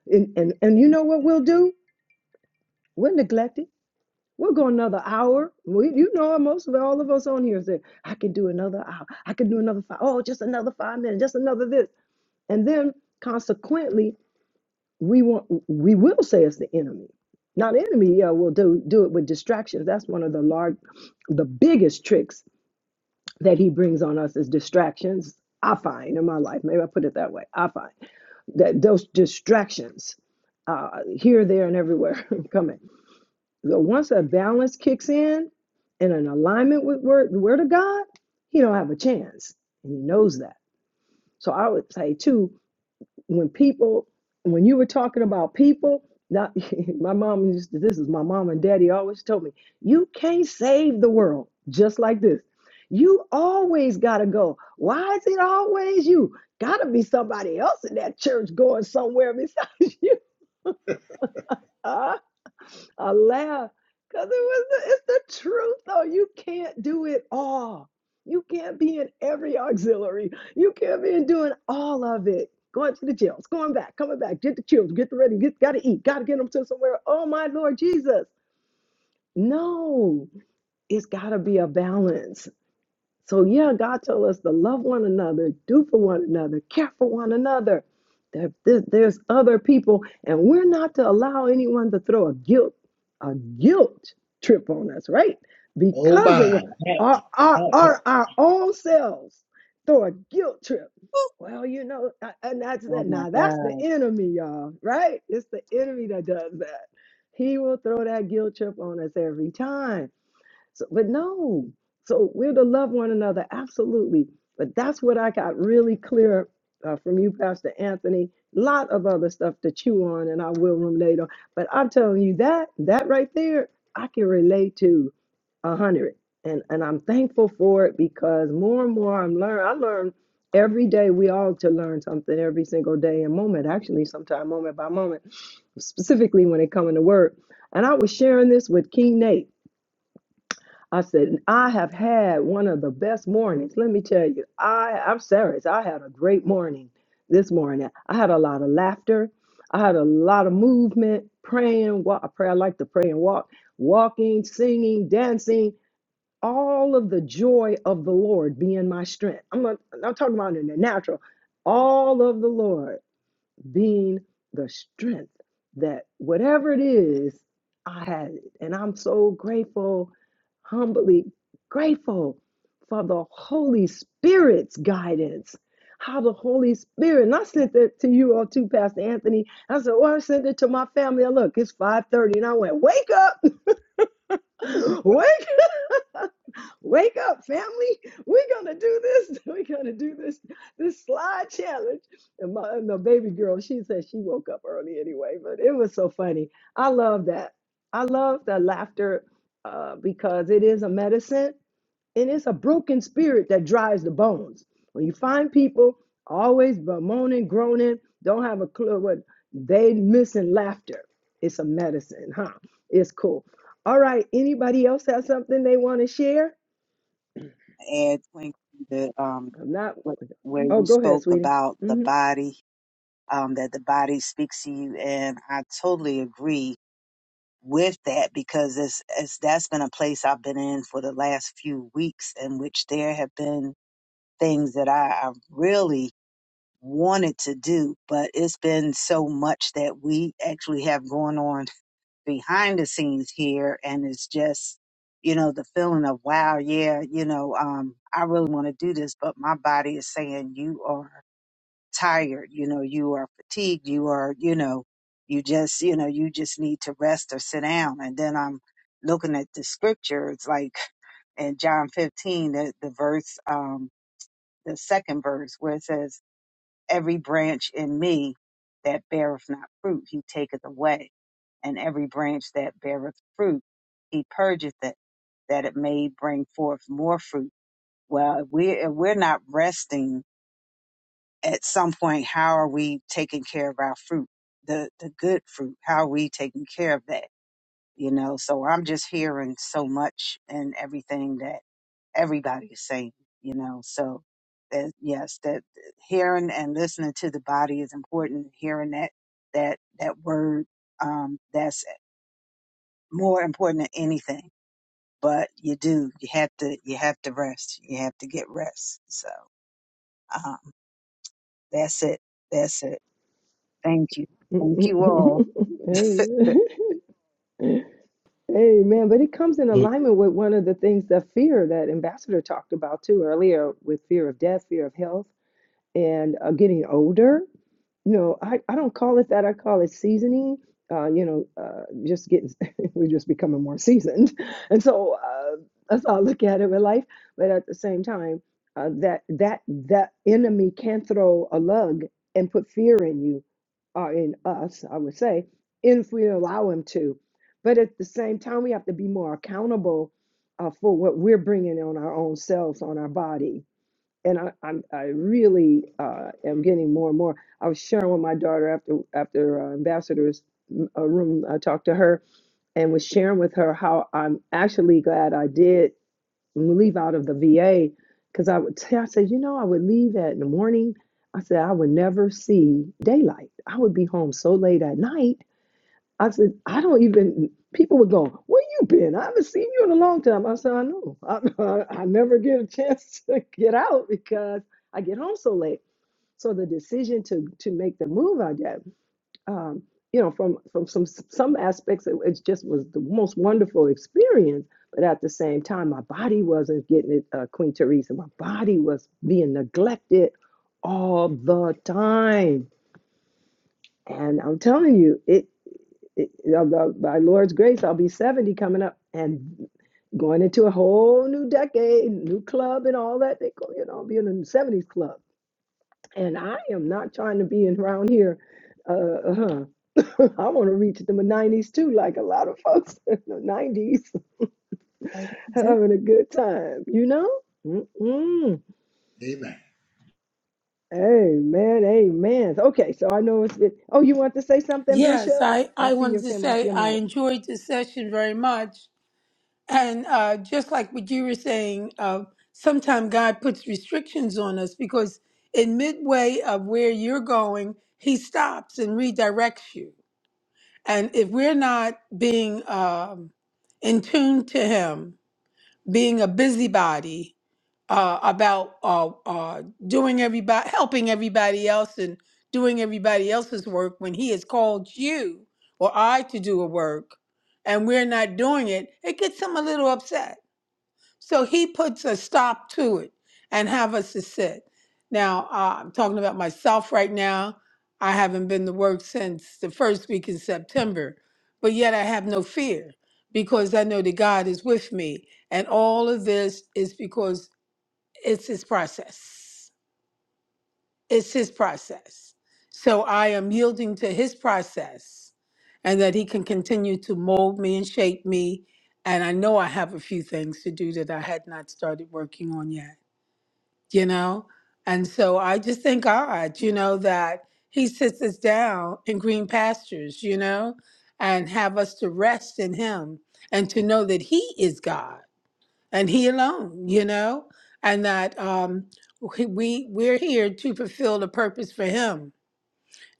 [SPEAKER 4] And, and, and you know what we'll do? We'll neglect it. We'll go another hour. We, you know, most of all of us on here say, I can do another hour. I can do another five. Oh, just another five minutes, just another this. And then consequently, we want we will say it's the enemy Now, the enemy yeah will do do it with distractions that's one of the large the biggest tricks that he brings on us is distractions i find in my life maybe i put it that way i find that those distractions uh here there and everywhere coming so once a balance kicks in and an alignment with word the word of god he don't have a chance and he knows that so i would say too when people when you were talking about people not my mom used to this is my mom and daddy always told me you can't save the world just like this you always gotta go why is it always you gotta be somebody else in that church going somewhere besides you Ah, I laugh because it was the, it's the truth though. You can't do it all. You can't be in every auxiliary. You can't be in doing all of it. Going to the jails, going back, coming back, get the children, get the ready, get gotta eat, gotta get them to somewhere. Oh my Lord Jesus. No, it's gotta be a balance. So, yeah, God told us to love one another, do for one another, care for one another. That th- there's other people, and we're not to allow anyone to throw a guilt, a guilt trip on us, right?
[SPEAKER 1] Oh,
[SPEAKER 4] Because it
[SPEAKER 1] my.
[SPEAKER 4] was our, our, our, our own selves throw a guilt trip. Well, you know, a- and that's
[SPEAKER 3] oh
[SPEAKER 4] that.
[SPEAKER 3] my
[SPEAKER 4] Now, that's
[SPEAKER 3] god
[SPEAKER 4] the enemy, y'all, right? It's the enemy that does that. He will throw that guilt trip on us every time. So, but no, so we're to love one another, absolutely. But that's what I got really clear uh, from you, Pastor Anthony. Lot of other stuff to chew on, and I will ruminate on. But I'm telling you that that right there, I can relate to a hundred, and and I'm thankful for it because more and more I'm learn. I learn every day. We all to learn something every single day and moment. Actually, sometime moment by moment, specifically when it comes to work. And I was sharing this with King Nate. I said, "And I have had one of the best mornings. Let me tell you, I, I'm serious. I had a great morning this morning. I had a lot of laughter. I had a lot of movement, praying, walk, I pray. I like to pray and walk, walking, singing, dancing, all of the joy of the Lord being my strength. I'm not, I'm not talking about in the natural, all of the Lord being the strength that whatever it is, I had it. And I'm so grateful, humbly grateful for the Holy Spirit's guidance. How the Holy Spirit, and I sent that to you all too, Pastor Anthony. I said, Well, I sent it to my family. I look, it's 5:30. And I went, wake up, wake up. Wake up, family. We're gonna do this. We're gonna do this this slide challenge. And my and the baby girl, she said she woke up early anyway, but it was so funny. I love that. I love the laughter uh, because it is a medicine and it's a broken spirit that dries the bones. When you find people always bemoaning, groaning, don't have a clue what they missing laughter. It's a medicine, huh? It's cool. All right. Anybody else have something they want to share?
[SPEAKER 3] add Queen, the um
[SPEAKER 4] I'm not.
[SPEAKER 3] what where
[SPEAKER 4] Oh,
[SPEAKER 3] you
[SPEAKER 4] go ahead,
[SPEAKER 3] spoke
[SPEAKER 4] sweetie.
[SPEAKER 3] about the
[SPEAKER 4] hmm
[SPEAKER 3] body um that the body speaks to you and I totally agree with that because it's, it's that's been a place I've been in for the last few weeks in which there have been things that I, I really wanted to do but it's been so much that we actually have going on behind the scenes here and it's just you know the feeling of wow yeah you know um i really want to do this but my body is saying you are tired you know you are fatigued you are you know you just you know you just need to rest or sit down and then i'm looking at the scripture it's like in john 15 the, the verse um the second verse where it says every branch in me that beareth not fruit he taketh away and every branch that beareth fruit, he purgeth it, that it may bring forth more fruit. Well, if we if we're not resting at some point, how are we taking care of our fruit, the the good fruit? How are we taking care of that? You know, so I'm just hearing so much and everything that everybody is saying. You know, so that yes, that hearing and listening to the body is important. Hearing that that that word um, that's more important than anything. But you do, you have to, you have to rest. You have to get rest. So, um, that's it. That's it. Thank you. Thank you all.
[SPEAKER 4] hey, Amen. But it comes in alignment with one of the things that fear that Ambassador talked about too earlier with fear of death, fear of health, and uh, getting older. No, I, I don't call it that. I call it seasoning. Uh, you know, uh, just getting, we're just becoming more seasoned. And so uh, that's how I look at it with life. But at the same time, uh, that that that enemy can throw a lug and put fear in you, or in us, I would say, if we allow him to. But at the same time, we have to be more accountable uh, for what we're bringing on our own selves, on our body and I, I'm I really uh, am getting more and more. I was sharing with my daughter after after uh, ambassadors m- uh, room. I talked to her and was sharing with her how I'm actually glad I did leave out of the VA because I would tell I said you know I would leave at in the morning. I said I would never see daylight. I would be home so late at night I said, I don't even, people were going, where you been? I haven't seen you in a long time. I said, I know. I, I, I never get a chance to get out because I get home so late. So the decision to to make the move I did, um, you know, from from some some aspects, it, it just was the most wonderful experience. But at the same time, my body wasn't getting it, uh, Queen Teresa. My body was being neglected all the time and I'm telling you, it, it uh, by by Lord's grace, I'll be 70 coming up and going into a whole new decade, new club and all that. They go, you know, I'll be in the 70s club. And I am not trying to be in around here. Uh, uh-huh. I want to reach the 90s too, like a lot of folks in the 90s having a good time, you know? Mm-mm.
[SPEAKER 1] Amen.
[SPEAKER 4] Amen. Amen. Okay, so I know it's it. Oh, you want to say something,
[SPEAKER 7] Yes,
[SPEAKER 4] Bishop?
[SPEAKER 7] I,
[SPEAKER 4] I
[SPEAKER 7] I
[SPEAKER 4] see
[SPEAKER 7] wanted
[SPEAKER 4] you
[SPEAKER 7] to
[SPEAKER 4] came off
[SPEAKER 7] say
[SPEAKER 4] your
[SPEAKER 7] I
[SPEAKER 4] mic.
[SPEAKER 7] enjoyed this session very much. And uh, just like what you were saying, uh, sometimes God puts restrictions on us because in midway of where you're going, He stops and redirects you. And if we're not being um, in tune to Him, being a busybody uh, about uh, uh, doing everybody, helping everybody else, and doing everybody else's work when He has called you or I to do a work, and we're not doing it, it gets Him a little upset so he puts a stop to it and have us to sit. Now, uh, I'm talking about myself right now. I haven't been to work since the first week in September, but yet I have no fear because I know that God is with me. And all of this is because it's his process. It's his process. So I am yielding to his process and that he can continue to mold me and shape me. And I know I have a few things to do that I had not started working on yet, you know? And so I just thank God, you know, that he sits us down in green pastures, you know, and have us to rest in him and to know that he is God and he alone you know and that um we we- we're here to fulfill the purpose for him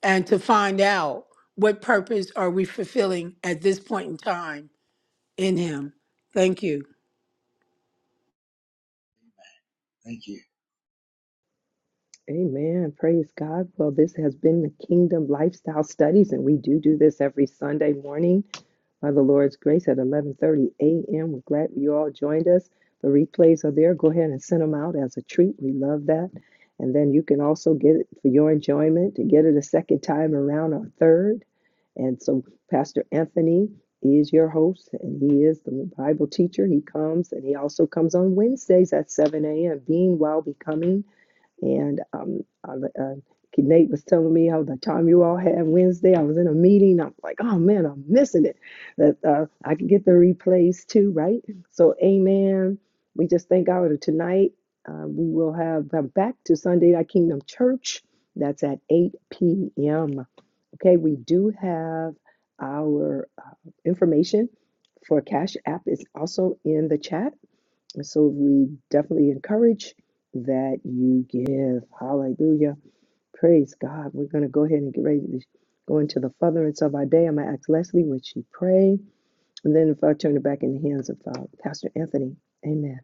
[SPEAKER 7] and to find out what purpose are we fulfilling at this point in time in him thank you
[SPEAKER 1] Thank you.
[SPEAKER 4] Amen. Praise God. Well, this has been the Kingdom Lifestyle Studies, and we do do this every Sunday morning by the Lord's grace at 11:30 a.m. We're glad you all joined us. The replays are there. Go ahead and send them out as a treat. We love that. And then you can also get it for your enjoyment to get it a second time around or third. And so Pastor Anthony is your host, and he is the Bible teacher. He comes, and he also comes on Wednesdays at 7 a.m. Being while becoming. And um, I, uh, Nate was telling me how the time you all had Wednesday, I was in a meeting. I'm like, oh man, I'm missing it. That uh, I could get the replays too, right? So, amen. We just thank God that tonight. Uh, we will have come back to Sunday Night Kingdom Church. That's at 8 p.m. Okay, we do have our uh, information for Cash App is also in the chat so we definitely encourage that you give. Hallelujah. Praise God. We're going to go ahead and get ready to go into the furtherance of our day. I'm going to ask Leslie, would she pray? And then if I turn it back in the hands of uh, Pastor Anthony. Amen.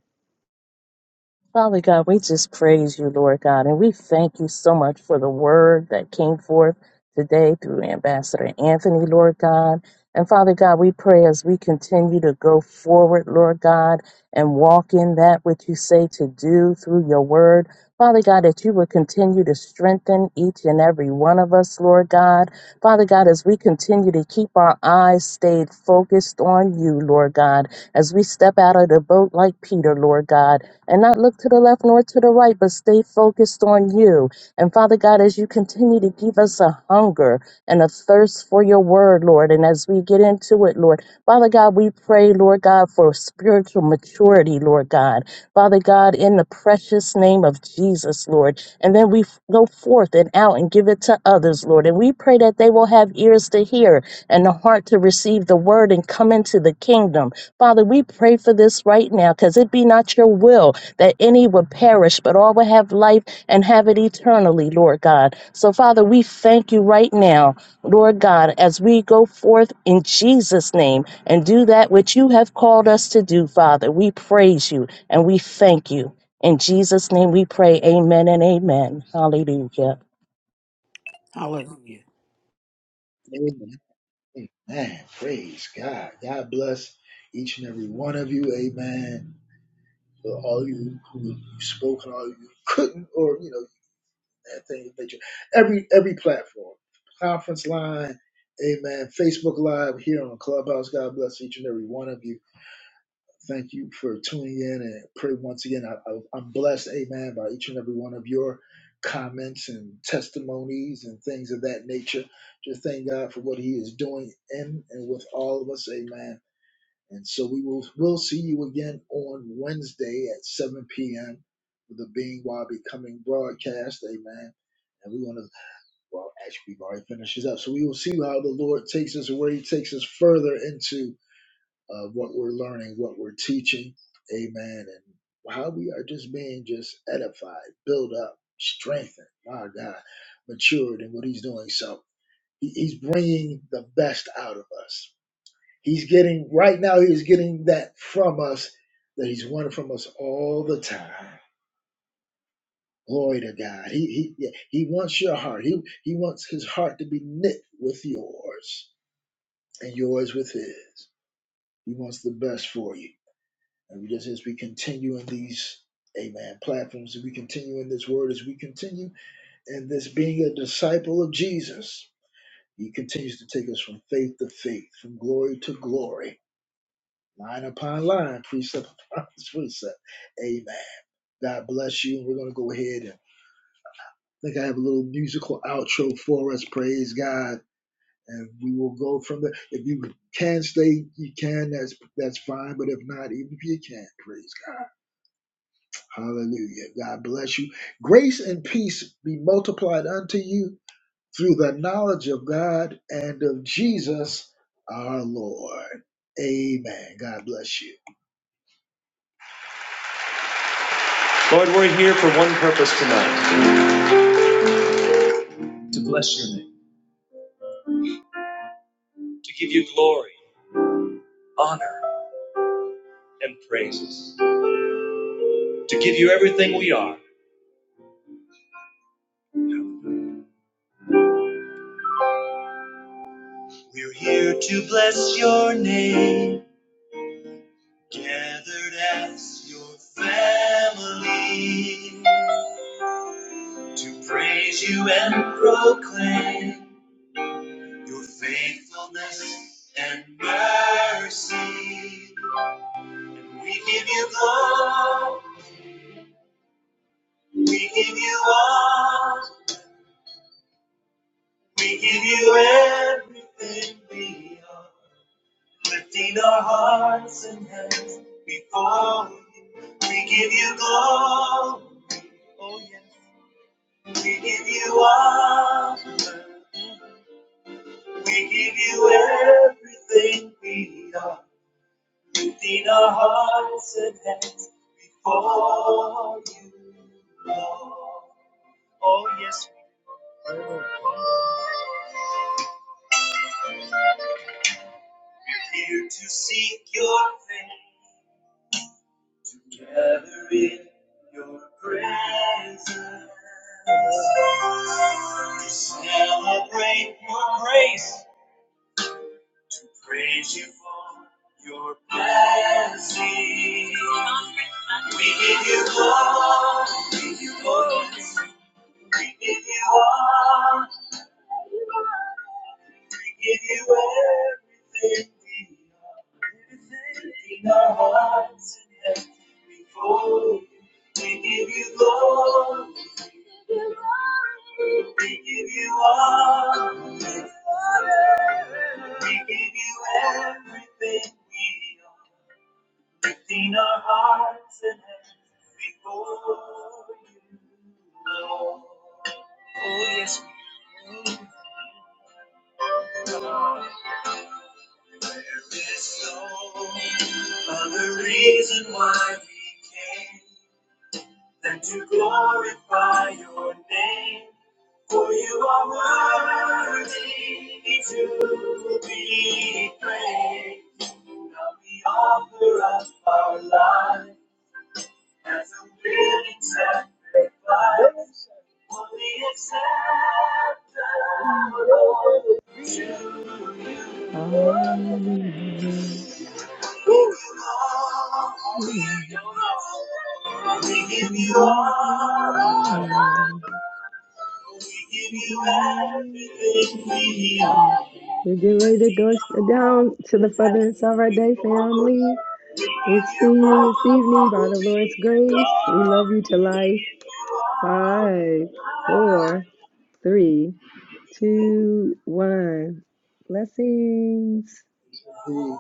[SPEAKER 6] Father God, we just praise you, Lord God, and we thank you so much for the word that came forth today through Ambassador Anthony, Lord God. And Father God, we pray as we continue to go forward, Lord God, and walk in that which you say to do through your word. Father God, that you would continue to strengthen each and every one of us, Lord God. Father God, as we continue to keep our eyes stayed focused on you, Lord God, as we step out of the boat like Peter, Lord God and not look to the left nor to the right, but stay focused on you. And Father God, as you continue to give us a hunger and a thirst for your word, Lord, and as we get into it, Lord, Father God, we pray, Lord God, for spiritual maturity, Lord God. Father God, in the precious name of Jesus, Lord. And then we f- go forth and out and give it to others, Lord. And we pray that they will have ears to hear and the heart to receive the word and come into the kingdom. Father, we pray for this right now because it be not your will that any would perish, but all would have life and have it eternally, Lord God. So, Father, we thank you right now, Lord God, as we go forth in Jesus' name and do that which you have called us to do, Father. We praise you and we thank you. In Jesus' name we pray, amen and amen. Hallelujah.
[SPEAKER 7] hallelujah
[SPEAKER 1] Amen. Amen. Praise God. God bless each and every one of you. Amen. for all you who you spoke and all you who couldn't, or you know that thing of nature, every every platform, conference line, amen, Facebook Live here on Clubhouse. God bless each and every one of you. Thank you for tuning in and pray once again. I, I, I'm blessed, amen, by each and every one of your comments and testimonies and things of that nature. Just thank God for what He is doing in and with all of us, amen. And so we will we'll see you again on Wednesday at 7 p.m. with the Being While Becoming broadcast. Amen. And we're going to, well, actually, we've already finished this up. So we will see how the Lord takes us, where He takes us further into uh, what we're learning, what we're teaching. Amen. And how we are just being just edified, built up, strengthened. My God, matured in what He's doing. So he- He's bringing the best out of us He's getting right now. He's getting that from us that He's wanted from us all the time. Glory to God. He he yeah, He wants your heart. He He wants His heart to be knit with yours and yours with His. He wants the best for you. And we just as we continue in these Amen platforms, as we continue in this word, as we continue in this being a disciple of Jesus, He continues to take us from faith to faith, from glory to glory line upon line, precept upon precept. Amen. God bless you. We're going to go ahead and I think I have a little musical outro for us. Praise God. And we will go from there. If you can stay, you can. That's that's fine. But if not, even if you can, praise God. Hallelujah. God bless you. Grace and peace be multiplied unto you through the knowledge of God and of Jesus our Lord. Amen. God bless you. Lord, we're here for one purpose tonight. to
[SPEAKER 4] Hallelujah. We give you glory. We give you everything. We get ready to go down to the furtherance of our day, family. We see you this evening by the Lord's grace. We love you to life. Five, four, three, two, one. Blessings.
[SPEAKER 1] be